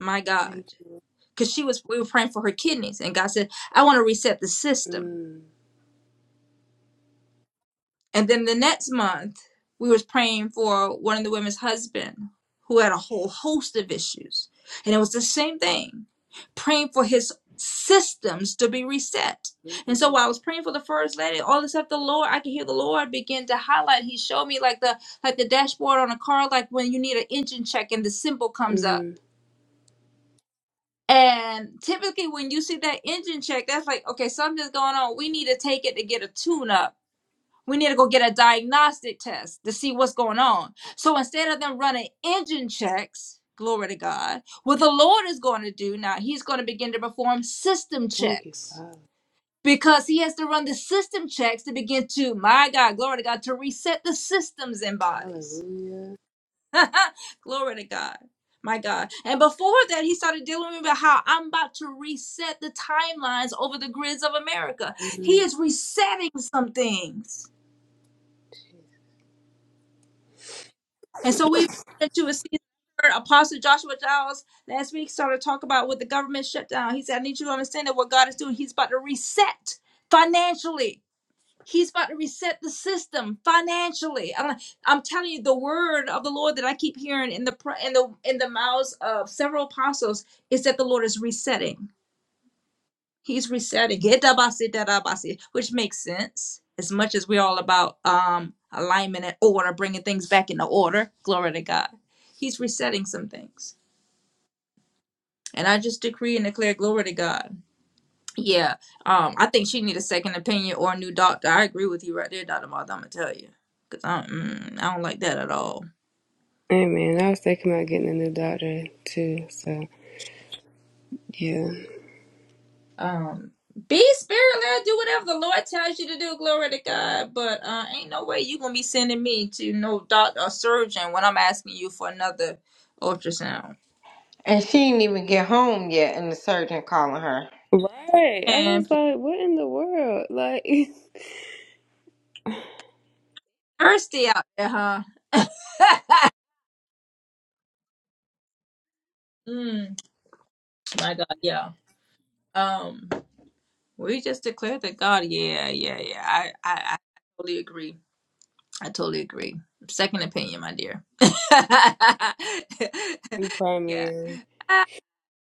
My God,
thank you.
because she was we were praying for her kidneys, and God said, "I want to reset the system."
Mm,
And then the next month, we was praying for one of the women's husband who had a whole host of issues. And it was the same thing, praying for his systems to be reset. And so
hallelujah.
while I was praying for the first lady, all of a sudden the Lord, I could hear the Lord begin to highlight. He showed me like the like the dashboard on a car, like when you need an engine check and the symbol
mm,
comes up.
mm-hmm.
And typically when you see that engine check, that's like, okay, something's going on. We need to take it to get a tune up we need to go get a diagnostic test to see what's going on. So instead of them running engine checks, glory to God, what the Lord is going to do now, He's going to begin to perform system
thank you,
checks
Father.
because He has to run the system checks to begin to, my God, glory to God, to reset the systems and bodies.
Hallelujah.
[LAUGHS] glory to God. My God. And before that, he started dealing with me about how I'm about to reset the timelines over the grids of America. He
Mm.
is resetting some things And so we've into a season. Apostle Joshua Giles last week started to talk about what the government shutdown. He said, I need you to understand that what God is doing, He's about to reset financially. He's about to reset the system financially. I'm, I'm telling you, the word of the Lord that I keep hearing in the pr- in the in the mouths of several apostles is that the Lord is resetting. He's resetting. Hitabasi tadabasi, Which makes sense. As much as we're all about um alignment and order, bringing things back into order. Glory to God. He's resetting some things. And I just decree and declare glory to God. Yeah. Um, I think she need a second opinion or a new doctor. I agree with you right there, Dr. Martha. I'm gonna tell you. Cause I do mm, I don't like that at all.
Amen. I was thinking about getting a new doctor too. So yeah,
Um, be spirit led. Do whatever the Lord tells you to do. Glory to God. But uh, ain't no way you gonna be sending me to no doctor or surgeon when I'm asking you for another ultrasound.
And she didn't even get home yet, and the surgeon calling her.
right. I was
And
like, what in the world? Like, [LAUGHS]
thirsty out there, huh? [LAUGHS] mm, my God, yeah. Um, we just declared that God. Yeah, yeah, yeah. I, I, I totally agree. I totally agree. Second opinion, my dear. [LAUGHS]
new
yeah.
primary.
Ah,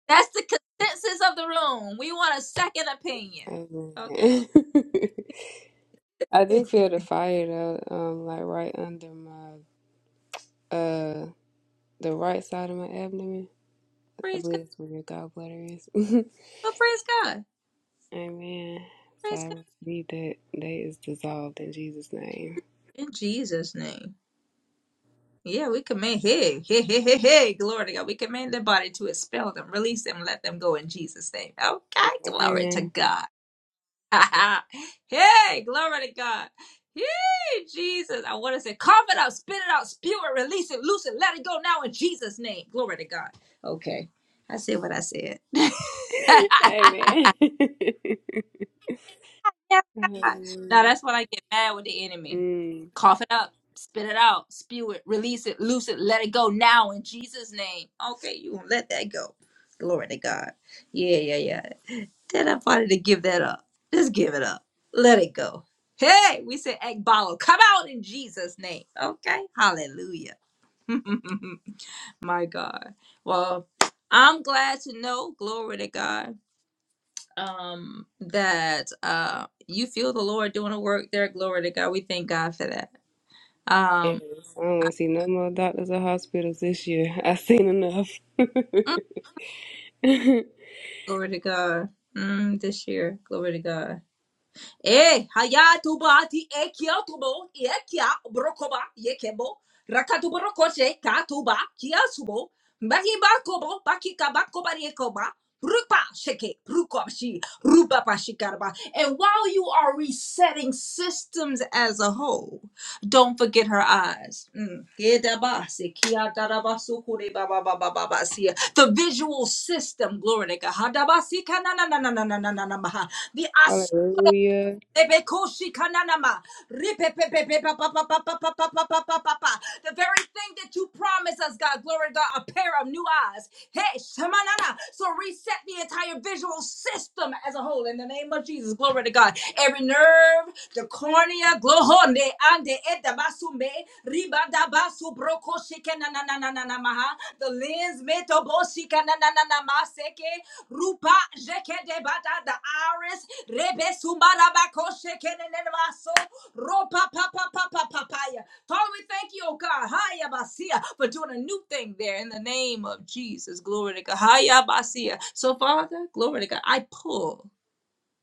That's the consensus of the room. We want a second opinion. Okay. [LAUGHS]
Amen. [LAUGHS] I do feel the fire though. Um, like right under my uh the right side of my abdomen. I
praise
believe
God.
that's where your gallbladder is. [LAUGHS]
Well, praise God.
Amen. So
Praise God.
I read that they is dissolved in Jesus' name.
In Jesus' name. Yeah, we command, hey, hey, hey, hey, hey, glory to God. We command the body to expel them, release them, let them go in Jesus' name. Okay, glory to
Amen.
God. [LAUGHS] hey, glory to God. Hey, Jesus. I want to say, cough it out, spit it out, spew it, release it, loose it, let it go now in Jesus' name. Glory to God. Okay. I said what I said. [LAUGHS] now
[LAUGHS] Amen. [LAUGHS] Hallelujah.
that's when I get mad with the enemy.
Mm,
Cough it up, spit it out, spew it, release it, loose it, let it go now in Jesus' name. Okay, you won't let that go. Glory to God. Yeah, yeah, yeah. That I wanted to give that up. Just give it up. Let it go. Hey, we said Ekbalo, come out in Jesus' name. Okay? Hallelujah. [LAUGHS] My God. Well, I'm glad to know, glory to God, um, that uh you feel the Lord doing a work there. Glory to God. We thank God for that.
yes.
Um
I don't want to see no more doctors or hospitals this year. I've seen enough.
mm,
[LAUGHS]
glory to God. Mm, this year, glory to God. Eh, hayatuba ti ekiotubo, ekia brokoba, yekebo, rakatuborokoche, katuba, kiasubo, bakibakobo, bakikabakoba, yekoba, rupa sheke, rukoshi, rupa pashikarba. And while you are resetting systems as a whole, don't forget her eyes. Mm. Gedaba, sekia, dadaba, sukure, ba, ba, ba, ba, ba, ba, sia. The visual system, glory to God. Hadaba, sika, na, na, na, na, na, na, na, na, na, maha. The
Hallelujah.
Ebekoshi kananama. Ripepepepepepepepepepepepepepepepepepe. The very thing that you promised us, God, glory to God, a pair of new eyes. Hey, shamanana. So reset the entire visual system as a whole in the name of Jesus. Glory to God. Every nerve, the cornea, glohonde, ande, edabasume, ribadabasu, brokoshi, kanananananamaha. the lens, metoboshi, kananananamase, Rupa jekede bada the iris rebe sumbara bako shekede nebaso ropa pa pa pa pa pa papaya. Father, we thank you, oh God, haya basia for doing a new thing there in the name of Jesus. Glory to God, haya basia. So Father, glory to God, I pull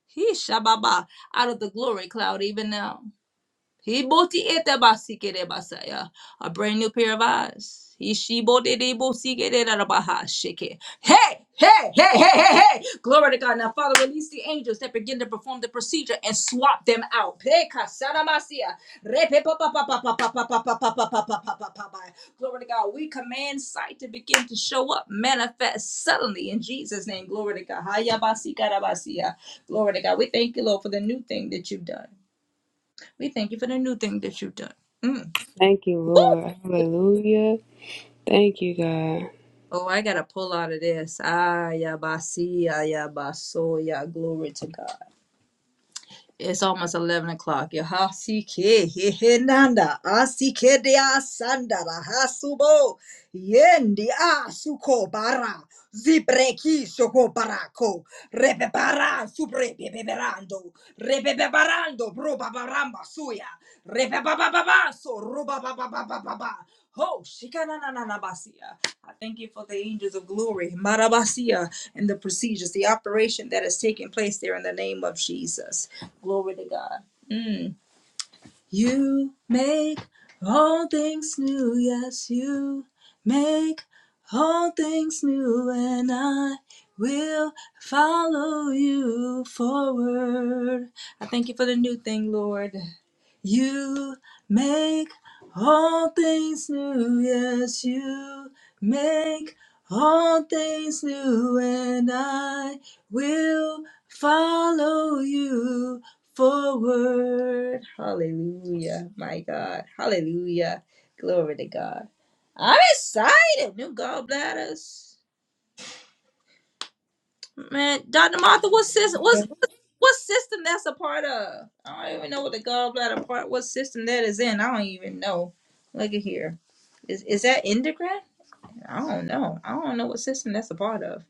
he shababa out of the glory cloud even now. He boti ete basike de basaya. A brand new pair of eyes. He she boti de bosike de da da baha shike. Hey, hey, hey, hey, hey, hey. Glory to God. Now, Father, release the angels that begin to perform the procedure and swap them out. Pe kasana masia. Repe pa pa pa pa pa pa pa pa pa pa pa pa pa pa pa pa pa. Glory to God. We command sight to begin to show up, manifest suddenly in Jesus' name. Glory to God. Haya basika Glory to God. We thank you, Lord, for the new thing that you've done. We thank you for the new thing that you've done. Mm.
Thank you, Lord. Hallelujah. Thank you, God.
Oh, I gotta pull out of this. Ah, ya basi, ah, ya baso, ya glory to God. It's almost eleven o'clock. Ya hasi ke he he nanda, asi ke de asanda ra hasubo, yendi asuko bara, zibreki soko barako, rebebara subrebeberando, rebeberando, bro babaramba suya, rebebabababaso, rubabababababa. Ho, shikanananabasia. I thank you for the angels of glory, marabasia, and the procedures, the operation that is taking place there in the name of Jesus. Glory to God. Mm. You make all things new, yes, you make all things new, and I will follow you forward. I thank you for the new thing, Lord. You make all things new, yes, you make all things new, and I will follow you forward. Hallelujah, my God. Hallelujah. Glory to God. I'm excited. New gallbladders. Man, Dr. Martha, what's this? What system that's a part of? I don't even know what the gallbladder part. What system that is in? I don't even know. Look at here. Is is that endocrine? I don't know. I don't know what system that's a part of.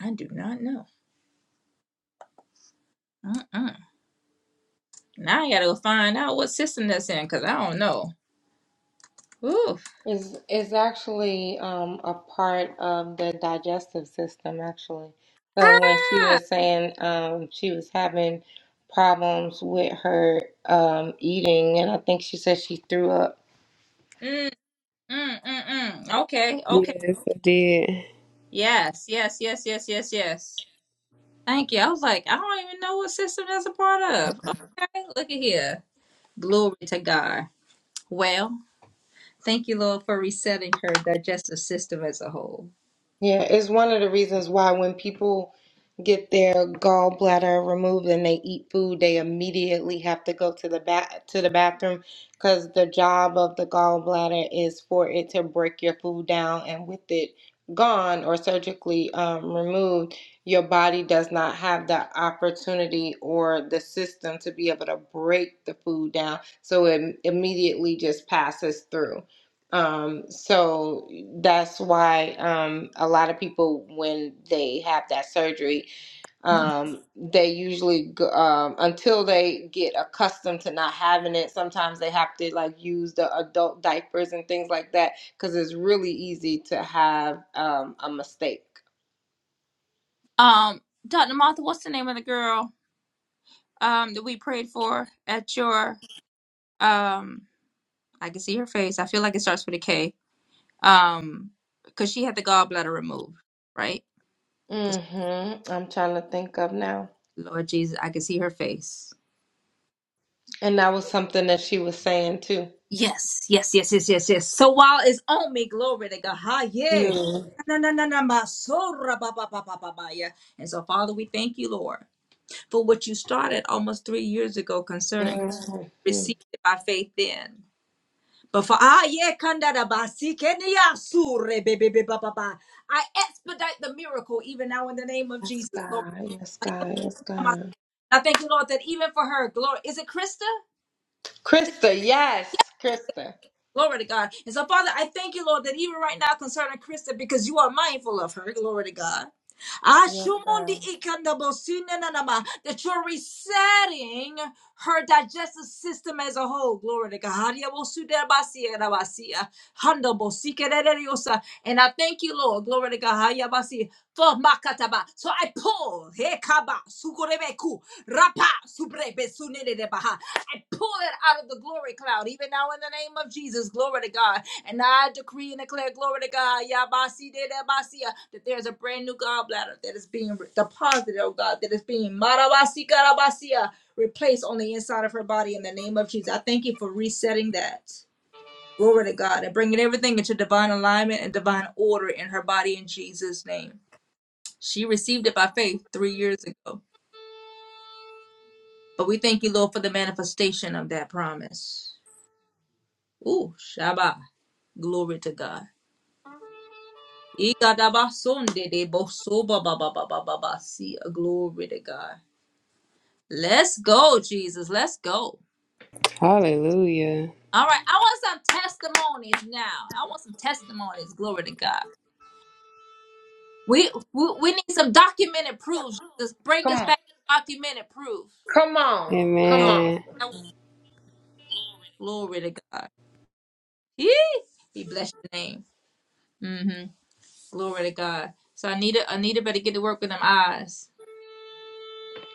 I do not know. Uh-uh. Now I gotta go find out what system that's in because I don't know. Ooh.
Is is actually um a part of the digestive system actually. So when she
Ah.
was saying um she was having problems with her um eating and I think she said she threw up
Mm, mm, mm, mm. Okay. Okay.
Yes, I did.
Yes. Yes. Yes. Yes. Yes. Yes. Thank you. I was like, I don't even know what system that's a part of. Okay. Look at here. Glory to God. Well. Thank you, Lord, for resetting her digestive system as a whole.
Yeah, it's one of the reasons why when people get their gallbladder removed and they eat food, they immediately have to go to the ba- to the bathroom because the job of the gallbladder is for it to break your food down, and with it gone or surgically um, removed, your body does not have the opportunity or the system to be able to break the food down, so it immediately just passes through. Um, so that's why um, a lot of people, when they have that surgery, um, they usually go, um, until they get accustomed to not having it. Sometimes they have to like use the adult diapers and things like that because it's really easy to have um, a mistake.
Um, Dr. Martha, what's the name of the girl um that we prayed for at your um I can see her face. I feel like it starts with a K. Um, because she had the gallbladder removed, right?
Mm-hmm. I'm trying to think of now,
'Cause- Lord Jesus, I can see her face.
and that was something that she was saying too.
Yes, yes, yes, yes, yes, yes. So while it's on me, glory to God. Ha, yeah.
Mm-hmm.
Na, na, na, na, ma, so, ra, ba, ba, ba, ba, ba, ba, yeah. And so, Father, we thank you, Lord, for what you started almost three years ago concerning
Yes,
received it by faith then. But for ah yeah, kanda da ba, si, ke, ni, ya, su, re, be, be, be, ba, ba, ba. I expedite the miracle even now in the name of Jesus. Lord,
God. Yes, God. Yes,
Come on.
God.
I thank you, Lord, that even for her, glory. Is it Krista?
Krista, yes, Krista.
Glory to God. And so, Father, I thank you, Lord, that even right now concerning Krista, because you are mindful of her. Glory to God.
Yes,
Ashumundi
sir.
ikandabosine nanama, That you're resetting her digestive system as a whole. Glory to God. Hadiabosudebasiya nabasiya, handabosikerereyosa. And I thank you, Lord. Glory to God. Hadiabasiya, For makataba. So I pull. hekaba, sukorebeku rapa, subrebesunenedebaha. I pull it out of the glory cloud, even now in the name of Jesus. Glory to God. And I decree and declare, glory to God, Yabasi de de Basia, that there's a brand new gallbladder that is being deposited, oh God, that is being Marabasi Garabasia, replaced on the inside of her body in the name of Jesus. I thank you for resetting that. Glory to God and bringing everything into divine alignment and divine order in her body in Jesus' name. She received it by faith three years ago. But we thank you, Lord, for the manifestation of that promise. Ooh, Shabbat. Glory to God. Igadabasunde de bosoba ba ba ba ba ba ba. See, a glory to God. Let's go, Jesus. Let's go.
Hallelujah.
All right, I want some testimonies now. I want some testimonies. Glory to God. We we, we need some documented proof. Just bring
Come
us
on,
back documented proof.
come on, come
Oh,
on,
Amen.
that- glory to God. Yee. He bless your name. Mm hmm Glory to God. So I need it. I need it. Better get to work with them eyes.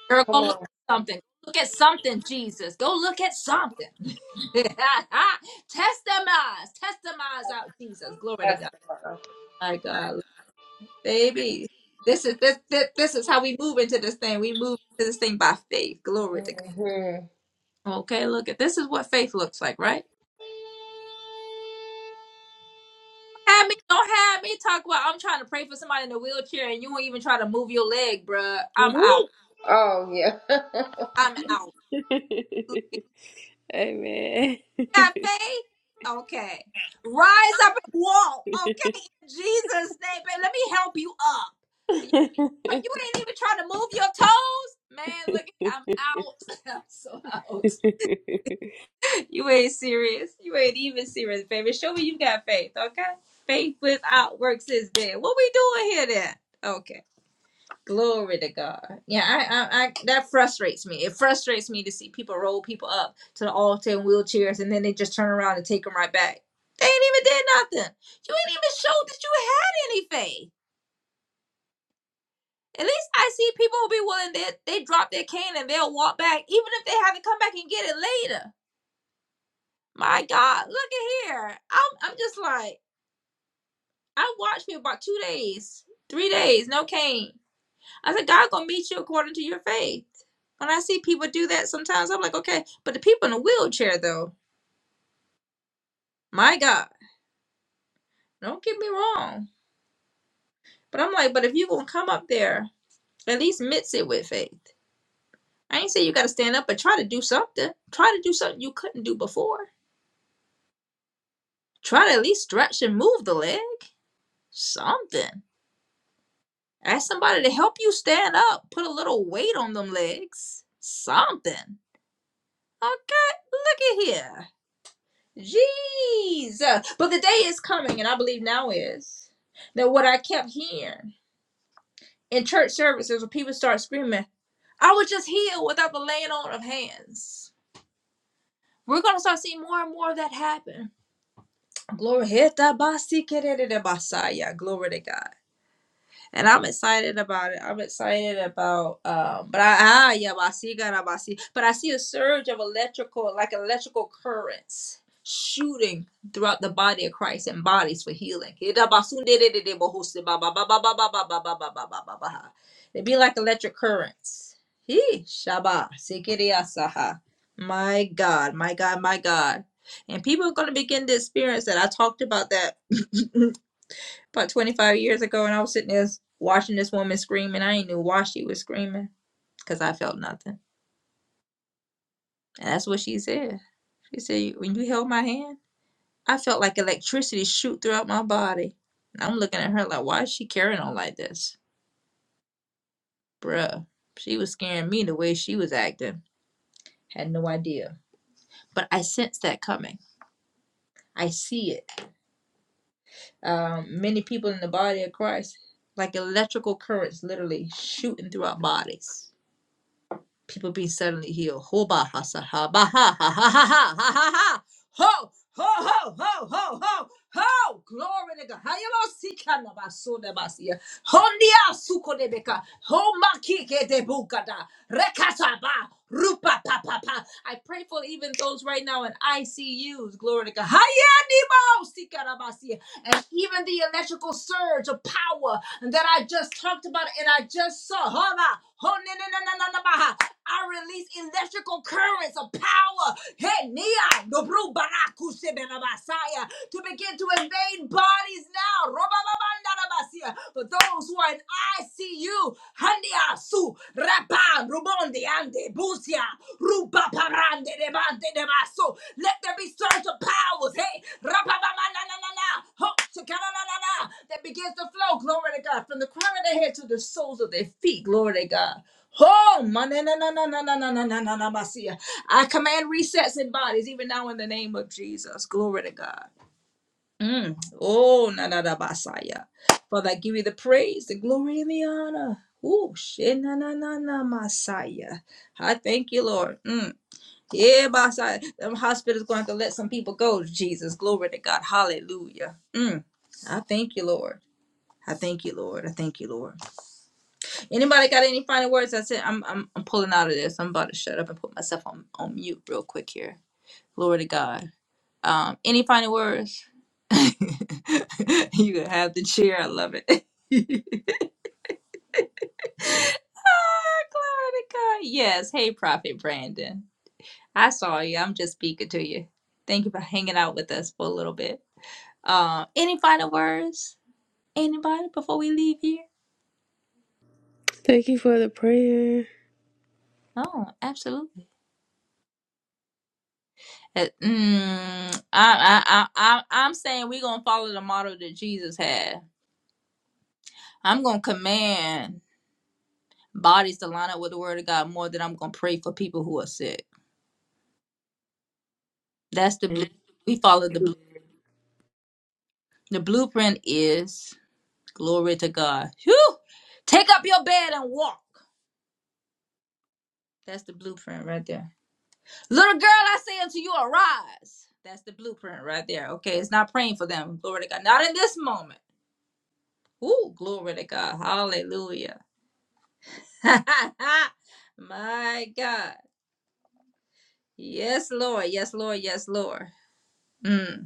Girl,
come
go look
on.
at something. Look at something, Jesus. Go look at something. [LAUGHS] test them eyes. Test them eyes out, Jesus. Glory to
That's
God.
the
My God. Baby. This is this, this this is how we move into this thing. We move into this thing by faith. Glory to
hmm
God. Okay, look at this is what faith looks like, right? Don't have me, don't have me talk about I'm trying to pray for somebody in a wheelchair and you won't even try to move your leg, bruh. I'm
Woo.
out.
Oh yeah. [LAUGHS]
I'm out.
[LAUGHS] Amen. [LAUGHS]
got faith? Okay. Rise up and walk. Okay. In Jesus' name, baby. Let me help you up. But you, you ain't even trying to move your toes? Man, look, I'm out. [LAUGHS] I'm so out. You ain't serious. You ain't even serious, baby. Show me you got faith, okay? Faith without works is dead. What we doing here then? Okay. Glory to God. Yeah, I, I, I, that frustrates me. It frustrates me to see people roll people up to the altar in wheelchairs and then they just turn around and take them right back. They ain't even did nothing. You ain't even showed that you had any faith. At least I see people who be willing that they, drop their cane and they'll walk back, even if they haven't come back and get it later. My God, look at here. I'm, I'm just like, I watched me about two days, three days, no cane. I said, God gonna meet you according to your faith. When I see people do that sometimes, I'm like, okay, but the people in a wheelchair though, my God, don't get me wrong. But I'm like, but if you gonna come up there, at least mix it with faith. I ain't say you gotta stand up, but try to do something. Try to do something you couldn't do before. Try to at least stretch and move the leg. Something. Ask somebody to help you stand up. Put a little weight on them legs. Something. Okay, look at here. Jesus. But the day is coming, and I believe now is, that what I kept hearing in church services when people start screaming, I was just healed without the laying on of hands. We're going to start seeing more and more of that happen. Glory. Heta basi kerere basaya. Glory to God. and I'm excited about it. I'm excited about um but I ah yeah, but I see God, I see but I see a surge of electrical like electrical currents shooting throughout the body of Christ and bodies for healing. They be like electric currents. He Shaba Sikiriasaha. My God, my God, my God. And people are going to begin to experience that. I talked about that [LAUGHS] about 25 years ago and I was sitting there watching this woman scream and I ain't knew why she was screaming because I felt nothing. And that's what she said. She said, when you held my hand, I felt like electricity shoot throughout my body. And I'm looking at her like, why is she carrying on like this? Bruh, she was scaring me the way she was acting. Had no idea. But I sensed that coming. I see it. Um, many people in the body of Christ, like electrical currents literally shooting through our bodies people being suddenly healed. Ho ba ha sa ha ba ha ha ha ha ha ha ha ha. Ho ho ho ho ho ho ho. Glory to God. Hayabasika na basuna basia. Hondia suko de beka. Ho maki ke de bukada. Rekata ba. Rupa pa pa pa. I pray for even those right now in ICUs. Glory to God. Hayanimo sika na basia. And even the electrical surge of power that I just talked about and I just saw. Hana. Ho ne ne ne ne ne ne ba ha. I release electrical currents of power. Hey, Nia, Dobru Baraku Sebenabasaya, to begin to invade bodies now. Robababandarabasia, For those who are in ICU, Handia Su, Rapa, Rubondi Ande, Busia, Rubaparande, Debande, Debaso. Let there be surge of powers. Hey, Rapabamananana, Ho, Shekananana, that begins to flow. Glory to God. From the crown of their head to the soles of their feet. Glory to God. Oh, na, na, na, na, na, na, na, na, na, na, na, Basia. I command resets in bodies, even now in the name of Jesus. Glory to God. Mm. Oh, na, na, na, Basaya. Father, I give you the praise, the glory, and the honor. Oh, she, na, na, na, na, Messiah. I thank you, Lord. Mm. Yeah, Messiah. Them hospitals going to have to let some people go, Jesus. Glory to God. Hallelujah. Mm. I thank you, Lord. I thank you, Lord. I thank you, Lord. Anybody got any final words? That's it. I'm I'm I'm pulling out of this. I'm about to shut up and put myself on, on mute real quick here. Glory to God. Um, any final words? [LAUGHS] you can have the chair. I love it. [LAUGHS] Ah, Glory to God. Yes. Hey, Prophet Brandon. I saw you. I'm just speaking to you. Thank you for hanging out with us for a little bit. Um, any final words? Anybody before we leave here?
Thank you for the prayer.
Oh, absolutely. Uh, Mm, I, I, I, I, I'm saying we're gonna follow the model that Jesus had. I'm gonna command bodies to line up with the Word of God more than I'm gonna pray for people who are sick. That's the blue. We follow the blue. The blueprint is glory to God. Whew! Take up your bed and walk. That's the blueprint right there. Little girl, I say unto you, arise. That's the blueprint right there. Okay, it's not praying for them. Glory to God. Not in this moment. Ooh, glory to God. Hallelujah. [LAUGHS] My God. Yes, Lord. Yes, Lord. Yes, Lord. Mm.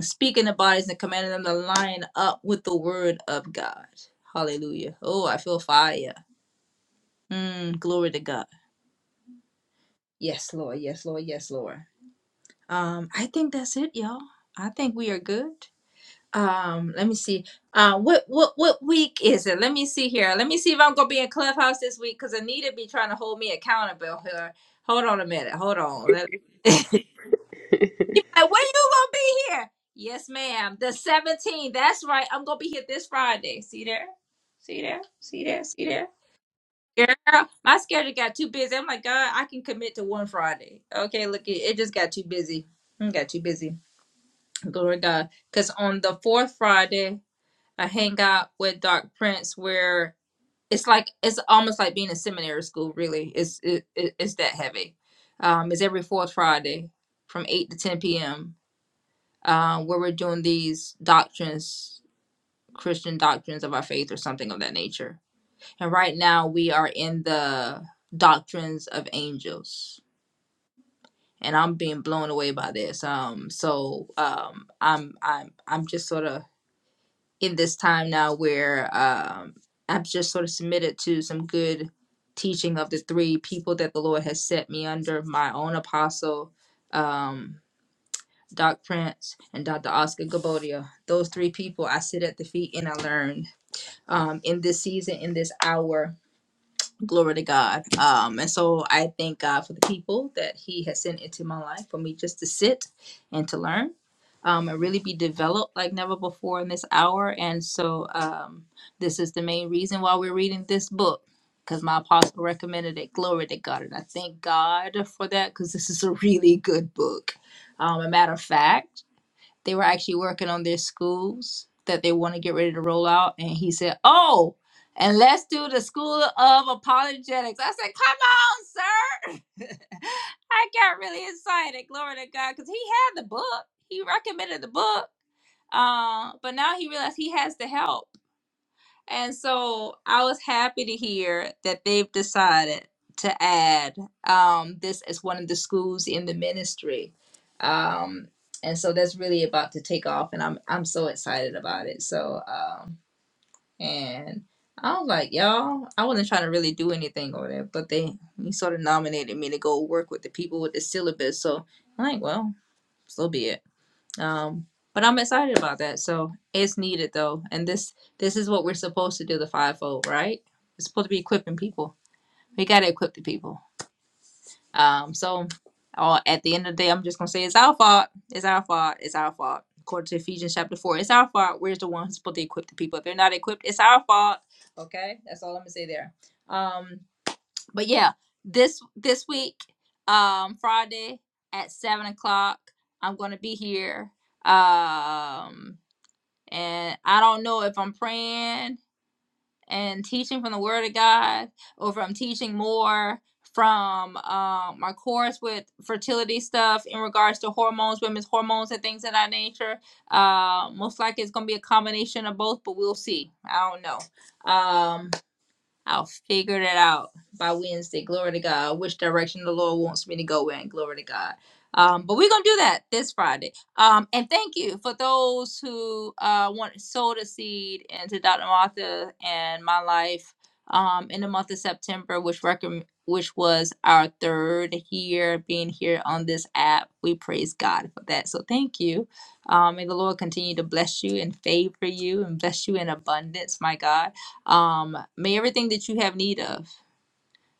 Speaking the bodies and commanding them to line up with the word of God. Hallelujah. Oh, I feel fire. Mm. Glory to God. Yes, Lord. Yes, Lord. Yes, Lord. Um, I think that's it, y'all. I think we are good. Um, let me see. Uh, what what what week is it? Let me see here. Let me see if I'm gonna be in clubhouse this week because Anita be trying to hold me accountable here. Hold on a minute. Hold on. Let- [LAUGHS]
[LAUGHS]
Like, when you gonna be here? Yes, ma'am. The 17th. That's right. I'm gonna be here this Friday. See there? See there? See there? See there? Girl, my schedule got too busy. I'm like, God, I can commit to one Friday. Okay, look, it, it just got too busy. It got too busy. Glory to God. Because on the fourth Friday, I hang out with Doc Prince where it's like, it's almost like being in seminary school, really. It's, it, it, it's that heavy. Um, it's every fourth Friday from 8 to 10 p.m uh, where we're doing these doctrines, Christian doctrines of our faith or something of that nature. And right now we are in the doctrines of angels. And I'm being blown away by this. Um, so um, I'm I'm I'm just sort of in this time now where um, I'm just sort of submitted to some good teaching of the three people that the Lord has set me under, my own apostle, um, Doc Prince, and Dr. Oscar Gabodia. Those three people I sit at the feet and I learn um, in this season, in this hour. Glory to God. Um, and so I thank God for the people that He has sent into my life for me just to sit and to learn um, and really be developed like never before in this hour. And so um, this is the main reason why we're reading this book because my apostle recommended it. Glory to God. And I thank God for that because this is a really good book. Um, a matter of fact, they were actually working on their schools that they want to get ready to roll out. And he said, Oh, and let's do the school of apologetics. I said, Come on, sir. [LAUGHS] I got really excited, glory to God, because he had the book. He recommended the book. Uh, but now he realized he has the help. And so I was happy to hear that they've decided to add um, this as one of the schools in the ministry. Um, and so that's really about to take off, and I'm I'm so excited about it. So um, and I was like, y'all, I wasn't trying to really do anything over there, but they he sort of nominated me to go work with the people with the syllabus. So I'm like, well, so be it. Um, but I'm excited about that. So it's needed though, and this this is what we're supposed to do the fivefold, right? It's supposed to be equipping people. We gotta equip the people. Um, so uh, at the end of the day, I'm just gonna say it's our fault. It's our fault. It's our fault. According to Ephesians chapter four, it's our fault. We're the ones supposed to equip the people. If they're not equipped, it's our fault. Okay, that's all I'm gonna say there. Um, but yeah, this this week, um, Friday at seven o'clock, I'm gonna be here. Um, and I don't know if I'm praying and teaching from the Word of God, or if I'm teaching more from um my course with fertility stuff in regards to hormones, women's hormones, and things of that nature. Uh, most likely it's gonna be a combination of both, but we'll see. I don't know. Um, I'll figure that out by Wednesday. Glory to God. Which direction the Lord wants me to go in. Glory to God. Um, but we're gonna do that this Friday. Um, and thank you for those who uh want sowed a seed into Dr. Martha and my life um in the month of September, which recommend which was our third year being here on this app. We praise God for that. So thank you. Um, may the Lord continue to bless you and favor you and bless you in abundance, my God. Um, may everything that you have need of.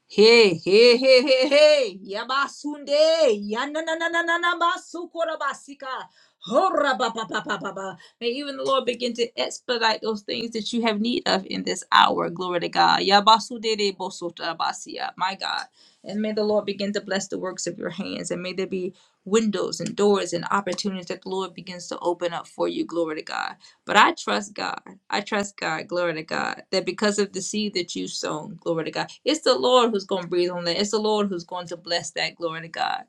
Hey, hey, hey, hey, hey. Yabasunde. Yananananana basukorabasika. Hora ba ba ba ba ba ba. May even the Lord begin to expedite those things that you have need of in this hour. Glory to God. Yabasudede bosotabasia. My God. And may the Lord begin to bless the works of your hands. And may there be windows and doors and opportunities that the Lord begins to open up for you. Glory to God. But I trust God. I trust God, glory to God, that because of the seed that you sown, glory to God, it's the Lord who's going to breathe on that. It's the Lord who's going to bless that, glory to God.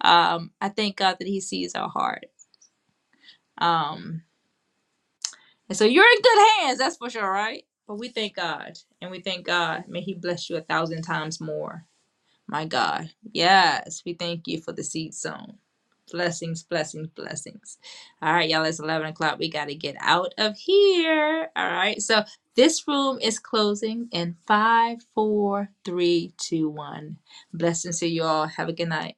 Um, I thank God that He sees our heart. Um, and so you're in good hands, that's for sure, right? But we thank God, and we thank God. May He bless you a thousand times more. My God. Yes, we thank you for the seed sown. Blessings, blessings, blessings. All right, y'all, it's 11 o'clock. We got to get out of here. All right, so this room is closing in five, four, three, two, one. Blessings to you all. Have a good night.